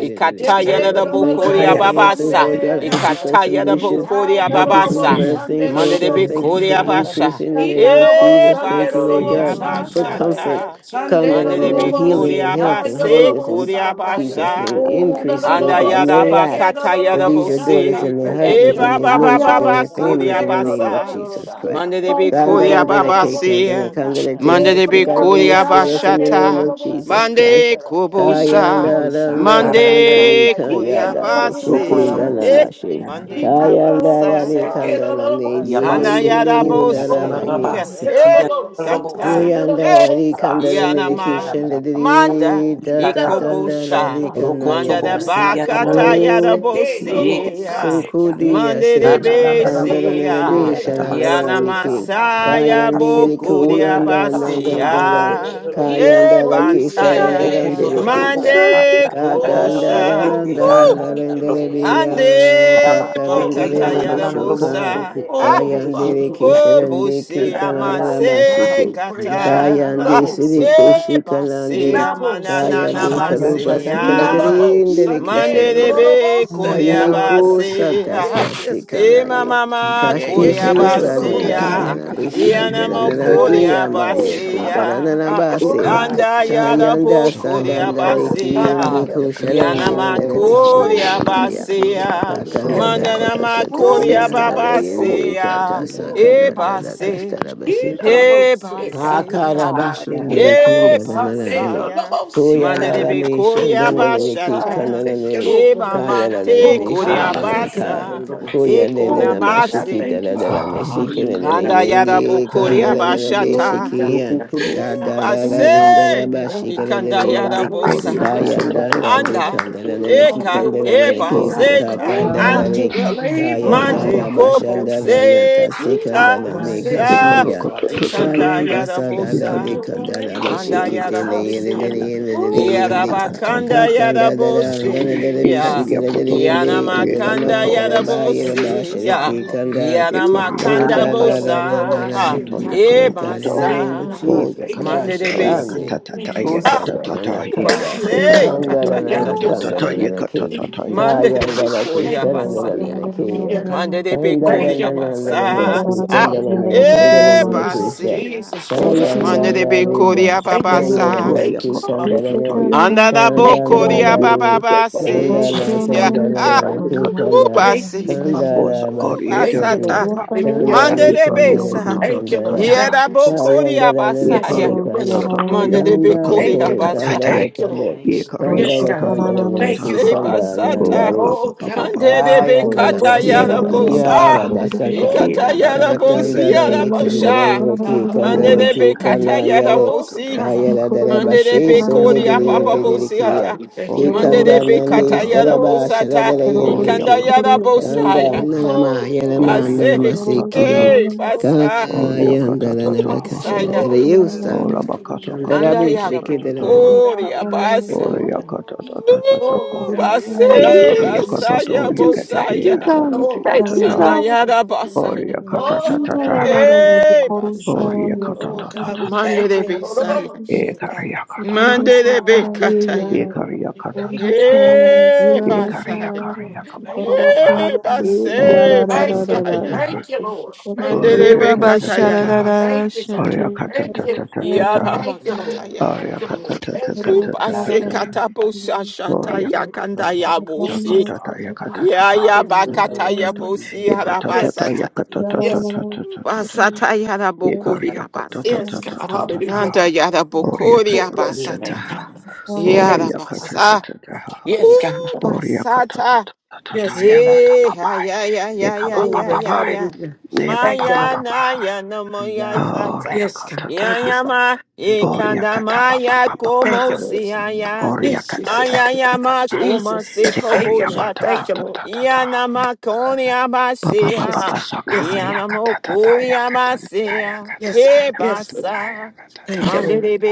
Speaker 7: a
Speaker 3: ikataya
Speaker 7: light.
Speaker 3: da da bo
Speaker 2: Yeah,
Speaker 5: you for
Speaker 3: korea
Speaker 1: Cheterable
Speaker 7: Hiya.
Speaker 3: ba
Speaker 5: the
Speaker 3: ba
Speaker 5: answers,
Speaker 3: sa,
Speaker 5: Lord God.
Speaker 1: Sunday,
Speaker 5: Thank you
Speaker 1: God,
Speaker 5: for
Speaker 3: ikataya da
Speaker 1: he he
Speaker 3: bo
Speaker 5: solutions.
Speaker 3: korea
Speaker 1: he
Speaker 3: ba
Speaker 5: Thank you
Speaker 3: ba
Speaker 5: for
Speaker 3: sa,
Speaker 5: blessings,
Speaker 3: mande
Speaker 5: Lord
Speaker 3: de
Speaker 5: God.
Speaker 3: be
Speaker 5: Thank you for
Speaker 3: korea ba
Speaker 7: Mm,
Speaker 5: increase
Speaker 3: sha,
Speaker 5: in
Speaker 6: you.
Speaker 5: the
Speaker 1: he
Speaker 5: name of
Speaker 1: Sunday
Speaker 3: eh,
Speaker 5: Jesus.
Speaker 1: Sunday
Speaker 5: Thank you, Lord
Speaker 3: base
Speaker 1: Robo
Speaker 6: Ukukulia
Speaker 5: God,
Speaker 7: mm,
Speaker 5: for
Speaker 7: na
Speaker 1: Shaka.
Speaker 6: Babasoda
Speaker 7: ba sa
Speaker 5: comfort,
Speaker 3: abashata.
Speaker 1: Sunday
Speaker 5: comfort
Speaker 3: Mande
Speaker 6: Yasteshia
Speaker 5: under
Speaker 3: de
Speaker 5: the
Speaker 3: be
Speaker 1: Robo
Speaker 7: ni
Speaker 5: healing and
Speaker 1: Sita,
Speaker 6: Kokondene.
Speaker 5: health
Speaker 3: koriaba
Speaker 5: and
Speaker 1: your
Speaker 3: se
Speaker 5: wholeness
Speaker 1: Robo
Speaker 5: in
Speaker 6: In the
Speaker 3: koriaba
Speaker 6: mighty
Speaker 1: Saka.
Speaker 5: Jesus'
Speaker 6: name
Speaker 5: name.
Speaker 3: sha.
Speaker 7: na
Speaker 6: of
Speaker 7: na ba.
Speaker 5: Increase, Lord
Speaker 3: Anda
Speaker 6: Jesus,
Speaker 1: Robo
Speaker 5: God, no
Speaker 3: yada ba
Speaker 5: lack
Speaker 1: Seke,
Speaker 6: Jesus,
Speaker 3: kata
Speaker 5: for
Speaker 3: yada
Speaker 1: Robo
Speaker 5: these
Speaker 3: bo
Speaker 5: your
Speaker 6: Jesus,
Speaker 5: daughters and their
Speaker 1: Shaka.
Speaker 6: we are
Speaker 7: Roku
Speaker 3: E
Speaker 7: to
Speaker 5: husbands
Speaker 7: bo
Speaker 1: He
Speaker 5: and
Speaker 3: ba
Speaker 5: their
Speaker 6: Shoko
Speaker 3: ba ba
Speaker 1: tied
Speaker 7: se
Speaker 3: ba
Speaker 7: na
Speaker 5: ministries and
Speaker 1: your
Speaker 3: ba
Speaker 5: their
Speaker 7: na na ba.
Speaker 5: families
Speaker 6: Sotiarasa,
Speaker 5: in
Speaker 1: Sunday
Speaker 5: the name of
Speaker 1: Robo
Speaker 6: Yoro
Speaker 5: Jesus Christ.
Speaker 3: Mande de
Speaker 1: Saka.
Speaker 3: be
Speaker 6: Sotiarasa,
Speaker 1: He
Speaker 3: koriaba
Speaker 1: not
Speaker 5: Kandarandere,
Speaker 3: ba
Speaker 6: Yoro
Speaker 1: about
Speaker 5: Kandarandere,
Speaker 6: Sotia,
Speaker 1: Sita.
Speaker 5: Take
Speaker 3: Mande
Speaker 7: Mm,
Speaker 3: de be
Speaker 5: sickness out of the
Speaker 6: Eke
Speaker 1: Honorable
Speaker 5: midst of
Speaker 3: koriaba
Speaker 5: us in the
Speaker 1: Sunday,
Speaker 6: Shekia
Speaker 5: name
Speaker 3: shata.
Speaker 5: of
Speaker 1: honorable
Speaker 5: Jesus
Speaker 6: Sasaka,
Speaker 2: Thank
Speaker 5: Christ.
Speaker 1: Sita.
Speaker 3: Mande
Speaker 6: Dera
Speaker 1: In
Speaker 6: Sasaka,
Speaker 7: i
Speaker 3: kobosa.
Speaker 5: Kayanda
Speaker 1: Honorable
Speaker 7: na
Speaker 1: Sunday,
Speaker 5: landa
Speaker 7: na na.
Speaker 6: Ea
Speaker 5: landa
Speaker 1: Father.
Speaker 2: you.
Speaker 5: li
Speaker 3: Mande
Speaker 6: Tanga
Speaker 1: We can
Speaker 6: Dera
Speaker 5: kayada
Speaker 3: koriaba
Speaker 6: Koko,
Speaker 1: honorable
Speaker 7: Roku to
Speaker 3: se.
Speaker 5: bishikinda
Speaker 7: bo
Speaker 5: la
Speaker 1: Shanta.
Speaker 3: Eh.
Speaker 6: Tiarasa,
Speaker 7: se ke
Speaker 5: mashin.
Speaker 7: na na na
Speaker 3: Mande
Speaker 7: na
Speaker 1: In
Speaker 7: na.
Speaker 6: Ebio
Speaker 2: Oh God,
Speaker 5: Kayanda
Speaker 1: Honorable
Speaker 5: la
Speaker 3: kabasa.
Speaker 6: Koko,
Speaker 2: you
Speaker 5: li
Speaker 2: are
Speaker 1: Seke,
Speaker 5: kanda la ni
Speaker 1: honorable
Speaker 7: Ya
Speaker 2: Jehovah
Speaker 7: ba
Speaker 5: di
Speaker 6: Tiarasa,
Speaker 1: Sita.
Speaker 7: so
Speaker 2: Jireh,
Speaker 5: yindi li
Speaker 7: cool na
Speaker 6: Iya
Speaker 7: na
Speaker 5: yunda
Speaker 2: Lord,
Speaker 5: la
Speaker 7: na na
Speaker 1: Oh,
Speaker 7: na
Speaker 3: Anayarabose,
Speaker 5: bayi.
Speaker 1: God,
Speaker 7: ba.
Speaker 3: yeah,
Speaker 6: yakatan
Speaker 2: provide,
Speaker 7: Se ke
Speaker 3: eh,
Speaker 7: ya
Speaker 6: ekiro
Speaker 1: honorable
Speaker 7: na na na bo
Speaker 1: Sita,
Speaker 2: provide
Speaker 7: se.
Speaker 3: kata,
Speaker 6: kokosi
Speaker 2: today,
Speaker 5: Kuyanda
Speaker 3: eh,
Speaker 6: yarara
Speaker 5: la
Speaker 2: oh
Speaker 1: honorable
Speaker 5: li
Speaker 7: Ya
Speaker 2: God, for
Speaker 7: ba
Speaker 5: kanda
Speaker 1: Sata.
Speaker 5: la
Speaker 2: your
Speaker 6: satiye
Speaker 7: so
Speaker 5: ni li
Speaker 7: cool na
Speaker 2: people.
Speaker 7: na
Speaker 3: yanama,
Speaker 6: deyoro
Speaker 7: na
Speaker 5: kishinda
Speaker 7: na.
Speaker 5: di
Speaker 6: suti
Speaker 3: manda,
Speaker 6: yarara
Speaker 5: di
Speaker 2: Provide
Speaker 5: da
Speaker 6: siya.
Speaker 5: da
Speaker 2: today
Speaker 7: Ikataba
Speaker 2: for
Speaker 1: Honorable
Speaker 5: tanda
Speaker 2: your
Speaker 5: la
Speaker 3: ekobosha,
Speaker 6: Kyoto
Speaker 5: li
Speaker 1: Shita.
Speaker 2: people,
Speaker 5: kanda
Speaker 2: oh
Speaker 3: manda
Speaker 6: kokondi
Speaker 3: da
Speaker 7: rokotobo
Speaker 2: God,
Speaker 5: yada.
Speaker 1: Sita,
Speaker 7: singa na
Speaker 6: yasati
Speaker 7: na
Speaker 5: Ku
Speaker 7: na
Speaker 3: bakata
Speaker 1: honorable
Speaker 7: na
Speaker 2: provide
Speaker 6: yarara
Speaker 2: today
Speaker 1: Seke,
Speaker 6: yororo
Speaker 2: for
Speaker 7: yega
Speaker 1: honorable
Speaker 3: yarabose,
Speaker 2: your
Speaker 6: siya.
Speaker 3: yeah,
Speaker 7: tabasa
Speaker 1: Sunday,
Speaker 2: people.
Speaker 1: God.
Speaker 5: sukudi
Speaker 3: mande
Speaker 7: na
Speaker 3: de
Speaker 5: yasi.
Speaker 2: In
Speaker 6: Eşekiri
Speaker 7: na
Speaker 2: the
Speaker 7: na
Speaker 1: Sunday,
Speaker 7: na na
Speaker 6: yororo
Speaker 5: Kanda la
Speaker 3: bese,
Speaker 1: honorable
Speaker 5: ni
Speaker 2: name
Speaker 5: li
Speaker 6: soti
Speaker 2: of
Speaker 7: bosoko
Speaker 3: yeah,
Speaker 7: na
Speaker 1: Sunday,
Speaker 7: na
Speaker 6: yarara
Speaker 5: bisha la
Speaker 1: God,
Speaker 5: la
Speaker 2: Jesus,
Speaker 7: tabasi
Speaker 5: la
Speaker 6: siti
Speaker 2: yeah,
Speaker 1: honorable
Speaker 5: li
Speaker 2: la, la,
Speaker 5: ki.
Speaker 6: yarara
Speaker 2: la,
Speaker 6: si.
Speaker 2: la.
Speaker 1: Sata.
Speaker 7: na na
Speaker 3: yanamasaya
Speaker 7: na
Speaker 5: Kayandi
Speaker 7: na
Speaker 5: li
Speaker 6: Hiya
Speaker 5: li
Speaker 3: boku
Speaker 7: bosoko
Speaker 3: de
Speaker 2: Yeah, la,
Speaker 7: na
Speaker 6: kokondi
Speaker 7: na na
Speaker 5: kuyanda
Speaker 7: tabasa
Speaker 6: yororo
Speaker 2: la,
Speaker 5: la
Speaker 3: abase,
Speaker 5: la
Speaker 2: la,
Speaker 7: na
Speaker 6: soti
Speaker 1: God,
Speaker 2: la, la,
Speaker 5: la
Speaker 7: de
Speaker 2: la.
Speaker 5: la.
Speaker 7: de de
Speaker 6: yarara
Speaker 3: yeah,
Speaker 7: de
Speaker 1: he
Speaker 7: de
Speaker 6: saya.
Speaker 1: not,
Speaker 3: eh,
Speaker 5: Kayanda la
Speaker 1: oh,
Speaker 5: kisha
Speaker 6: Iya
Speaker 5: la la
Speaker 3: bantaya,
Speaker 5: la
Speaker 6: yarara
Speaker 7: rokoto do
Speaker 5: li
Speaker 6: la
Speaker 7: do
Speaker 1: Seka.
Speaker 6: la
Speaker 7: robo
Speaker 5: kita.
Speaker 7: ya
Speaker 3: mande
Speaker 7: ya na na
Speaker 6: la
Speaker 7: na tabasi
Speaker 3: kobosa,
Speaker 1: Oh
Speaker 7: ke ya
Speaker 1: God,
Speaker 3: ooh,
Speaker 1: we
Speaker 7: na na
Speaker 1: thank
Speaker 6: yarara
Speaker 1: you,
Speaker 7: na
Speaker 1: Lord.
Speaker 7: robo
Speaker 6: saya
Speaker 5: Katandararandararandarebiya,
Speaker 7: soko
Speaker 6: kiya.
Speaker 7: raba
Speaker 3: ande
Speaker 1: Oh
Speaker 6: Kokosi
Speaker 7: ke ya
Speaker 3: bakata
Speaker 7: na na
Speaker 6: yororo
Speaker 7: na
Speaker 1: God.
Speaker 7: robo
Speaker 6: soni
Speaker 5: katarandarerebishuka,
Speaker 7: soko
Speaker 6: yane
Speaker 3: yarabosa,
Speaker 1: Oh
Speaker 6: ede
Speaker 1: Father.
Speaker 7: rokotobo
Speaker 6: yororo
Speaker 7: na
Speaker 3: Opose
Speaker 7: na
Speaker 6: Oh
Speaker 7: na
Speaker 6: yeah,
Speaker 7: tabasa
Speaker 1: Oh
Speaker 6: thank you.
Speaker 1: God,
Speaker 5: kayandirikisharandikitananaramashiki,
Speaker 3: amase
Speaker 1: we
Speaker 7: ya
Speaker 1: praise
Speaker 6: Thank
Speaker 7: da da
Speaker 1: you.
Speaker 3: kata.
Speaker 1: Lord, I
Speaker 3: Ah,
Speaker 7: robo
Speaker 1: will say God.
Speaker 7: soko
Speaker 3: Eh, pase
Speaker 5: kayandisirikushikalandin,
Speaker 6: you.
Speaker 1: Inabo say
Speaker 3: amanana
Speaker 7: ha
Speaker 1: God.
Speaker 7: ya sa da da
Speaker 3: namasea.
Speaker 1: Inabo Sunday.
Speaker 6: Thank
Speaker 1: No,
Speaker 6: you.
Speaker 1: no,
Speaker 5: kayandikarubasikaradarindarikisharandara,
Speaker 1: no, bo
Speaker 3: Mandelebe
Speaker 1: say
Speaker 7: ya da
Speaker 3: korea
Speaker 7: robo
Speaker 1: God.
Speaker 6: That's cool.
Speaker 3: basea.
Speaker 1: Yes, yes, God.
Speaker 3: E
Speaker 5: kayekusatastastikanayin,
Speaker 3: mama
Speaker 1: Yeah, yeah,
Speaker 3: korea
Speaker 1: yeah,
Speaker 6: Thank
Speaker 1: yeah.
Speaker 6: you.
Speaker 1: No, no, bo sha,
Speaker 6: Those,
Speaker 3: basea.
Speaker 6: those, those, those,
Speaker 1: God.
Speaker 6: those.
Speaker 3: Ianamo
Speaker 6: Yeah, that,
Speaker 7: Mm.
Speaker 6: that,
Speaker 3: korea
Speaker 6: that.
Speaker 1: Oh God, we
Speaker 3: basea. Ah,
Speaker 1: thank you, Lord. No, no,
Speaker 5: kashteshisanandarandarabishikitaranarakiyamayekutaranarabasin,
Speaker 6: Thank
Speaker 1: bo
Speaker 7: Ah,
Speaker 6: you.
Speaker 3: Anda
Speaker 1: see God.
Speaker 3: yada
Speaker 6: Those,
Speaker 3: po
Speaker 5: Kayanda
Speaker 6: those,
Speaker 3: korea
Speaker 6: yeah.
Speaker 5: sadanda de
Speaker 7: ikanda
Speaker 1: Oh
Speaker 7: kadar.
Speaker 2: Yeah,
Speaker 3: basea.
Speaker 5: kiyende
Speaker 1: God.
Speaker 5: ko
Speaker 6: Yeah,
Speaker 5: shalende
Speaker 6: la,
Speaker 5: na
Speaker 3: Ianama
Speaker 6: la,
Speaker 5: na na
Speaker 7: That's
Speaker 6: yeah,
Speaker 7: how
Speaker 6: these,
Speaker 7: about
Speaker 5: bishikala de
Speaker 3: korea
Speaker 5: la
Speaker 6: those.
Speaker 5: maya.
Speaker 1: Oh.
Speaker 7: you
Speaker 6: Yeah, la,
Speaker 7: don't
Speaker 6: la,
Speaker 7: know
Speaker 3: basea.
Speaker 6: la,
Speaker 7: those.
Speaker 5: Katanda
Speaker 1: Yes,
Speaker 7: thing.
Speaker 5: da
Speaker 6: yeah,
Speaker 1: God.
Speaker 5: la
Speaker 3: Manana
Speaker 6: that's
Speaker 3: ma
Speaker 6: the-
Speaker 5: kashata
Speaker 3: korea
Speaker 1: Yes,
Speaker 7: Eh, you
Speaker 5: sananda
Speaker 1: God.
Speaker 6: done,
Speaker 5: la
Speaker 1: Yes,
Speaker 6: yeah, la,
Speaker 1: Lord.
Speaker 5: yende
Speaker 6: la, so,
Speaker 3: babasea.
Speaker 6: so,
Speaker 5: kata
Speaker 6: yeah, la,
Speaker 1: Ooh,
Speaker 6: la,
Speaker 7: don't know.
Speaker 5: sakala
Speaker 6: so,
Speaker 5: da la
Speaker 1: God.
Speaker 6: yeah.
Speaker 5: kashta
Speaker 3: Ebase,
Speaker 1: He
Speaker 5: la
Speaker 1: got a
Speaker 6: Yeah,
Speaker 1: most sick
Speaker 7: Mm.
Speaker 1: God.
Speaker 3: Ebasea,
Speaker 7: Ah, yeah,
Speaker 1: He
Speaker 7: yeah,
Speaker 5: Akarabashindiri
Speaker 7: yeah.
Speaker 1: got a most
Speaker 6: yeah,
Speaker 1: Sunday.
Speaker 5: kundananayi.
Speaker 1: The the
Speaker 3: Ebasaya,
Speaker 1: most sick
Speaker 7: Ah,
Speaker 3: Manda de
Speaker 5: Kuyalala
Speaker 1: God.
Speaker 3: be Korea
Speaker 7: you
Speaker 1: Oh
Speaker 5: shandananiki
Speaker 1: God, I
Speaker 3: Bashata,
Speaker 1: thank you,
Speaker 5: kananani.
Speaker 1: Lord.
Speaker 5: Kayalala
Speaker 3: Ebamante
Speaker 1: Oh God,
Speaker 7: ah,
Speaker 3: Korea
Speaker 1: I
Speaker 7: basta
Speaker 1: thank you,
Speaker 7: ya
Speaker 5: bisharananaka.
Speaker 3: Basa,
Speaker 1: Lord.
Speaker 7: lo yeah.
Speaker 1: Oh
Speaker 5: Kuyalenana
Speaker 1: God, I
Speaker 5: mashiki
Speaker 3: Ekonamase,
Speaker 1: thank you,
Speaker 5: daladala
Speaker 1: Father.
Speaker 6: yeah,
Speaker 7: Ida,
Speaker 1: Hallelujah,
Speaker 6: yeah.
Speaker 5: misikinanana
Speaker 1: God.
Speaker 3: Anda Yarabo
Speaker 5: yindi
Speaker 7: nana,
Speaker 1: God, I
Speaker 3: Korea
Speaker 1: give
Speaker 5: kandalanana
Speaker 1: you glory,
Speaker 3: Bashata,
Speaker 1: God.
Speaker 5: bishikiya.
Speaker 7: roko
Speaker 1: God,
Speaker 7: to bosi.
Speaker 1: I give
Speaker 5: Kadalala
Speaker 1: you
Speaker 7: Ida,
Speaker 1: honor,
Speaker 5: lindala
Speaker 3: Base,
Speaker 1: God.
Speaker 7: basta,
Speaker 5: bashikananana
Speaker 3: Ikanda
Speaker 1: Lord, I
Speaker 7: na
Speaker 5: yindi.
Speaker 1: praise
Speaker 7: basta,
Speaker 3: Yarabosa,
Speaker 1: you
Speaker 7: da
Speaker 1: this
Speaker 7: da da
Speaker 1: morning,
Speaker 7: da
Speaker 1: oh,
Speaker 7: lo
Speaker 5: Kayandandali
Speaker 1: God.
Speaker 3: Anda,
Speaker 7: bosi. Koro lo
Speaker 5: kandalanana
Speaker 7: lo.
Speaker 5: ki
Speaker 1: God, you're
Speaker 3: Eka,
Speaker 1: well
Speaker 5: kandalanana
Speaker 3: eba
Speaker 1: able,
Speaker 5: ki
Speaker 1: God.
Speaker 3: Ebaseta,
Speaker 1: God,
Speaker 7: Ah,
Speaker 3: Anda.
Speaker 1: you're
Speaker 5: katandalari.
Speaker 1: well
Speaker 7: yeah.
Speaker 1: able, God.
Speaker 3: Mande
Speaker 5: Kayadala
Speaker 3: kopo
Speaker 1: Hallelujah.
Speaker 5: bashandanana
Speaker 3: se
Speaker 1: He not only
Speaker 7: Ah,
Speaker 3: kotaba
Speaker 5: kasikandalanana
Speaker 7: ya
Speaker 1: said,
Speaker 10: Oh,
Speaker 7: lo
Speaker 1: God,
Speaker 3: sha
Speaker 1: you're
Speaker 5: kashiya.
Speaker 7: bosi.
Speaker 1: well
Speaker 2: Oh,
Speaker 1: able, God.
Speaker 3: ikanda
Speaker 5: Kayanda
Speaker 2: Thank
Speaker 5: Sadada
Speaker 1: God,
Speaker 7: Mm.
Speaker 5: de
Speaker 3: yarabosa
Speaker 1: you're well
Speaker 5: Kadala
Speaker 1: able,
Speaker 3: anda
Speaker 5: Meshikite
Speaker 1: Jesus.
Speaker 7: Saka,
Speaker 5: Yende
Speaker 3: yarabose
Speaker 7: ya
Speaker 1: Hallelujah.
Speaker 7: lo
Speaker 6: Man,
Speaker 7: bosi.
Speaker 1: Oh,
Speaker 5: Yende
Speaker 7: Ki ya
Speaker 1: God,
Speaker 5: Yende
Speaker 7: da robos. Kika, da
Speaker 1: I
Speaker 7: da
Speaker 1: thank you,
Speaker 3: yarabakanda
Speaker 1: Lord. Thank
Speaker 5: Katanda Dada and
Speaker 7: bosi.
Speaker 3: yarabose
Speaker 5: Dada
Speaker 1: you,
Speaker 3: ya
Speaker 5: Bishika
Speaker 1: Jesus,
Speaker 5: Dada Yende
Speaker 1: hallelujah.
Speaker 5: Kadala
Speaker 3: yanamakanda
Speaker 1: Glory to
Speaker 5: Mantaraba
Speaker 1: your name,
Speaker 5: Yeraba
Speaker 3: yarabose
Speaker 1: Jesus.
Speaker 3: ya
Speaker 5: Shariki
Speaker 1: Hallelujah.
Speaker 5: Kandan
Speaker 1: Ah,
Speaker 5: Oh,
Speaker 1: I
Speaker 7: Ah,
Speaker 3: yanamakanda
Speaker 5: la
Speaker 1: thank
Speaker 7: baba.
Speaker 1: you,
Speaker 5: la la la la
Speaker 1: Lord.
Speaker 5: la,
Speaker 3: bosa
Speaker 1: Shoot, God.
Speaker 7: Mm.
Speaker 5: Lord God, in the name
Speaker 1: Man,
Speaker 5: of
Speaker 11: Yes,
Speaker 1: God,
Speaker 3: ebasa
Speaker 2: you.
Speaker 1: I
Speaker 5: Jesus,
Speaker 1: thank you.
Speaker 3: mande
Speaker 2: Thank
Speaker 3: de
Speaker 5: Kasha
Speaker 1: Lord.
Speaker 5: Randi,
Speaker 3: bese
Speaker 1: Thank you,
Speaker 3: ah
Speaker 1: Father.
Speaker 5: Kusanda Nana
Speaker 1: Thank
Speaker 5: Kanda,
Speaker 1: you, Lord.
Speaker 3: upase
Speaker 5: Kanda la
Speaker 3: kata
Speaker 5: la la,
Speaker 1: Thank you,
Speaker 5: Kanda
Speaker 3: yarabosa ya
Speaker 1: Lord.
Speaker 5: Nana Ki,
Speaker 1: Thank you, God.
Speaker 3: mande
Speaker 5: Kaya
Speaker 3: de be
Speaker 5: la Ki,
Speaker 1: Thank
Speaker 3: koria
Speaker 1: you,
Speaker 7: Thank
Speaker 1: Father.
Speaker 5: Sharanda
Speaker 7: you,
Speaker 5: Nana
Speaker 7: Lord.
Speaker 5: Ki,
Speaker 1: Hallelujah, God.
Speaker 3: Mande de be
Speaker 5: Kanda
Speaker 3: kori
Speaker 1: Thank you,
Speaker 5: Nana
Speaker 1: Lord. Thank
Speaker 5: Nana
Speaker 1: you,
Speaker 7: Thank
Speaker 5: la
Speaker 3: abasa.
Speaker 5: Ki,
Speaker 1: Jesus.
Speaker 3: Ah,
Speaker 7: you.
Speaker 5: Kanda
Speaker 1: Hallelujah.
Speaker 5: Nana Kanda
Speaker 3: eh,
Speaker 5: la Ki,
Speaker 1: Jesus,
Speaker 5: Shan,
Speaker 3: basia.
Speaker 1: Jesus,
Speaker 10: Ora,
Speaker 5: Kaya
Speaker 1: Jesus,
Speaker 3: Mande
Speaker 5: Nana
Speaker 3: de
Speaker 5: la
Speaker 3: be
Speaker 1: God.
Speaker 3: kori
Speaker 5: la,
Speaker 1: Thank you,
Speaker 5: Kanda
Speaker 1: Lord.
Speaker 3: ababasa.
Speaker 5: la
Speaker 10: oria
Speaker 1: Thank you,
Speaker 5: Ki,
Speaker 10: kata
Speaker 1: Father.
Speaker 10: ta
Speaker 5: Kanda
Speaker 10: ta ta
Speaker 5: Nana,
Speaker 10: ye
Speaker 3: Anda
Speaker 10: kata,
Speaker 3: da bo
Speaker 1: Thank you,
Speaker 5: Kanda
Speaker 3: kori
Speaker 7: Thank
Speaker 5: la
Speaker 1: Lord.
Speaker 7: you.
Speaker 10: ye
Speaker 5: Rida,
Speaker 10: oria kata
Speaker 1: Thank
Speaker 10: ta
Speaker 1: you,
Speaker 5: Kanda
Speaker 10: ta
Speaker 5: la
Speaker 10: ye
Speaker 3: abababasi.
Speaker 1: Jesus.
Speaker 3: Yeah.
Speaker 10: kata
Speaker 5: Kanda
Speaker 10: ta
Speaker 1: Hallelujah,
Speaker 3: Ah,
Speaker 10: ta
Speaker 5: la
Speaker 10: ye
Speaker 1: God.
Speaker 2: yeah,
Speaker 5: Ki,
Speaker 10: kata ta
Speaker 5: Kanda,
Speaker 10: ta.
Speaker 1: Thank you,
Speaker 3: ubasi.
Speaker 1: Father.
Speaker 5: Kanda
Speaker 10: Osa
Speaker 5: la
Speaker 10: kori
Speaker 5: Bashi
Speaker 10: e
Speaker 1: Thank
Speaker 10: ta ta
Speaker 1: you,
Speaker 10: ta
Speaker 1: Lord.
Speaker 5: Kedi,
Speaker 3: Ubasata.
Speaker 10: ta
Speaker 1: Hallelujah, God.
Speaker 5: Kandali
Speaker 3: Mande
Speaker 10: ye
Speaker 3: de
Speaker 10: oria
Speaker 5: kandala ki
Speaker 3: besa.
Speaker 10: kata ta
Speaker 1: Thank
Speaker 10: ta
Speaker 1: you,
Speaker 10: ta
Speaker 5: kandala.
Speaker 10: ye
Speaker 1: Lord.
Speaker 10: kata,
Speaker 1: Thank
Speaker 3: Yeda
Speaker 1: you,
Speaker 3: bo
Speaker 1: Jesus.
Speaker 3: kori
Speaker 5: Kayandala nala
Speaker 10: ye
Speaker 1: Yes,
Speaker 5: ki
Speaker 3: abasaya.
Speaker 1: Lord.
Speaker 10: oria
Speaker 1: Yes,
Speaker 10: kata
Speaker 1: God.
Speaker 5: kandala.
Speaker 10: ta ta ye
Speaker 3: Mande de be
Speaker 10: kata ta
Speaker 5: Kandala
Speaker 10: ye
Speaker 3: kori
Speaker 5: ki
Speaker 1: Thank you,
Speaker 10: kata
Speaker 1: Lord.
Speaker 10: ta ta
Speaker 5: kandala
Speaker 3: abasaya.
Speaker 1: Thank you,
Speaker 5: kandala.
Speaker 1: Lord.
Speaker 7: Thank
Speaker 10: ye
Speaker 7: you. Thank
Speaker 11: Thank
Speaker 10: oria
Speaker 7: you.
Speaker 1: Yes,
Speaker 11: you.
Speaker 5: Kandala
Speaker 10: kata
Speaker 1: God.
Speaker 10: ta
Speaker 5: kandala
Speaker 3: Ooh,
Speaker 10: ta ta
Speaker 5: nala
Speaker 1: Thank
Speaker 5: ki
Speaker 1: you,
Speaker 3: Base
Speaker 10: ta.
Speaker 7: Thank
Speaker 1: Father.
Speaker 5: kandala
Speaker 3: basata.
Speaker 10: Ola
Speaker 5: nandari.
Speaker 10: ba ba
Speaker 1: Oh,
Speaker 10: ba ba
Speaker 1: God.
Speaker 10: ba ba
Speaker 3: Mande de
Speaker 10: ha,
Speaker 3: be
Speaker 5: Ayandala
Speaker 7: you.
Speaker 3: kata
Speaker 1: Oh,
Speaker 10: e
Speaker 3: yada
Speaker 10: ba
Speaker 5: masamba,
Speaker 10: ba
Speaker 1: God.
Speaker 10: ba ba
Speaker 3: bosa.
Speaker 10: ha,
Speaker 5: yara masaka.
Speaker 10: e
Speaker 1: Oh,
Speaker 3: Ikata
Speaker 10: da da
Speaker 1: God.
Speaker 10: da
Speaker 3: yada
Speaker 10: da da da
Speaker 3: bosi
Speaker 10: ya
Speaker 5: Katandala
Speaker 10: da
Speaker 3: yada
Speaker 5: ye
Speaker 10: da da ya
Speaker 5: kandala
Speaker 3: bosha.
Speaker 10: ha.
Speaker 1: Oh,
Speaker 5: noki
Speaker 1: God.
Speaker 3: Mande
Speaker 5: kandala
Speaker 10: Ola
Speaker 3: de
Speaker 10: ba
Speaker 5: ki
Speaker 3: be
Speaker 10: kari
Speaker 3: kata
Speaker 10: ya
Speaker 5: kandala
Speaker 3: yada
Speaker 10: kata
Speaker 5: yare.
Speaker 10: ta ta
Speaker 1: Oh,
Speaker 10: ta
Speaker 3: bosi.
Speaker 1: God.
Speaker 10: ha,
Speaker 5: Kayara dara
Speaker 3: Mande de
Speaker 5: bashi
Speaker 3: be
Speaker 10: oria
Speaker 5: sunde
Speaker 3: kori
Speaker 10: kata
Speaker 5: dili
Speaker 10: ta
Speaker 3: apapa
Speaker 10: ta
Speaker 5: yende diri
Speaker 1: Oh,
Speaker 10: ha.
Speaker 3: bosi
Speaker 5: kiya.
Speaker 1: God.
Speaker 3: ata.
Speaker 1: We thank
Speaker 7: Thank
Speaker 5: Ki
Speaker 1: you,
Speaker 10: Oria
Speaker 3: Mande de
Speaker 1: Lord.
Speaker 5: kandala
Speaker 10: kata
Speaker 3: be
Speaker 10: ta ta
Speaker 5: nani
Speaker 3: kata
Speaker 10: ta ha.
Speaker 3: yada
Speaker 5: saraba
Speaker 1: Oh,
Speaker 5: shara
Speaker 3: bosata.
Speaker 5: dara
Speaker 1: God.
Speaker 5: yende
Speaker 10: Oria
Speaker 3: Ikanda
Speaker 5: ki.
Speaker 10: kata
Speaker 3: yada
Speaker 10: ta ta ta
Speaker 7: you.
Speaker 5: Kanda
Speaker 3: bosaya.
Speaker 10: ha.
Speaker 5: nanama
Speaker 1: Oh, God.
Speaker 5: yanama
Speaker 10: Oria
Speaker 5: nanama
Speaker 3: Base.
Speaker 10: kata ta ta ta
Speaker 5: siki.
Speaker 10: ha.
Speaker 3: Hey,
Speaker 1: Oh,
Speaker 3: basa.
Speaker 1: God.
Speaker 10: Oria kata
Speaker 5: Kayandala
Speaker 10: ta
Speaker 3: Ooh,
Speaker 10: ta
Speaker 5: nala
Speaker 10: ha.
Speaker 5: kashara
Speaker 3: basaya.
Speaker 5: dara
Speaker 1: Oh, God. We
Speaker 5: yusa.
Speaker 10: Ola
Speaker 1: thank you,
Speaker 10: bakasa
Speaker 1: Lord.
Speaker 5: Kandala
Speaker 10: kata
Speaker 3: Anda
Speaker 10: ta ta
Speaker 5: bishi
Speaker 3: yada
Speaker 10: ta
Speaker 3: bo.
Speaker 10: ta
Speaker 5: kidala
Speaker 10: ta
Speaker 5: nala.
Speaker 1: Oh,
Speaker 10: ha.
Speaker 3: Kori
Speaker 1: God. We thank you,
Speaker 3: abasa.
Speaker 1: Lord.
Speaker 10: Oria kata ta ta ta
Speaker 6: mm,
Speaker 10: ta
Speaker 1: Oh,
Speaker 3: Ooh,
Speaker 1: God. We thank you,
Speaker 3: Base.
Speaker 1: Lord.
Speaker 10: Yekaria kata to
Speaker 3: Basaya
Speaker 2: Jesus, thank
Speaker 10: yekatete
Speaker 2: you,
Speaker 10: ya
Speaker 3: bosaya.
Speaker 10: ta
Speaker 2: God.
Speaker 10: ta ta
Speaker 1: Oh,
Speaker 10: ya
Speaker 2: Thank
Speaker 1: God.
Speaker 10: ta
Speaker 2: you,
Speaker 1: We
Speaker 10: ta.
Speaker 3: Anda
Speaker 1: thank
Speaker 2: God.
Speaker 11: Departments,
Speaker 1: you.
Speaker 3: yada
Speaker 11: including
Speaker 3: basaya.
Speaker 10: Oria kata
Speaker 11: Florence,
Speaker 10: ta
Speaker 1: Oh
Speaker 10: ta
Speaker 2: No, no,
Speaker 10: ta
Speaker 1: God, we
Speaker 2: no, no,
Speaker 1: thank
Speaker 2: no.
Speaker 3: Hey,
Speaker 1: you.
Speaker 2: Shit,
Speaker 11: Socorro
Speaker 3: basaya.
Speaker 10: Oria
Speaker 2: You are
Speaker 11: Shores,
Speaker 10: kata
Speaker 1: Oh
Speaker 2: God.
Speaker 10: ta ta
Speaker 1: God,
Speaker 11: Socorro
Speaker 1: we
Speaker 10: ta ta
Speaker 11: de
Speaker 10: ya
Speaker 3: Mande
Speaker 1: thank
Speaker 3: de
Speaker 10: kata.
Speaker 1: you.
Speaker 3: bisaya.
Speaker 1: Oh
Speaker 11: Florence,
Speaker 2: Thank
Speaker 1: shit,
Speaker 2: you. God.
Speaker 1: God.
Speaker 10: Ekaria kata ta
Speaker 11: Socorro
Speaker 3: Mande
Speaker 10: ta
Speaker 3: de
Speaker 10: ta
Speaker 1: Oh
Speaker 10: ta.
Speaker 3: be
Speaker 1: God,
Speaker 11: Shores,
Speaker 1: we
Speaker 2: Yeah,
Speaker 1: thank
Speaker 2: yeah,
Speaker 3: kataya.
Speaker 11: Socorro
Speaker 2: da,
Speaker 1: you.
Speaker 2: da, da.
Speaker 10: Ekaria
Speaker 1: We
Speaker 10: kata
Speaker 1: thank
Speaker 10: ta
Speaker 1: you.
Speaker 10: ta ha.
Speaker 11: Shores,
Speaker 3: Hey,
Speaker 2: You are
Speaker 11: Socorro Shores,
Speaker 2: God.
Speaker 1: Mm,
Speaker 2: Shut
Speaker 3: Basaya.
Speaker 10: Ekaria
Speaker 1: Thank
Speaker 2: da, da.
Speaker 10: karia
Speaker 1: you.
Speaker 10: kaba
Speaker 1: Thank
Speaker 10: ba
Speaker 1: you.
Speaker 11: Socorro Shores, Socorro
Speaker 10: ba ba.
Speaker 3: Hey,
Speaker 11: Shores,
Speaker 2: Yeah, yeah,
Speaker 3: Basay,
Speaker 10: Oria
Speaker 2: da, da,
Speaker 10: kata
Speaker 2: da,
Speaker 1: Thank
Speaker 10: ta
Speaker 1: you.
Speaker 2: da,
Speaker 10: ta
Speaker 3: Basaya.
Speaker 2: da.
Speaker 10: ta.
Speaker 2: Shit.
Speaker 1: Thank you, Lord. Thank
Speaker 11: Socorro
Speaker 1: you,
Speaker 10: Oria
Speaker 2: Yeah,
Speaker 10: ta
Speaker 1: Lord.
Speaker 3: Mandelebe
Speaker 10: ta
Speaker 2: Rabbi,
Speaker 10: ta
Speaker 11: Shores,
Speaker 10: ta
Speaker 2: shut
Speaker 3: kataya
Speaker 2: up,
Speaker 3: la
Speaker 2: da,
Speaker 10: ta.
Speaker 3: basa.
Speaker 2: da,
Speaker 1: Thank you, God.
Speaker 10: Oria kata
Speaker 1: Thank
Speaker 10: ta
Speaker 11: Socorro
Speaker 10: ta
Speaker 1: you.
Speaker 11: Shores,
Speaker 10: ta ta
Speaker 3: Yada
Speaker 10: ta.
Speaker 1: Thank you, Lord.
Speaker 3: bakataya.
Speaker 10: Oria
Speaker 1: Thank you,
Speaker 10: kata
Speaker 1: Lord.
Speaker 6: mm,
Speaker 10: ta ta
Speaker 1: Thank you,
Speaker 10: ta ta
Speaker 1: Lord.
Speaker 10: ta ta
Speaker 3: Upase
Speaker 10: ta ta.
Speaker 3: katabo shashata
Speaker 10: Oria
Speaker 1: Thank you,
Speaker 3: ya
Speaker 1: Lord.
Speaker 10: kata ta
Speaker 3: kanda
Speaker 10: ta ta
Speaker 3: ya
Speaker 10: ta ta
Speaker 1: Thank you,
Speaker 3: bosi.
Speaker 11: Socorro
Speaker 10: kata ta ya
Speaker 1: Father.
Speaker 11: Shores,
Speaker 10: kata ta
Speaker 3: Ya
Speaker 10: ta ya
Speaker 3: Yaya
Speaker 1: Hallelujah.
Speaker 10: kata ta ta ta
Speaker 3: bakataya
Speaker 10: ta.
Speaker 7: Thank
Speaker 3: bosi
Speaker 10: Ya
Speaker 7: you.
Speaker 10: kata ta
Speaker 1: Yes,
Speaker 10: ta
Speaker 1: God.
Speaker 10: ya
Speaker 3: harabasataya.
Speaker 10: kata ta ta ta ta
Speaker 1: Yes,
Speaker 10: ta ta
Speaker 7: Yarabosa,
Speaker 10: ta ta.
Speaker 3: Basataya la
Speaker 10: Ya
Speaker 3: bokori
Speaker 10: karia kata
Speaker 3: abasa.
Speaker 10: ta
Speaker 7: Yarabokura,
Speaker 1: yes,
Speaker 10: ta
Speaker 1: God.
Speaker 10: ta ta ta ta.
Speaker 1: Hallelujah.
Speaker 3: Anta yada
Speaker 10: Oria
Speaker 3: bokori
Speaker 1: Oh,
Speaker 10: kata ta
Speaker 1: bless
Speaker 10: ta
Speaker 1: your
Speaker 3: abasata.
Speaker 1: name,
Speaker 10: ta.
Speaker 1: God.
Speaker 7: Yanananabosuku,
Speaker 3: Yada
Speaker 11: Thank
Speaker 1: Thank you,
Speaker 10: Oria
Speaker 1: Father.
Speaker 10: kata ta
Speaker 3: basa.
Speaker 10: ta
Speaker 7: Katabasike,
Speaker 10: ta.
Speaker 1: Yes,
Speaker 3: Ooh,
Speaker 1: God.
Speaker 10: Oria kata ta
Speaker 3: basata.
Speaker 10: ta ta ta
Speaker 1: Yes,
Speaker 10: ya
Speaker 1: God.
Speaker 7: Yara,
Speaker 10: kata
Speaker 3: Hey,
Speaker 10: bye
Speaker 3: yeah,
Speaker 10: bye.
Speaker 3: yeah, yeah,
Speaker 10: Ya
Speaker 3: yeah, yeah,
Speaker 10: kata
Speaker 3: yeah,
Speaker 10: bye
Speaker 1: Glory.
Speaker 3: yeah,
Speaker 10: bye.
Speaker 3: yeah.
Speaker 1: Hallelujah.
Speaker 10: Ne ba
Speaker 1: Thank
Speaker 10: ba
Speaker 1: you,
Speaker 10: ba
Speaker 3: Maya,
Speaker 1: Lord.
Speaker 10: ha.
Speaker 3: naya, no moya, sata.
Speaker 10: Oria
Speaker 7: Yananabas,
Speaker 1: Yes,
Speaker 10: kata
Speaker 1: God.
Speaker 10: ta
Speaker 3: Ya,
Speaker 1: Thank
Speaker 10: ha.
Speaker 1: you,
Speaker 3: ya,
Speaker 1: Father.
Speaker 3: ma,
Speaker 7: Yoruba,
Speaker 10: Oria
Speaker 3: ikanda,
Speaker 10: kata ba ba
Speaker 3: maya,
Speaker 10: ba
Speaker 1: Thank
Speaker 3: como
Speaker 10: ha.
Speaker 1: you, Lord.
Speaker 3: si, ya,
Speaker 7: Yananabas,
Speaker 3: ya.
Speaker 10: Oria
Speaker 1: Yes,
Speaker 10: kata ta
Speaker 1: Jesus.
Speaker 10: ta
Speaker 3: Aya,
Speaker 10: ta
Speaker 3: ya,
Speaker 10: ta
Speaker 3: ma,
Speaker 10: ta ha.
Speaker 3: kuma,
Speaker 1: Jesus.
Speaker 3: si,
Speaker 1: Thank
Speaker 3: kobo,
Speaker 1: you,
Speaker 10: Sikaria
Speaker 1: Lord.
Speaker 10: kata ta
Speaker 3: chata.
Speaker 1: Thank you,
Speaker 10: ta
Speaker 1: Lord.
Speaker 10: ta ta ta
Speaker 3: Ya,
Speaker 10: ha.
Speaker 3: na, ma, koni, ya, ba,
Speaker 10: Ba ba
Speaker 3: si,
Speaker 10: ba ba
Speaker 1: Yes,
Speaker 10: ba
Speaker 3: ya.
Speaker 1: God. Yes,
Speaker 3: Ya,
Speaker 1: God.
Speaker 10: sakaria
Speaker 3: na, mo,
Speaker 10: kata ta ta
Speaker 3: ku,
Speaker 10: ya
Speaker 3: ya,
Speaker 10: kata
Speaker 3: ba,
Speaker 10: ta ta
Speaker 3: si,
Speaker 10: ya
Speaker 3: ya.
Speaker 10: kata
Speaker 1: Yes,
Speaker 10: ta
Speaker 3: Hey,
Speaker 1: God.
Speaker 10: ya
Speaker 1: Yes,
Speaker 10: kata
Speaker 1: Lord.
Speaker 10: ta ya
Speaker 3: basa.
Speaker 10: kata ta
Speaker 1: Thank you,
Speaker 10: ya
Speaker 3: Mande,
Speaker 1: Lord.
Speaker 3: de,
Speaker 10: kata.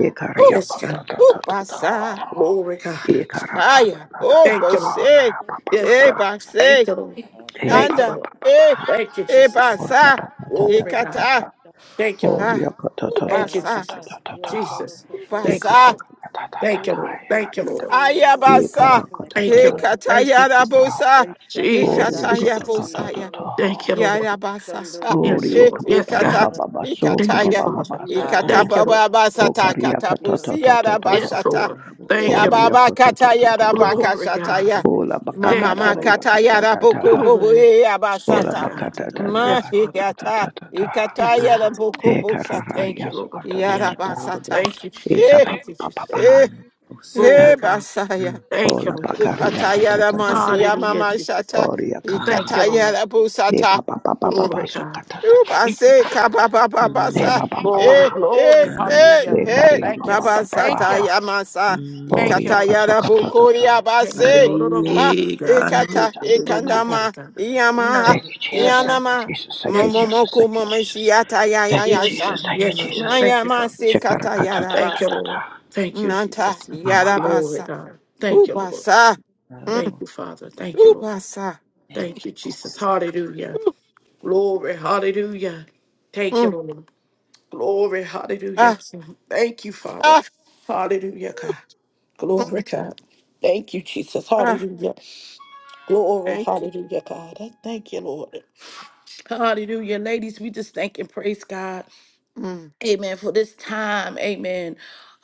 Speaker 6: mm.
Speaker 3: Uh,
Speaker 1: Yes, God.
Speaker 10: ta
Speaker 3: uh,
Speaker 10: ta ta ta
Speaker 3: basa.
Speaker 10: ha.
Speaker 1: Glory, God.
Speaker 10: Ikara kata
Speaker 3: Aya,
Speaker 10: ta ta
Speaker 3: oh,
Speaker 10: ta
Speaker 1: Thank you, Lord.
Speaker 3: bose.
Speaker 10: ha.
Speaker 6: So,
Speaker 10: Ba ba ba
Speaker 1: Yes,
Speaker 3: Hey,
Speaker 10: ba.
Speaker 1: God.
Speaker 7: Anabas,
Speaker 3: basa.
Speaker 1: Thank you, Lord.
Speaker 7: Yarabo,
Speaker 10: Eh
Speaker 1: Thank
Speaker 10: ba
Speaker 1: you,
Speaker 10: ba
Speaker 3: Anda.
Speaker 1: Lord.
Speaker 10: ba ba ba
Speaker 3: Eh.
Speaker 6: let's
Speaker 1: Thank you,
Speaker 6: see
Speaker 3: Eh,
Speaker 6: your
Speaker 1: Jesus.
Speaker 6: name.
Speaker 10: Oria
Speaker 3: basa.
Speaker 10: kata ta
Speaker 3: e
Speaker 10: ta
Speaker 1: Glory,
Speaker 10: ta
Speaker 6: I
Speaker 1: God.
Speaker 10: ta ha.
Speaker 3: kata
Speaker 7: Yarakaya,
Speaker 6: shall, shall,
Speaker 1: Thank you,
Speaker 6: sa,
Speaker 1: Lord.
Speaker 3: Ah.
Speaker 10: Oria ka ta ta
Speaker 6: sa, la,
Speaker 10: ta
Speaker 1: Thank you,
Speaker 10: ta
Speaker 6: la,
Speaker 3: Ubasa.
Speaker 10: ta ta
Speaker 6: sa.
Speaker 1: Jesus.
Speaker 10: ta ta
Speaker 6: Yeah, so,
Speaker 10: ta.
Speaker 6: la,
Speaker 1: Jesus.
Speaker 6: so, so, so,
Speaker 1: Thank
Speaker 10: Eka
Speaker 1: you,
Speaker 6: yeah.
Speaker 3: Ubasa.
Speaker 1: Father.
Speaker 10: saka ta
Speaker 7: Yarada,
Speaker 10: ta ta ta
Speaker 1: Thank
Speaker 7: Yaro,
Speaker 1: you,
Speaker 10: ta.
Speaker 6: Ebe,
Speaker 1: Lord.
Speaker 6: ke,
Speaker 10: Eka
Speaker 1: Thank you,
Speaker 6: ke,
Speaker 10: ta
Speaker 1: Lord.
Speaker 6: ke,
Speaker 10: ta.
Speaker 6: yeah, la, la,
Speaker 10: Eka
Speaker 6: sa,
Speaker 10: ra
Speaker 3: Ayabasa.
Speaker 10: ka
Speaker 6: yeah,
Speaker 10: ta
Speaker 1: Thank
Speaker 10: ta
Speaker 6: la,
Speaker 3: e
Speaker 10: ta
Speaker 1: you.
Speaker 6: la,
Speaker 10: ta
Speaker 6: sa.
Speaker 10: ta
Speaker 3: kata
Speaker 1: Thank
Speaker 10: ta
Speaker 1: you,
Speaker 10: ta
Speaker 1: Jesus.
Speaker 10: ta.
Speaker 3: yarabosa.
Speaker 6: Eshakata
Speaker 1: Jesus,
Speaker 10: Oria ka ta
Speaker 1: Jesus.
Speaker 10: ta
Speaker 6: siti
Speaker 10: ta
Speaker 3: Ikata
Speaker 10: ta ta.
Speaker 6: ororosa,
Speaker 1: Thank you, Lord.
Speaker 3: Yayabasa.
Speaker 6: chondo
Speaker 3: Ah,
Speaker 1: Yes,
Speaker 10: Oria
Speaker 3: eh,
Speaker 6: koko
Speaker 1: Lord.
Speaker 10: ka ba
Speaker 1: Yes,
Speaker 10: ba
Speaker 6: kosi
Speaker 10: ba
Speaker 3: ikata,
Speaker 1: God.
Speaker 10: ba ba ba
Speaker 6: ararasa,
Speaker 10: so ka
Speaker 1: Thank
Speaker 10: ba
Speaker 1: you,
Speaker 10: ba
Speaker 3: ikataya,
Speaker 10: ba
Speaker 1: Father.
Speaker 10: so
Speaker 6: iara
Speaker 7: Abas,
Speaker 10: ko.
Speaker 1: Thank you,
Speaker 6: siti
Speaker 1: Lord.
Speaker 3: ikatababa basata,
Speaker 10: Okaria
Speaker 6: koko
Speaker 10: ka ta ta
Speaker 3: katabusi
Speaker 10: ta ta
Speaker 6: ararasa.
Speaker 1: Yes,
Speaker 10: ta.
Speaker 3: yarabashata,
Speaker 1: Lord.
Speaker 7: Yarabosa,
Speaker 1: Thank you,
Speaker 6: Blessed
Speaker 10: Oria
Speaker 1: Lord.
Speaker 6: be
Speaker 3: yababa
Speaker 10: ka
Speaker 6: the
Speaker 10: ta ta
Speaker 3: kata
Speaker 10: ta
Speaker 6: name.
Speaker 10: ta
Speaker 1: Glory,
Speaker 3: yarabakashata ya,
Speaker 1: God.
Speaker 10: Ola ba ka ta
Speaker 3: mama
Speaker 1: Thank
Speaker 10: ra
Speaker 1: you,
Speaker 6: Blessed
Speaker 10: ra ya
Speaker 1: Lord.
Speaker 3: makata
Speaker 10: ka ta ta
Speaker 3: yarabuku bubu
Speaker 1: Glory.
Speaker 3: eh,
Speaker 10: Ola
Speaker 1: Yes,
Speaker 10: ba
Speaker 3: yabasata,
Speaker 10: ka
Speaker 1: God.
Speaker 10: ta ta
Speaker 3: ma
Speaker 1: Yes,
Speaker 7: Yatadorobos,
Speaker 10: ta ta
Speaker 1: Father.
Speaker 10: ta
Speaker 3: ikata,
Speaker 10: ta ta ta.
Speaker 3: ikata
Speaker 1: Yes, God.
Speaker 6: Woo!
Speaker 3: yarabuku
Speaker 10: Eka ra
Speaker 7: Ayatabas,
Speaker 6: Blessed
Speaker 3: busata,
Speaker 10: ra
Speaker 6: be
Speaker 1: Thank
Speaker 10: ya
Speaker 1: you,
Speaker 6: your
Speaker 10: so ka
Speaker 1: Lord.
Speaker 10: ta ta ta ta.
Speaker 3: yarabasata,
Speaker 7: Yadarobos,
Speaker 1: Thank you, Jesus.
Speaker 10: Esa
Speaker 6: name.
Speaker 3: eh,
Speaker 10: ba
Speaker 1: Thank you,
Speaker 10: ba ba ba
Speaker 1: Jesus.
Speaker 10: ba.
Speaker 3: eh,
Speaker 7: Eyabusa.
Speaker 10: Ah.
Speaker 1: Glory,
Speaker 3: eh,
Speaker 1: God.
Speaker 7: Mm.
Speaker 3: basaya,
Speaker 1: Thank you,
Speaker 10: Ola
Speaker 1: Lord.
Speaker 10: bakaria
Speaker 3: ukata
Speaker 7: Atarabose.
Speaker 10: kata ta ta
Speaker 3: yaramasi
Speaker 10: ta.
Speaker 1: Hallelujah,
Speaker 3: yamama
Speaker 1: Jesus.
Speaker 3: shata,
Speaker 10: Oria kaha
Speaker 1: Thank
Speaker 10: ha
Speaker 1: you,
Speaker 3: ikata
Speaker 10: ha.
Speaker 1: Lord.
Speaker 7: Yarabose.
Speaker 10: Be ba
Speaker 3: yarabusata,
Speaker 10: ba ba ba ba ba
Speaker 1: Glory,
Speaker 10: so
Speaker 1: God.
Speaker 10: kata ta ta.
Speaker 1: Thank you,
Speaker 3: Ubase
Speaker 1: Father.
Speaker 3: kaba baba
Speaker 10: Be
Speaker 3: basa.
Speaker 10: ba
Speaker 7: Mm.
Speaker 10: ba ba ba.
Speaker 1: Glory,
Speaker 3: Eh eh
Speaker 1: glory.
Speaker 3: eh
Speaker 1: Hallelujah.
Speaker 10: Be
Speaker 7: Anabosona
Speaker 3: eh.
Speaker 10: karia ba
Speaker 1: Thank you.
Speaker 10: ba
Speaker 7: riribase.
Speaker 3: Baba
Speaker 10: ba ba ba
Speaker 1: Thank
Speaker 3: sata
Speaker 1: you.
Speaker 10: ha.
Speaker 3: yamasa.
Speaker 1: Thank you,
Speaker 7: Mm.
Speaker 10: Oria
Speaker 3: Ikata
Speaker 1: Lord.
Speaker 10: kaso kata ta
Speaker 3: yarabukuri
Speaker 10: ta
Speaker 1: Thank you,
Speaker 3: abase.
Speaker 1: Lord.
Speaker 10: ta
Speaker 1: Honorable
Speaker 3: Ma
Speaker 1: Shah,
Speaker 7: Anaine
Speaker 1: God.
Speaker 7: gano
Speaker 3: ikata
Speaker 10: ta ta ta
Speaker 7: gorobose.
Speaker 10: ta.
Speaker 1: Yes,
Speaker 3: ikandama
Speaker 1: God. Not
Speaker 3: yama
Speaker 10: Thank
Speaker 1: only.
Speaker 10: you
Speaker 1: Yes,
Speaker 10: Jesus. Thank
Speaker 7: Yarabose.
Speaker 1: God.
Speaker 10: you
Speaker 3: yanama.
Speaker 10: Jesus. Thank you
Speaker 1: Yes, God.
Speaker 10: Jesus.
Speaker 3: Momomoku
Speaker 10: Thank you Jesus.
Speaker 3: momeshiata ya ya
Speaker 10: Thank you
Speaker 3: ya
Speaker 1: Yes,
Speaker 3: yasha.
Speaker 10: Jesus.
Speaker 1: God.
Speaker 10: Thank you
Speaker 1: Yes, Lord.
Speaker 10: Jesus.
Speaker 7: Nanarabose.
Speaker 1: Thank
Speaker 3: Maya
Speaker 1: you, Father.
Speaker 3: masi
Speaker 10: Shekara
Speaker 3: kata
Speaker 10: kata ta ta
Speaker 1: Thank you,
Speaker 10: ta
Speaker 3: yarabasa.
Speaker 10: ta.
Speaker 1: Lord. Thank you,
Speaker 3: Nanta
Speaker 1: Jesus.
Speaker 10: Mama ba.
Speaker 1: Glory,
Speaker 3: yarabasa.
Speaker 1: God. Thank you, Lord.
Speaker 3: Ubasa. Mm,
Speaker 1: Thank
Speaker 7: Yarabose.
Speaker 1: you, Father. Thank you, Lord.
Speaker 3: ubasa.
Speaker 7: Thank
Speaker 1: Thank
Speaker 7: you.
Speaker 1: you, Jesus. Hallelujah.
Speaker 3: Mm, mm,
Speaker 1: Glory. Hallelujah. Thank you,
Speaker 3: mm.
Speaker 1: Lord. Glory. Hallelujah.
Speaker 3: ah
Speaker 1: Thank you, Father.
Speaker 3: ah.
Speaker 1: Hallelujah, God.
Speaker 3: Mm,
Speaker 1: Glory, God. Thank you, Jesus.
Speaker 3: ah.
Speaker 1: Hallelujah. Glory,
Speaker 3: Thank you.
Speaker 1: hallelujah, God. I thank you, Lord. Hallelujah. Ladies, we just thank and praise God.
Speaker 3: Mm.
Speaker 1: Amen. For this time, amen.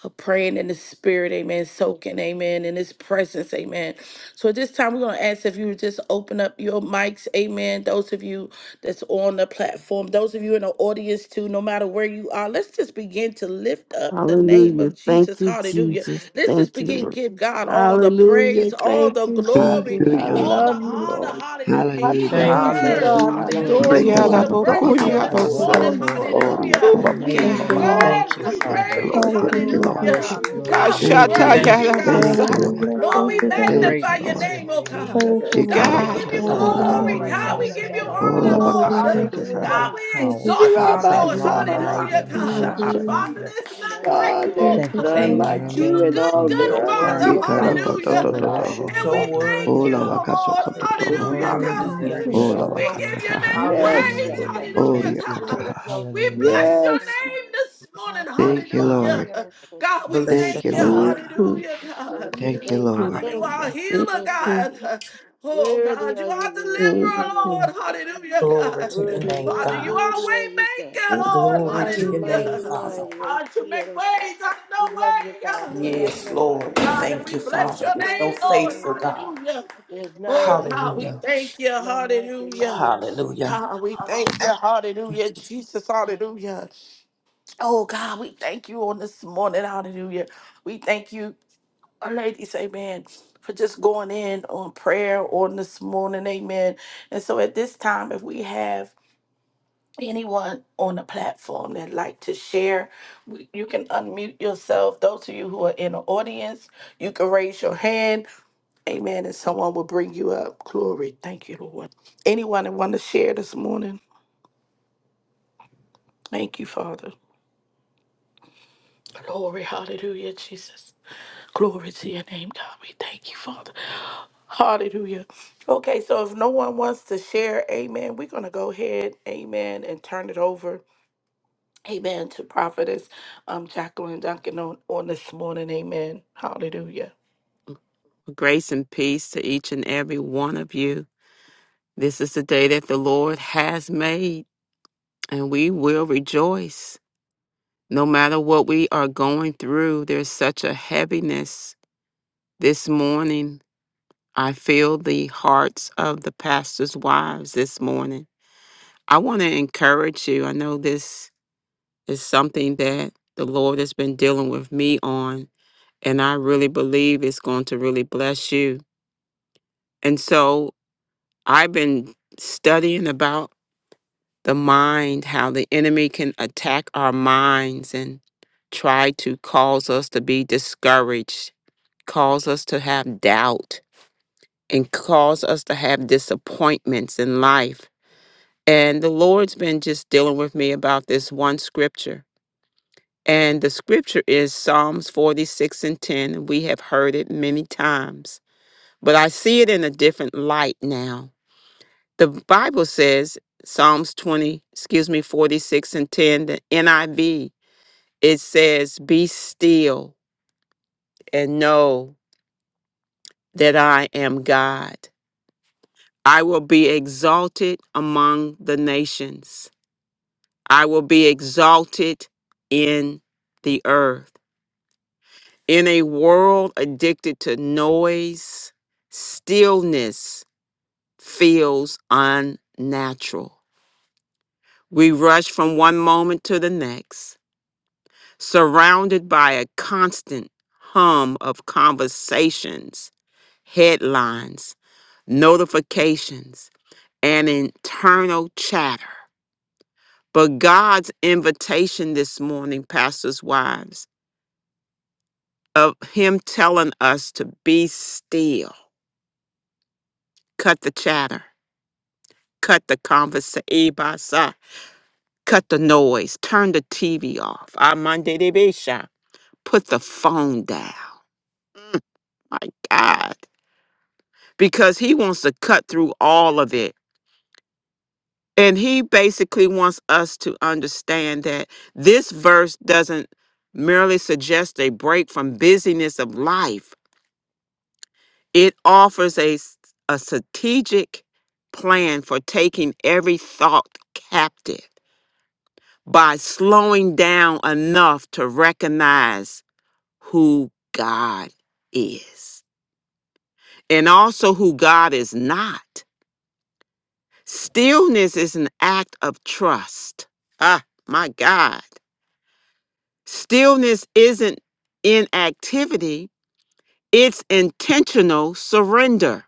Speaker 1: Of praying in the spirit, amen. Soaking, amen. In his presence, amen. So at this time, we're going to ask if you would just open up your mics, amen. Those of you that's on the platform, those of you in the audience, too, no matter where you are, let's just begin to lift up the name
Speaker 2: Hallelujah.
Speaker 1: of
Speaker 2: Thank
Speaker 1: Jesus.
Speaker 2: you,
Speaker 1: Hallelujah.
Speaker 2: Jesus.
Speaker 1: Let's just
Speaker 2: Thank you,
Speaker 1: begin to
Speaker 2: Lord.
Speaker 1: give God all the
Speaker 2: Hallelujah.
Speaker 1: praise, all
Speaker 2: Thank
Speaker 1: the
Speaker 2: you,
Speaker 1: glory,
Speaker 2: Jesus. I
Speaker 3: Thank you,
Speaker 10: Hallelujah.
Speaker 1: all the
Speaker 3: Lord.
Speaker 2: love you,
Speaker 3: Thank
Speaker 1: honor.
Speaker 2: Lord.
Speaker 1: Hallelujah.
Speaker 2: I
Speaker 3: you,
Speaker 1: He
Speaker 10: Hallelujah.
Speaker 2: praise you,
Speaker 1: deserves,
Speaker 8: Lord.
Speaker 2: God. I
Speaker 7: Hallelujah.
Speaker 8: Glory
Speaker 2: adore
Speaker 3: Lord.
Speaker 1: hallelujah
Speaker 8: to
Speaker 10: Break
Speaker 3: Yeah,
Speaker 2: you.
Speaker 8: your
Speaker 10: us
Speaker 2: I
Speaker 11: Hallelujah.
Speaker 3: that
Speaker 1: the
Speaker 10: up.
Speaker 7: Glory,
Speaker 10: ba
Speaker 8: name.
Speaker 10: ba
Speaker 1: praise
Speaker 2: exalt
Speaker 10: ba
Speaker 2: you.
Speaker 1: on
Speaker 7: glory,
Speaker 8: God,
Speaker 3: bokuria
Speaker 2: I
Speaker 8: you're
Speaker 1: this
Speaker 11: Thank
Speaker 10: ba.
Speaker 7: glory.
Speaker 11: you,
Speaker 3: basa.
Speaker 1: morning.
Speaker 2: restore
Speaker 11: God.
Speaker 2: you,
Speaker 8: wonderful.
Speaker 2: oh God.
Speaker 10: Oria
Speaker 1: Hallelujah.
Speaker 10: ko
Speaker 2: I
Speaker 8: You're
Speaker 7: Glory,
Speaker 3: Ooh,
Speaker 10: ba
Speaker 2: give
Speaker 1: He
Speaker 2: you
Speaker 11: Thank
Speaker 10: ba
Speaker 3: God.
Speaker 8: amazing.
Speaker 11: you,
Speaker 10: ba.
Speaker 7: glory,
Speaker 8: We
Speaker 11: Lord.
Speaker 8: thank
Speaker 1: deserves
Speaker 8: you,
Speaker 1: the
Speaker 2: glory.
Speaker 7: glory.
Speaker 3: Mm.
Speaker 10: Thank you
Speaker 8: Father.
Speaker 2: I
Speaker 1: praise.
Speaker 10: Lord.
Speaker 2: give
Speaker 10: Thank you
Speaker 2: you
Speaker 11: Hallelujah.
Speaker 6: Glory,
Speaker 8: We
Speaker 7: Hallelujah,
Speaker 10: Lord.
Speaker 11: Thank
Speaker 2: honor.
Speaker 1: Hallelujah.
Speaker 2: I
Speaker 11: you.
Speaker 8: worship
Speaker 2: give
Speaker 6: glory,
Speaker 3: Ooh,
Speaker 8: your
Speaker 2: you
Speaker 1: God,
Speaker 8: name,
Speaker 2: all
Speaker 6: glory,
Speaker 2: the
Speaker 1: we
Speaker 7: hallelujah,
Speaker 8: Lord.
Speaker 10: Thank you,
Speaker 3: bashata
Speaker 6: glory,
Speaker 1: worship
Speaker 10: Lord.
Speaker 8: Thank
Speaker 1: you,
Speaker 8: you,
Speaker 3: yada
Speaker 2: praise, oh
Speaker 6: glory,
Speaker 7: hallelujah,
Speaker 8: Father.
Speaker 2: God.
Speaker 10: Thank you,
Speaker 3: busa.
Speaker 1: God.
Speaker 2: You're
Speaker 6: glory,
Speaker 10: Lord.
Speaker 11: Hallelujah.
Speaker 1: Lord,
Speaker 11: Thank
Speaker 1: we
Speaker 6: glory,
Speaker 11: you,
Speaker 2: worthy.
Speaker 7: hallelujah.
Speaker 11: God.
Speaker 6: yes,
Speaker 10: Thank
Speaker 8: Great
Speaker 10: you,
Speaker 1: magnify your
Speaker 2: You're
Speaker 7: Thank
Speaker 8: is
Speaker 6: Yeah,
Speaker 8: your
Speaker 10: Lord.
Speaker 1: name,
Speaker 7: you,
Speaker 2: so
Speaker 1: oh
Speaker 8: name.
Speaker 1: God.
Speaker 11: Thank
Speaker 2: worthy
Speaker 11: you,
Speaker 2: of
Speaker 3: Ooh,
Speaker 7: Jesus.
Speaker 2: the
Speaker 1: God, we
Speaker 11: Lord.
Speaker 8: Thank
Speaker 1: give
Speaker 3: God.
Speaker 8: you,
Speaker 6: Ishadatasaya.
Speaker 2: glory,
Speaker 1: you
Speaker 2: of the
Speaker 8: Father, for
Speaker 2: honor,
Speaker 11: Hallelujah.
Speaker 10: Shikarakatatatataha.
Speaker 1: glory.
Speaker 8: being
Speaker 2: of
Speaker 7: Glory
Speaker 8: an
Speaker 7: to
Speaker 1: God,
Speaker 2: the
Speaker 7: your
Speaker 1: we
Speaker 6: Hayalakanda
Speaker 8: awesome
Speaker 1: give you
Speaker 2: praise.
Speaker 7: name,
Speaker 2: Yeah,
Speaker 8: God.
Speaker 2: da,
Speaker 1: honor,
Speaker 2: da,
Speaker 7: Father.
Speaker 6: yararasa.
Speaker 2: da,
Speaker 1: Lord.
Speaker 11: Hallelujah.
Speaker 8: Thank you
Speaker 2: da,
Speaker 8: for
Speaker 2: shut
Speaker 7: Hallelujah,
Speaker 10: Olabakasakatataha.
Speaker 2: up.
Speaker 1: God,
Speaker 8: being
Speaker 6: Hallelujah,
Speaker 1: we
Speaker 11: Thank you,
Speaker 6: Jesus.
Speaker 2: Yeah,
Speaker 8: powerful.
Speaker 1: exalt
Speaker 8: Thank you
Speaker 1: you,
Speaker 11: Jesus.
Speaker 8: for
Speaker 2: Rabbi,
Speaker 1: Lord.
Speaker 8: being
Speaker 2: sa, da,
Speaker 6: Jesus
Speaker 2: da,
Speaker 7: hallelujah,
Speaker 2: da,
Speaker 8: almighty.
Speaker 6: be
Speaker 1: Hallelujah,
Speaker 2: da,
Speaker 7: hallelujah,
Speaker 1: God.
Speaker 8: Thank you,
Speaker 2: shut
Speaker 6: exalted.
Speaker 2: up.
Speaker 11: Hallelujah.
Speaker 1: Father,
Speaker 8: Father.
Speaker 6: Jesus
Speaker 7: hallelujah.
Speaker 6: be
Speaker 1: there's
Speaker 2: Oh
Speaker 1: none like
Speaker 2: God,
Speaker 1: you,
Speaker 6: magnified.
Speaker 1: oh
Speaker 6: We
Speaker 11: Thank
Speaker 2: there's
Speaker 8: Thank you
Speaker 6: thank
Speaker 8: for
Speaker 1: God.
Speaker 2: none
Speaker 6: you,
Speaker 11: you,
Speaker 7: Thank
Speaker 8: being
Speaker 7: you,
Speaker 2: like
Speaker 8: an
Speaker 6: God.
Speaker 1: You're
Speaker 7: Jesus.
Speaker 2: you
Speaker 1: a
Speaker 2: in
Speaker 1: good,
Speaker 7: You're
Speaker 6: We
Speaker 2: all
Speaker 8: amazing.
Speaker 2: the
Speaker 1: good
Speaker 6: thank
Speaker 7: so
Speaker 2: earth.
Speaker 6: you.
Speaker 8: Ah,
Speaker 1: Father.
Speaker 2: You
Speaker 7: worthy,
Speaker 11: God.
Speaker 7: Father.
Speaker 8: yeah,
Speaker 2: are awesome,
Speaker 8: God,
Speaker 1: Hallelujah.
Speaker 6: Ikobosai. You
Speaker 2: God.
Speaker 6: are
Speaker 2: You're
Speaker 8: Oroshan,
Speaker 10: Shikarakatatatataha.
Speaker 1: And
Speaker 8: they
Speaker 7: So
Speaker 6: worthy.
Speaker 1: we
Speaker 6: You
Speaker 2: wonderful,
Speaker 6: are
Speaker 7: worthy,
Speaker 1: thank you,
Speaker 7: God.
Speaker 6: worthy.
Speaker 2: God.
Speaker 8: Mm.
Speaker 1: oh
Speaker 6: You are
Speaker 1: Lord.
Speaker 6: worthy. O
Speaker 2: You're
Speaker 10: Olabakasakatataha.
Speaker 7: Hallelujah,
Speaker 6: God.
Speaker 1: Hallelujah,
Speaker 8: Worthy,
Speaker 1: God.
Speaker 7: hallelujah,
Speaker 8: worthy,
Speaker 2: magnificent,
Speaker 6: We
Speaker 2: God.
Speaker 1: We
Speaker 6: exalt
Speaker 8: worthy
Speaker 1: give
Speaker 6: your
Speaker 10: Olabakatataha.
Speaker 8: is
Speaker 6: name, O
Speaker 8: your
Speaker 2: Yes,
Speaker 7: hallelujah. Thank
Speaker 2: Lord.
Speaker 8: name.
Speaker 6: Ananiya.
Speaker 7: you,
Speaker 1: your name praise. Hallelujah,
Speaker 8: Thank you,
Speaker 6: We
Speaker 1: God.
Speaker 8: Lord.
Speaker 10: Oriakataha.
Speaker 6: exalt
Speaker 1: We
Speaker 6: your
Speaker 8: Hallelujah.
Speaker 6: name,
Speaker 1: bless
Speaker 6: O
Speaker 1: your
Speaker 2: Yes,
Speaker 6: God.
Speaker 1: name this
Speaker 6: Hi-
Speaker 7: thank
Speaker 1: morning.
Speaker 10: Thank you,
Speaker 7: God.
Speaker 1: Hallelujah.
Speaker 10: Lord.
Speaker 6: Hallelujah.
Speaker 1: God, we
Speaker 7: Bless your
Speaker 10: Thank
Speaker 1: thank
Speaker 10: you,
Speaker 2: Lord.
Speaker 1: you.
Speaker 7: name,
Speaker 10: Lord.
Speaker 7: God.
Speaker 2: hmm
Speaker 6: Hallelujah.
Speaker 1: Hallelujah,
Speaker 6: Thank
Speaker 1: God.
Speaker 6: you.
Speaker 10: Thank you,
Speaker 6: Thank you.
Speaker 1: Father,
Speaker 2: hmm
Speaker 10: Lord.
Speaker 1: you
Speaker 6: Thank you.
Speaker 1: are a
Speaker 7: Hallelujah.
Speaker 1: healer,
Speaker 6: Thank you,
Speaker 1: God.
Speaker 6: Jesus.
Speaker 1: Oh,
Speaker 6: Worthy
Speaker 1: God, you
Speaker 6: are
Speaker 1: are a
Speaker 6: you,
Speaker 2: hmm
Speaker 1: deliverer,
Speaker 2: hmm
Speaker 1: Lord.
Speaker 6: Lord.
Speaker 1: Hallelujah,
Speaker 7: Glory
Speaker 1: God.
Speaker 7: to your
Speaker 6: Worthy,
Speaker 7: name,
Speaker 1: Father,
Speaker 6: worthy,
Speaker 1: you
Speaker 7: God.
Speaker 1: are a
Speaker 6: worthy
Speaker 1: way
Speaker 6: are you, God.
Speaker 1: maker, Lord.
Speaker 7: Glory to
Speaker 6: Mighty,
Speaker 2: hmm
Speaker 7: your name,
Speaker 6: mighty,
Speaker 1: Hallelujah.
Speaker 7: Father.
Speaker 6: mighty, O
Speaker 1: God, you make
Speaker 6: Theodosa.
Speaker 1: ways out of no
Speaker 6: We love you, God. We
Speaker 1: way, God.
Speaker 7: Yes,
Speaker 6: magnify
Speaker 7: Lord.
Speaker 6: you,
Speaker 7: We
Speaker 6: God.
Speaker 1: God, and
Speaker 7: thank
Speaker 1: we
Speaker 7: you,
Speaker 6: We
Speaker 1: bless
Speaker 7: Father.
Speaker 1: your
Speaker 7: You're so
Speaker 1: name,
Speaker 6: extol your
Speaker 1: Lord.
Speaker 6: name,
Speaker 7: faithful, God.
Speaker 6: God.
Speaker 1: Hallelujah.
Speaker 6: There's none
Speaker 1: Oh,
Speaker 6: like,
Speaker 1: God, we
Speaker 7: Hallelujah.
Speaker 1: thank you.
Speaker 6: none like you, none
Speaker 1: Hallelujah.
Speaker 6: like you,
Speaker 7: Hallelujah.
Speaker 1: God, we thank you. Hallelujah. Jesus,
Speaker 6: God.
Speaker 1: hallelujah. Oh, God, we thank you on this morning. Hallelujah. We thank you, uh, ladies, amen, for just going in on prayer on this morning. Amen. And so at this time, if we have anyone on the platform that like to share, we- you can unmute yourself. Those of you who are in the audience, you can raise your hand Amen. And someone will bring you up. Glory. Thank you, Lord. Anyone that want to share this morning? Thank you, Father. Glory. Hallelujah, Jesus. Glory to your name, God. We thank you, Father. Hallelujah. Okay, so if no one wants to share, amen, we're going to go ahead, amen, and turn it over, amen, to prophetess um, Jacqueline Duncan on, on this morning, amen. Hallelujah.
Speaker 3: Grace and peace to each and every one of you. This is the day that the Lord has made, and we will rejoice. No matter what we are going through, there's such a heaviness. This morning, I feel the hearts of the pastor's wives this morning. I want to encourage you. I know this It's something that the Lord has been dealing with me on, and I really believe it's going to really bless you. And so I've been studying about the mind, how the enemy can attack our minds and try to cause us to be discouraged, cause us to have doubt, and cause us to have disappointments in life. And the Lord's been just dealing with me about this one scripture And the scripture is Psalms 46 and 10. We have heard it many times, but I see it in a different light now. The Bible says, Psalms 20, excuse me, 46 and 10, the NIV, it says, Be still and know that I am God. I will be exalted among the nations, I will be exalted in the earth. In a world addicted to noise, stillness feels unnatural. We rush from one moment to the next, surrounded by a constant hum of conversations, headlines, notifications, and internal chatter. But God's invitation this morning, pastors' wives, of Him telling us to be still, cut the chatter Cut the conversation. Cut the noise. Turn the TV off. Amande de Besha. Put the phone down. Mm, my God. Because he wants to cut through all of it. And he basically wants us to understand that this verse doesn't merely suggest a break from busyness of life, it offers a, s- a strategic plan for taking every thought captive. by slowing down enough to recognize who God is and also who God is not. Stillness is an act of trust. Ah, my God. Stillness isn't inactivity, it's intentional surrender.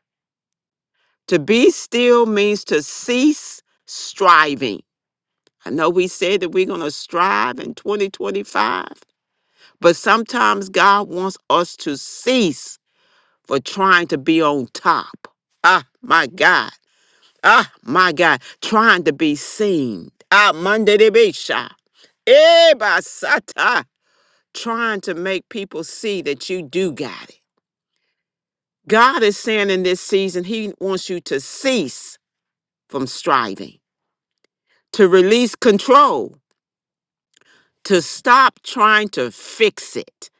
Speaker 3: To be still means to cease striving. I know we said that we're going to strive in 2025 But sometimes God wants us to cease for trying to be on top. Ah, my God. Ah, my God. Trying to be seen. Ah, Monday de Bisha. Eh, basata. Trying to make people see that you do got it. God is saying in this season, He wants you to cease from striving, to release control to stop trying to fix it.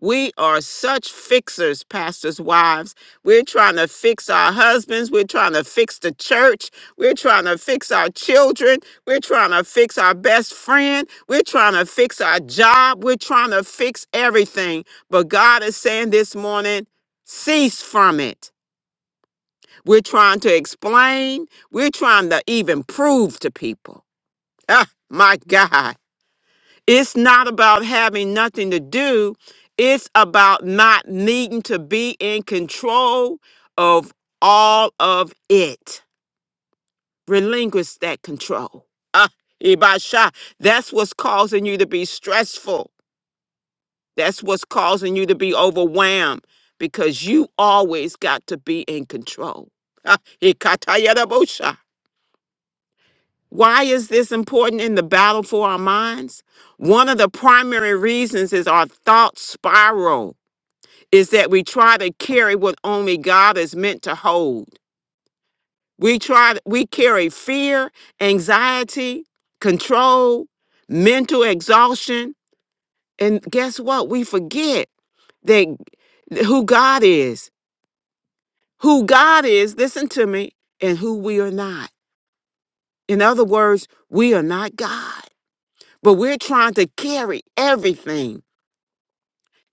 Speaker 3: We are such fixers, pastors' wives. We're trying to fix our husbands. We're trying to fix the church. We're trying to fix our children. We're trying to fix our best friend. We're trying to fix our job. We're trying to fix everything. But God is saying this morning cease from it. We're trying to explain. We're trying to even prove to people. Ah, my God. It's not about having nothing to do. It's about not needing to be in control of all of it. Relinquish that control. Ah, Ibasha, that's what's causing you to be stressful. That's what's causing you to be overwhelmed because you always got to be in control. Ah, Ikatayarabosha. Why is this important in the battle for our minds? One of the primary reasons is our thought spiral is that we try to carry what only God is meant to hold. We try we carry fear, anxiety, control, mental exhaustion, and guess what? We forget that who God is. Who God is, listen to me, and who we are not. In other words, we are not God. But we're trying to carry everything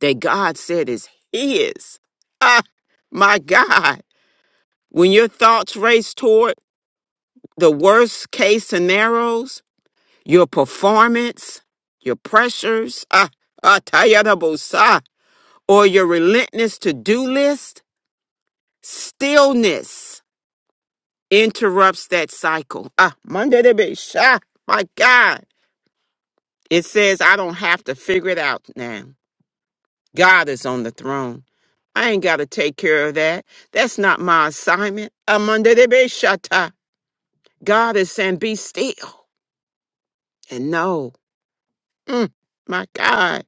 Speaker 3: that God said is His. Ah, my God. When your thoughts race toward the worst case scenarios, your performance, your pressures, ah, ah, tayarabosa, or your relentless to do list, stillness interrupts that cycle. Ah, Monday, my God. It says, I don't have to figure it out now. God is on the throne. I ain't got to take care of that. That's not my assignment. Amanda de Beshata. God is saying, be still and know, mm, my God,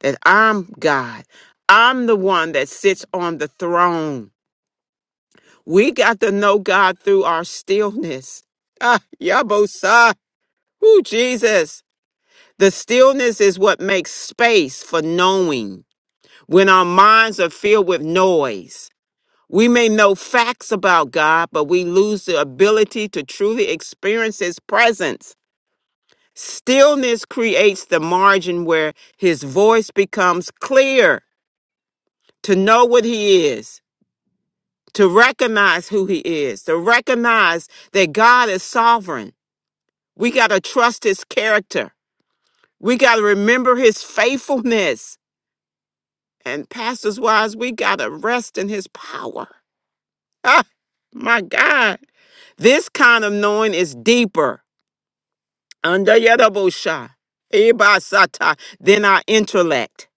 Speaker 3: that I'm God. I'm the one that sits on the throne. We got to know God through our stillness. Ah, Yabosa. Ooh, Jesus. The stillness is what makes space for knowing. When our minds are filled with noise, We may know facts about God, but we lose the ability to truly experience His presence. Stillness creates the margin where His voice becomes clear to know what He is, to recognize who He is, to recognize that God is sovereign. We got to trust His character. We got to remember His faithfulness. And, pastors wives, we got to rest in His power. Ah, my God. This kind of knowing is deeper. Under Yadabosha, Ibasata, then our intellect.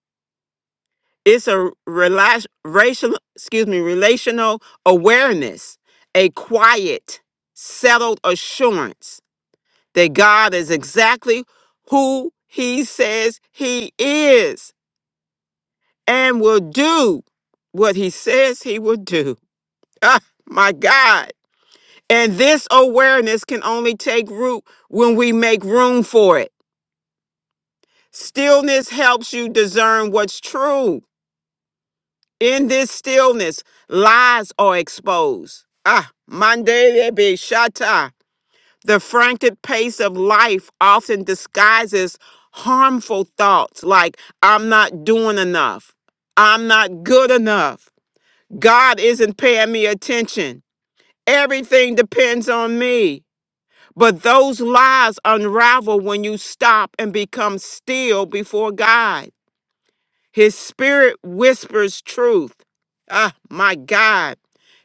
Speaker 3: It's a rela- racial, excuse me, relational awareness, a quiet, settled assurance that God is exactly who He says He is and will do what He says He will do. Ah, my God. And this awareness can only take root when we make room for it Stillness helps you discern what's true. In this stillness, lies are exposed. Ah, Monday be shata. The frantic pace of life often disguises harmful thoughts like I'm not doing enough. I'm not good enough. God isn't paying me attention. Everything depends on me. But those lies unravel when you stop and become still before God. His spirit whispers truth. Ah, my God.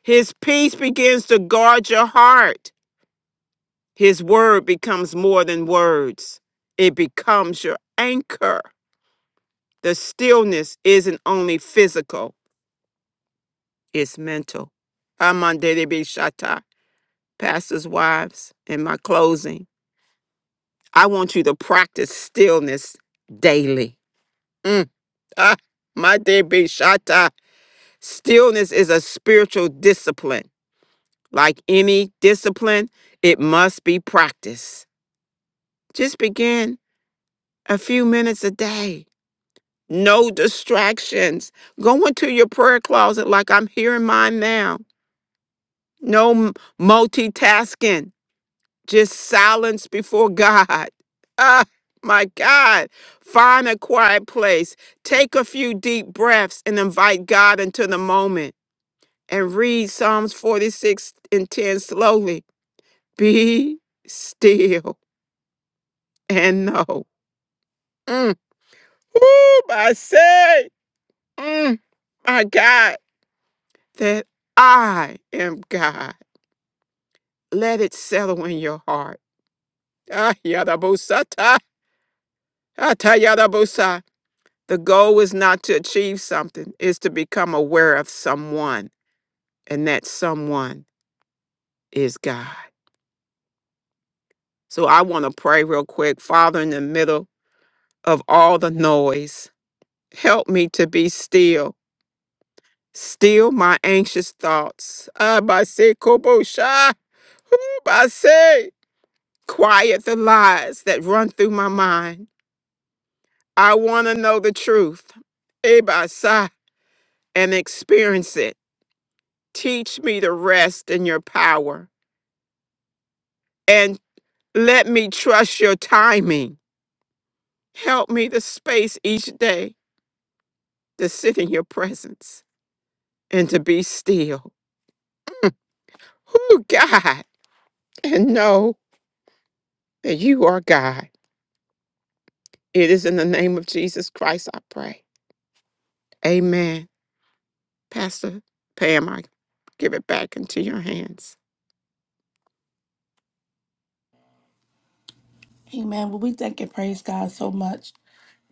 Speaker 3: His peace begins to guard your heart. His word becomes more than words, it becomes your anchor. The stillness isn't only physical, it's mental. Amandere Bishata, pastors' wives, in my closing, I want you to practice stillness daily. Mm. Ah, my dear Bishata, stillness is a spiritual discipline. Like any discipline, it must be practiced. Just begin a few minutes a day. No distractions. Go into your prayer closet like I'm here in mine now. No m- multitasking. Just silence before God. Ah, my God. Find a quiet place. Take a few deep breaths and invite God into the moment. And read Psalms 46 and 10 slowly. Be still and know. Mm. Woo, I say, mm, my God, that I am God. Let it settle in your heart. Ah, yadabusa, ta, ah, ta, yadabusa. The goal is not to achieve something, is to become aware of someone, and that someone is God. So I want to pray real quick. Father, in the middle of all the noise, help me to be still Still my anxious thoughts. Abase kobosha. Abase. Quiet the lies that run through my mind. I want to know the truth. Ebasa. And experience it. Teach me to rest in your power. And let me trust your timing. Help me to space each day to sit in your presence and to be still. Who God? And know that you are God. It is in the name of Jesus Christ I pray. Amen. Pastor Pam, I give it back into your hands.
Speaker 1: Amen. Well, we thank and praise God so much,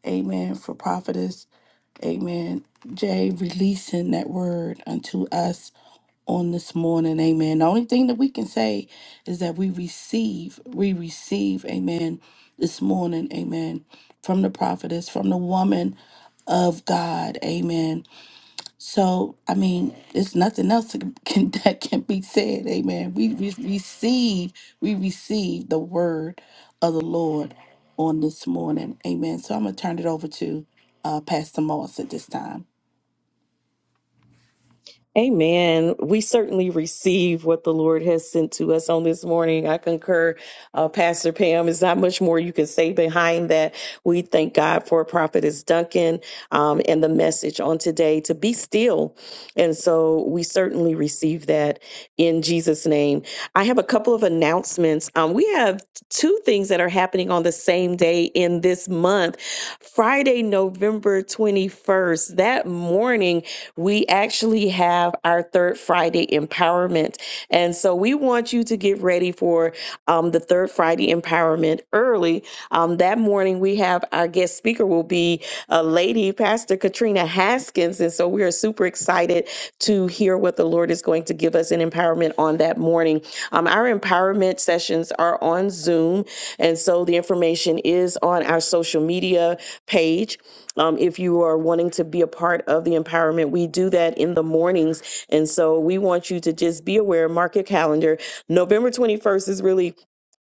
Speaker 1: amen, for prophetess. Amen. Jay, releasing that word unto us on this morning. Amen. The only thing that we can say is that we receive, we receive, amen, this morning, amen, from the prophetess, from the woman of God. Amen. So, I mean, there's nothing else that can, that can be said. Amen. We, we receive, we receive the word of the Lord on this morning. Amen. So I'm going to turn it over to uh, Pastor Moss at this time.
Speaker 11: Amen. We certainly receive what the Lord has sent to us on this morning. I concur, uh, Pastor Pam. There's not much more you can say behind that. We thank God for Prophetess Duncan um, and the message on today to be still. And so we certainly receive that in Jesus' name. I have a couple of announcements. Um, we have two things that are happening on the same day in this month. Friday, November 21st, that morning, we actually have our third Friday empowerment. And so we want you to get ready for um, the third Friday empowerment early. Um, that morning, we have our guest speaker will be a lady, Pastor Katrina Haskins. And so we are super excited to hear what the Lord is going to give us in empowerment on that morning. Um, our empowerment sessions are on Zoom. And so the information is on our social media page um, if you are wanting to be a part of the empowerment, we do that in the mornings. And so we want you to just be aware, mark your calendar. November 21st is really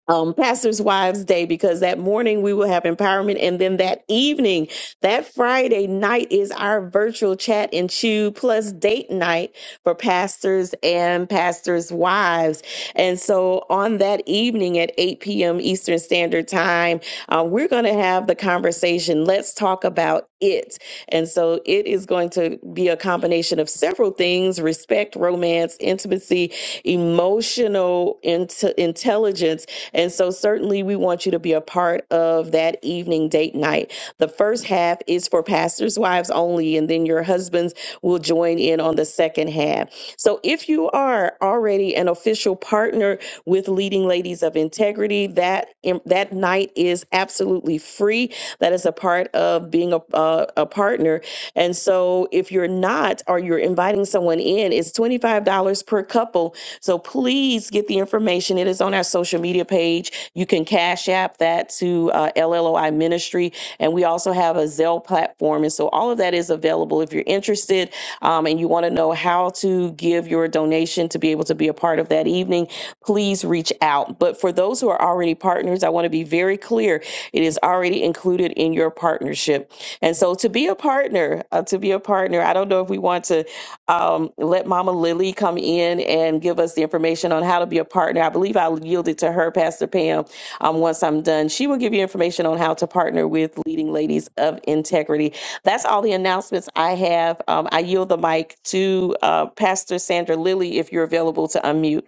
Speaker 11: um, Pastors Wives Day because that morning we will have empowerment. And then that evening, that Friday night is our virtual chat and chew plus date night for pastors and pastors' wives. And so on that evening at 8 p.m. Eastern Standard Time, uh, we're going to have the conversation. Let's talk about it. And so it is going to be a combination of several things respect, romance, intimacy, emotional int- intelligence and so, certainly, we want you to be a part of that evening date night. The first half is for pastors' wives only, and then your husbands will join in on the second half. So, if you are already an official partner with Leading Ladies of Integrity, that that night is absolutely free. That is a part of being a, uh, a partner. And so, if you're not, or you're inviting someone in, it's twenty five dollars per couple so please get the information. It is on our social media page. You can cash app that to uh, LLOI Ministry. And we also have a Zelle platform. And so all of that is available if you're interested um, and you want to know how to give your donation to be able to be a part of that evening, please reach out. But for those who are already partners, I want to be very clear it is already included in your partnership. And so to be a partner, uh, to be a partner, I don't know if we want to um, let Mama Lily come in and give us the information on how to be a partner. I believe I'll yield it to her, Pastor Pam, um, once I'm done. She will give you information on how to partner with Leading Ladies of Integrity. That's all the announcements I have. Um, I yield the mic to uh, Pastor Sandra Lilly if you're available to unmute.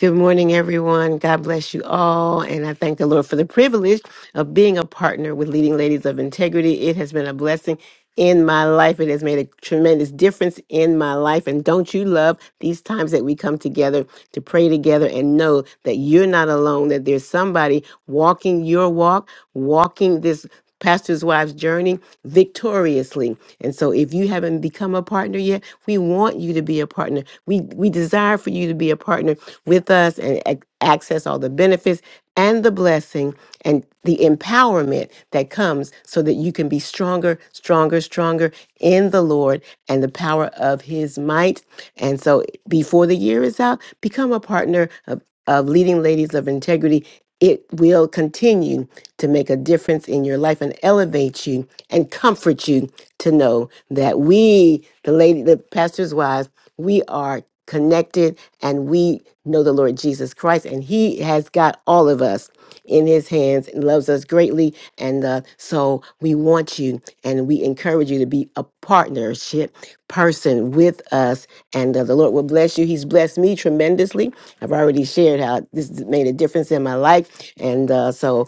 Speaker 5: Good morning, everyone. God bless you all. And I thank the Lord for the privilege of being a partner with Leading Ladies of Integrity. It has been a blessing in my life. It has made a tremendous difference in my life. And don't you love these times that we come together to pray together and know that you're not alone, that there's somebody walking your walk, walking this pastor's wife's journey victoriously. And so if you haven't become a partner yet, we want you to be a partner. We we desire for you to be a partner with us and ac- access all the benefits and the blessing and the empowerment that comes so that you can be stronger, stronger, stronger in the Lord and the power of his might. And so before the year is out, become a partner of, of leading ladies of integrity. It will continue to make a difference in your life and elevate you and comfort you to know that we, the lady, the pastor's wives, we are connected and we know the Lord Jesus Christ, and He has got all of us in His hands and loves us greatly. And uh, so we want you and we encourage you to be a partnership person with us. And uh, the Lord will bless you. He's blessed me tremendously. I've already shared how this has made a difference in my life. And uh, so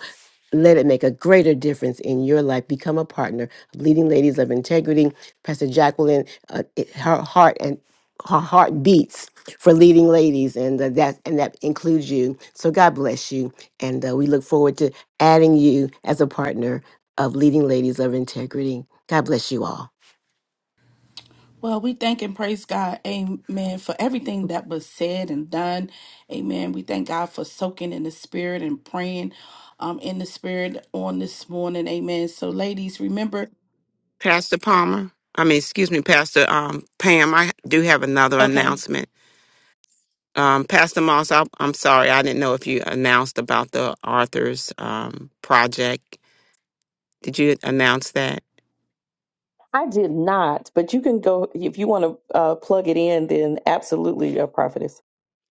Speaker 5: let it make a greater difference in your life. Become a partner of Leading Ladies of Integrity. Pastor Jacqueline, uh, it- her heart and her heart beats for leading ladies, and uh, that and that includes you. So God bless you, and uh, we look forward to adding you as a partner of leading ladies of integrity. God bless you all.
Speaker 1: Well, we thank and praise God, amen, for everything that was said and done. Amen. We thank God for soaking in the spirit and praying um in the spirit on this morning. Amen. So ladies, remember
Speaker 3: Pastor Palmer. I mean, excuse me, Pastor um, Pam. I do have another
Speaker 1: okay.
Speaker 3: announcement. Um, Pastor Moss, I, I'm sorry, I didn't know if you announced about the Arthur's um, project. Did you announce that?
Speaker 11: I did not, but you can go if you want to uh, plug it in, then absolutely, a prophetess.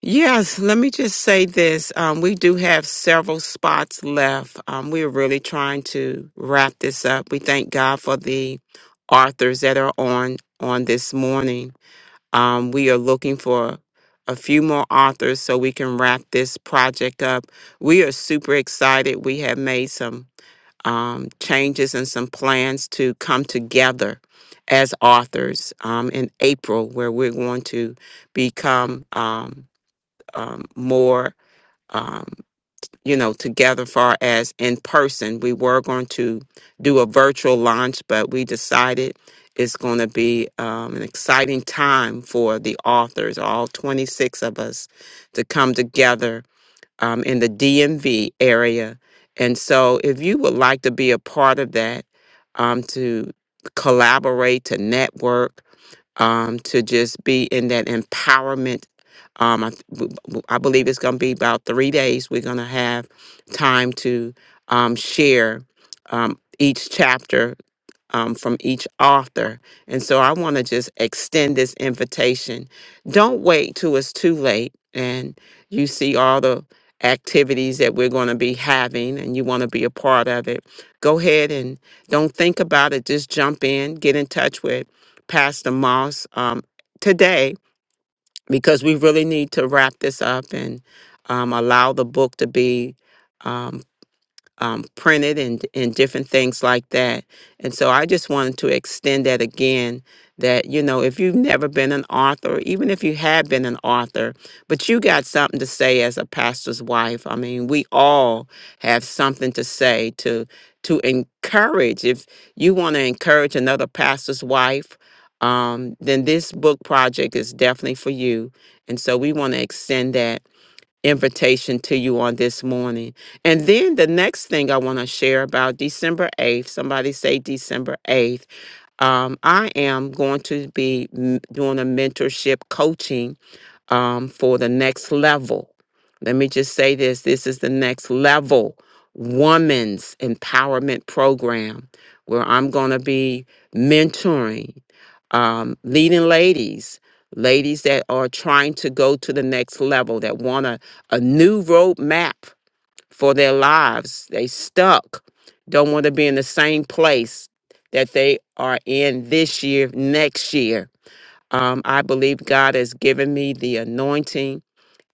Speaker 3: Yes. Let me just say this: um, we do have several spots left. Um, we are really trying to wrap this up. We thank God for the authors that are on on this morning. Um, we are looking for a few more authors so we can wrap this project up. We are super excited. We have made some um, changes and some plans to come together as authors um, in April, where we're going to become um, um, more. um, you know, together far as in person. We were going to do a virtual launch, but we decided it's going to be um, an exciting time for the authors, all 26 of us, to come together um, in the DMV area. And so, if you would like to be a part of that, um, to collaborate, to network, um, to just be in that empowerment. Um, I, th- w- w- I believe it's going to be about three days. We're going to have time to um, share um, each chapter um, from each author. And so I want to just extend this invitation. Don't wait till it's too late and you see all the activities that we're going to be having and you want to be a part of it. Go ahead and don't think about it. Just jump in, get in touch with Pastor Moss um, today because we really need to wrap this up and um, allow the book to be. um, um, printed and, and different things like that. And so I just wanted to extend that again that, you know, if you've never been an author, even if you have been an author, but you got something to say as a pastor's wife. I mean, we all have something to say to to encourage. If you want to encourage another pastor's wife, um, then this book project is definitely for you. And so we want to extend that invitation to you on this morning. And then the next thing I want to share about December 8th, somebody say December 8th. Um, I am going to be m- doing a mentorship coaching um, for the next level. Let me just say this this is the next level woman's empowerment program where I'm going to be mentoring um, leading ladies ladies that are trying to go to the next level, that want a, a new roadmap for their lives. They stuck, don't want to be in the same place that they are in this year, next year. Um, I believe God has given me the anointing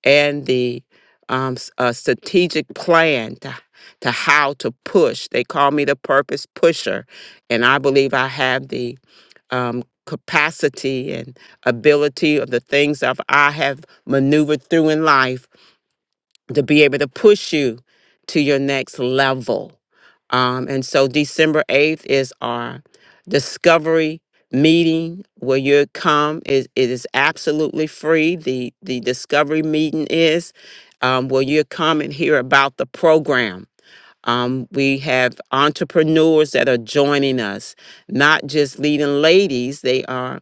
Speaker 3: and the um, s- a strategic plan to, to how to push. They call me the purpose pusher, and I believe I have the um, capacity and ability of the things that I have maneuvered through in life to be able to push you to your next level. Um, and so December 8th is our discovery meeting where you come. It, it is absolutely free. The, the discovery meeting is um, where you come and hear about the program um, we have entrepreneurs that are joining us, not just leading ladies, they are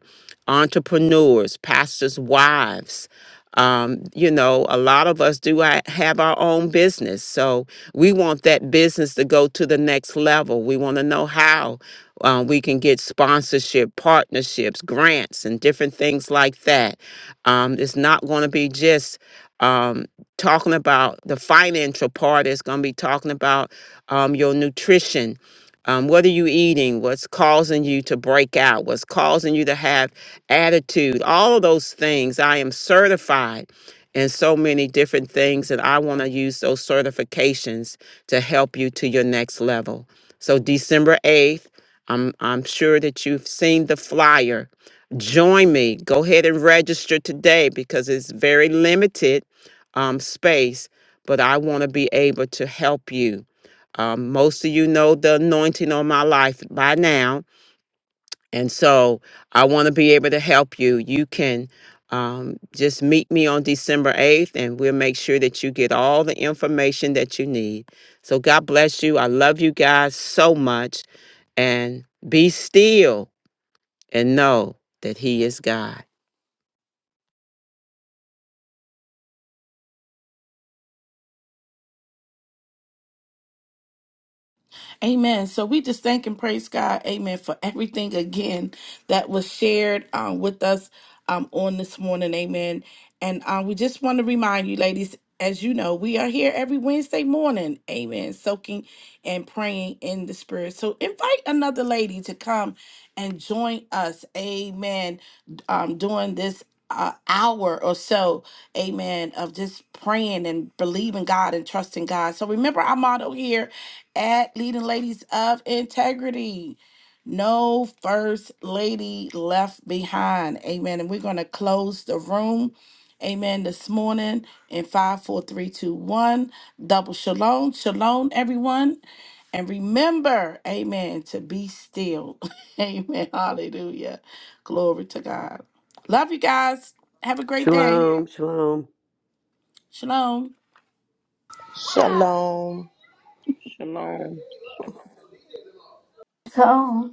Speaker 3: entrepreneurs, pastors' wives. Um, you know, a lot of us do ha- have our own business. So we want that business to go to the next level. We want to know how uh, we can get sponsorship, partnerships, grants, and different things like that. Um, it's not going to be just. Um, talking about the financial part is going to be talking about um, your nutrition um, what are you eating what's causing you to break out what's causing you to have attitude all of those things i am certified in so many different things and i want to use those certifications to help you to your next level so december 8th i'm, I'm sure that you've seen the flyer join me go ahead and register today because it's very limited um, space, but I want to be able to help you. Um, most of you know the anointing on my life by now. And so I want to be able to help you. You can um, just meet me on December 8th, and we'll make sure that you get all the information that you need. So God bless you. I love you guys so much. And be still and know that He is God.
Speaker 1: Amen. So we just thank and praise God, amen, for everything again that was shared um, with us um, on this morning, amen. And um, we just want to remind you, ladies, as you know, we are here every Wednesday morning, amen, soaking and praying in the Spirit. So invite another lady to come and join us, amen, um, during this uh, hour or so, amen, of just praying and believing God and trusting God. So remember our motto here at Leading Ladies of Integrity. No first lady left behind. Amen. And we're going to close the room. Amen. This morning in five, four, three, two, one. Double shalom. Shalom, everyone. And remember, amen, to be still. amen. Hallelujah. Glory to God. Love you guys. Have a great day.
Speaker 10: Shalom, shalom.
Speaker 1: Shalom.
Speaker 7: Shalom.
Speaker 4: So,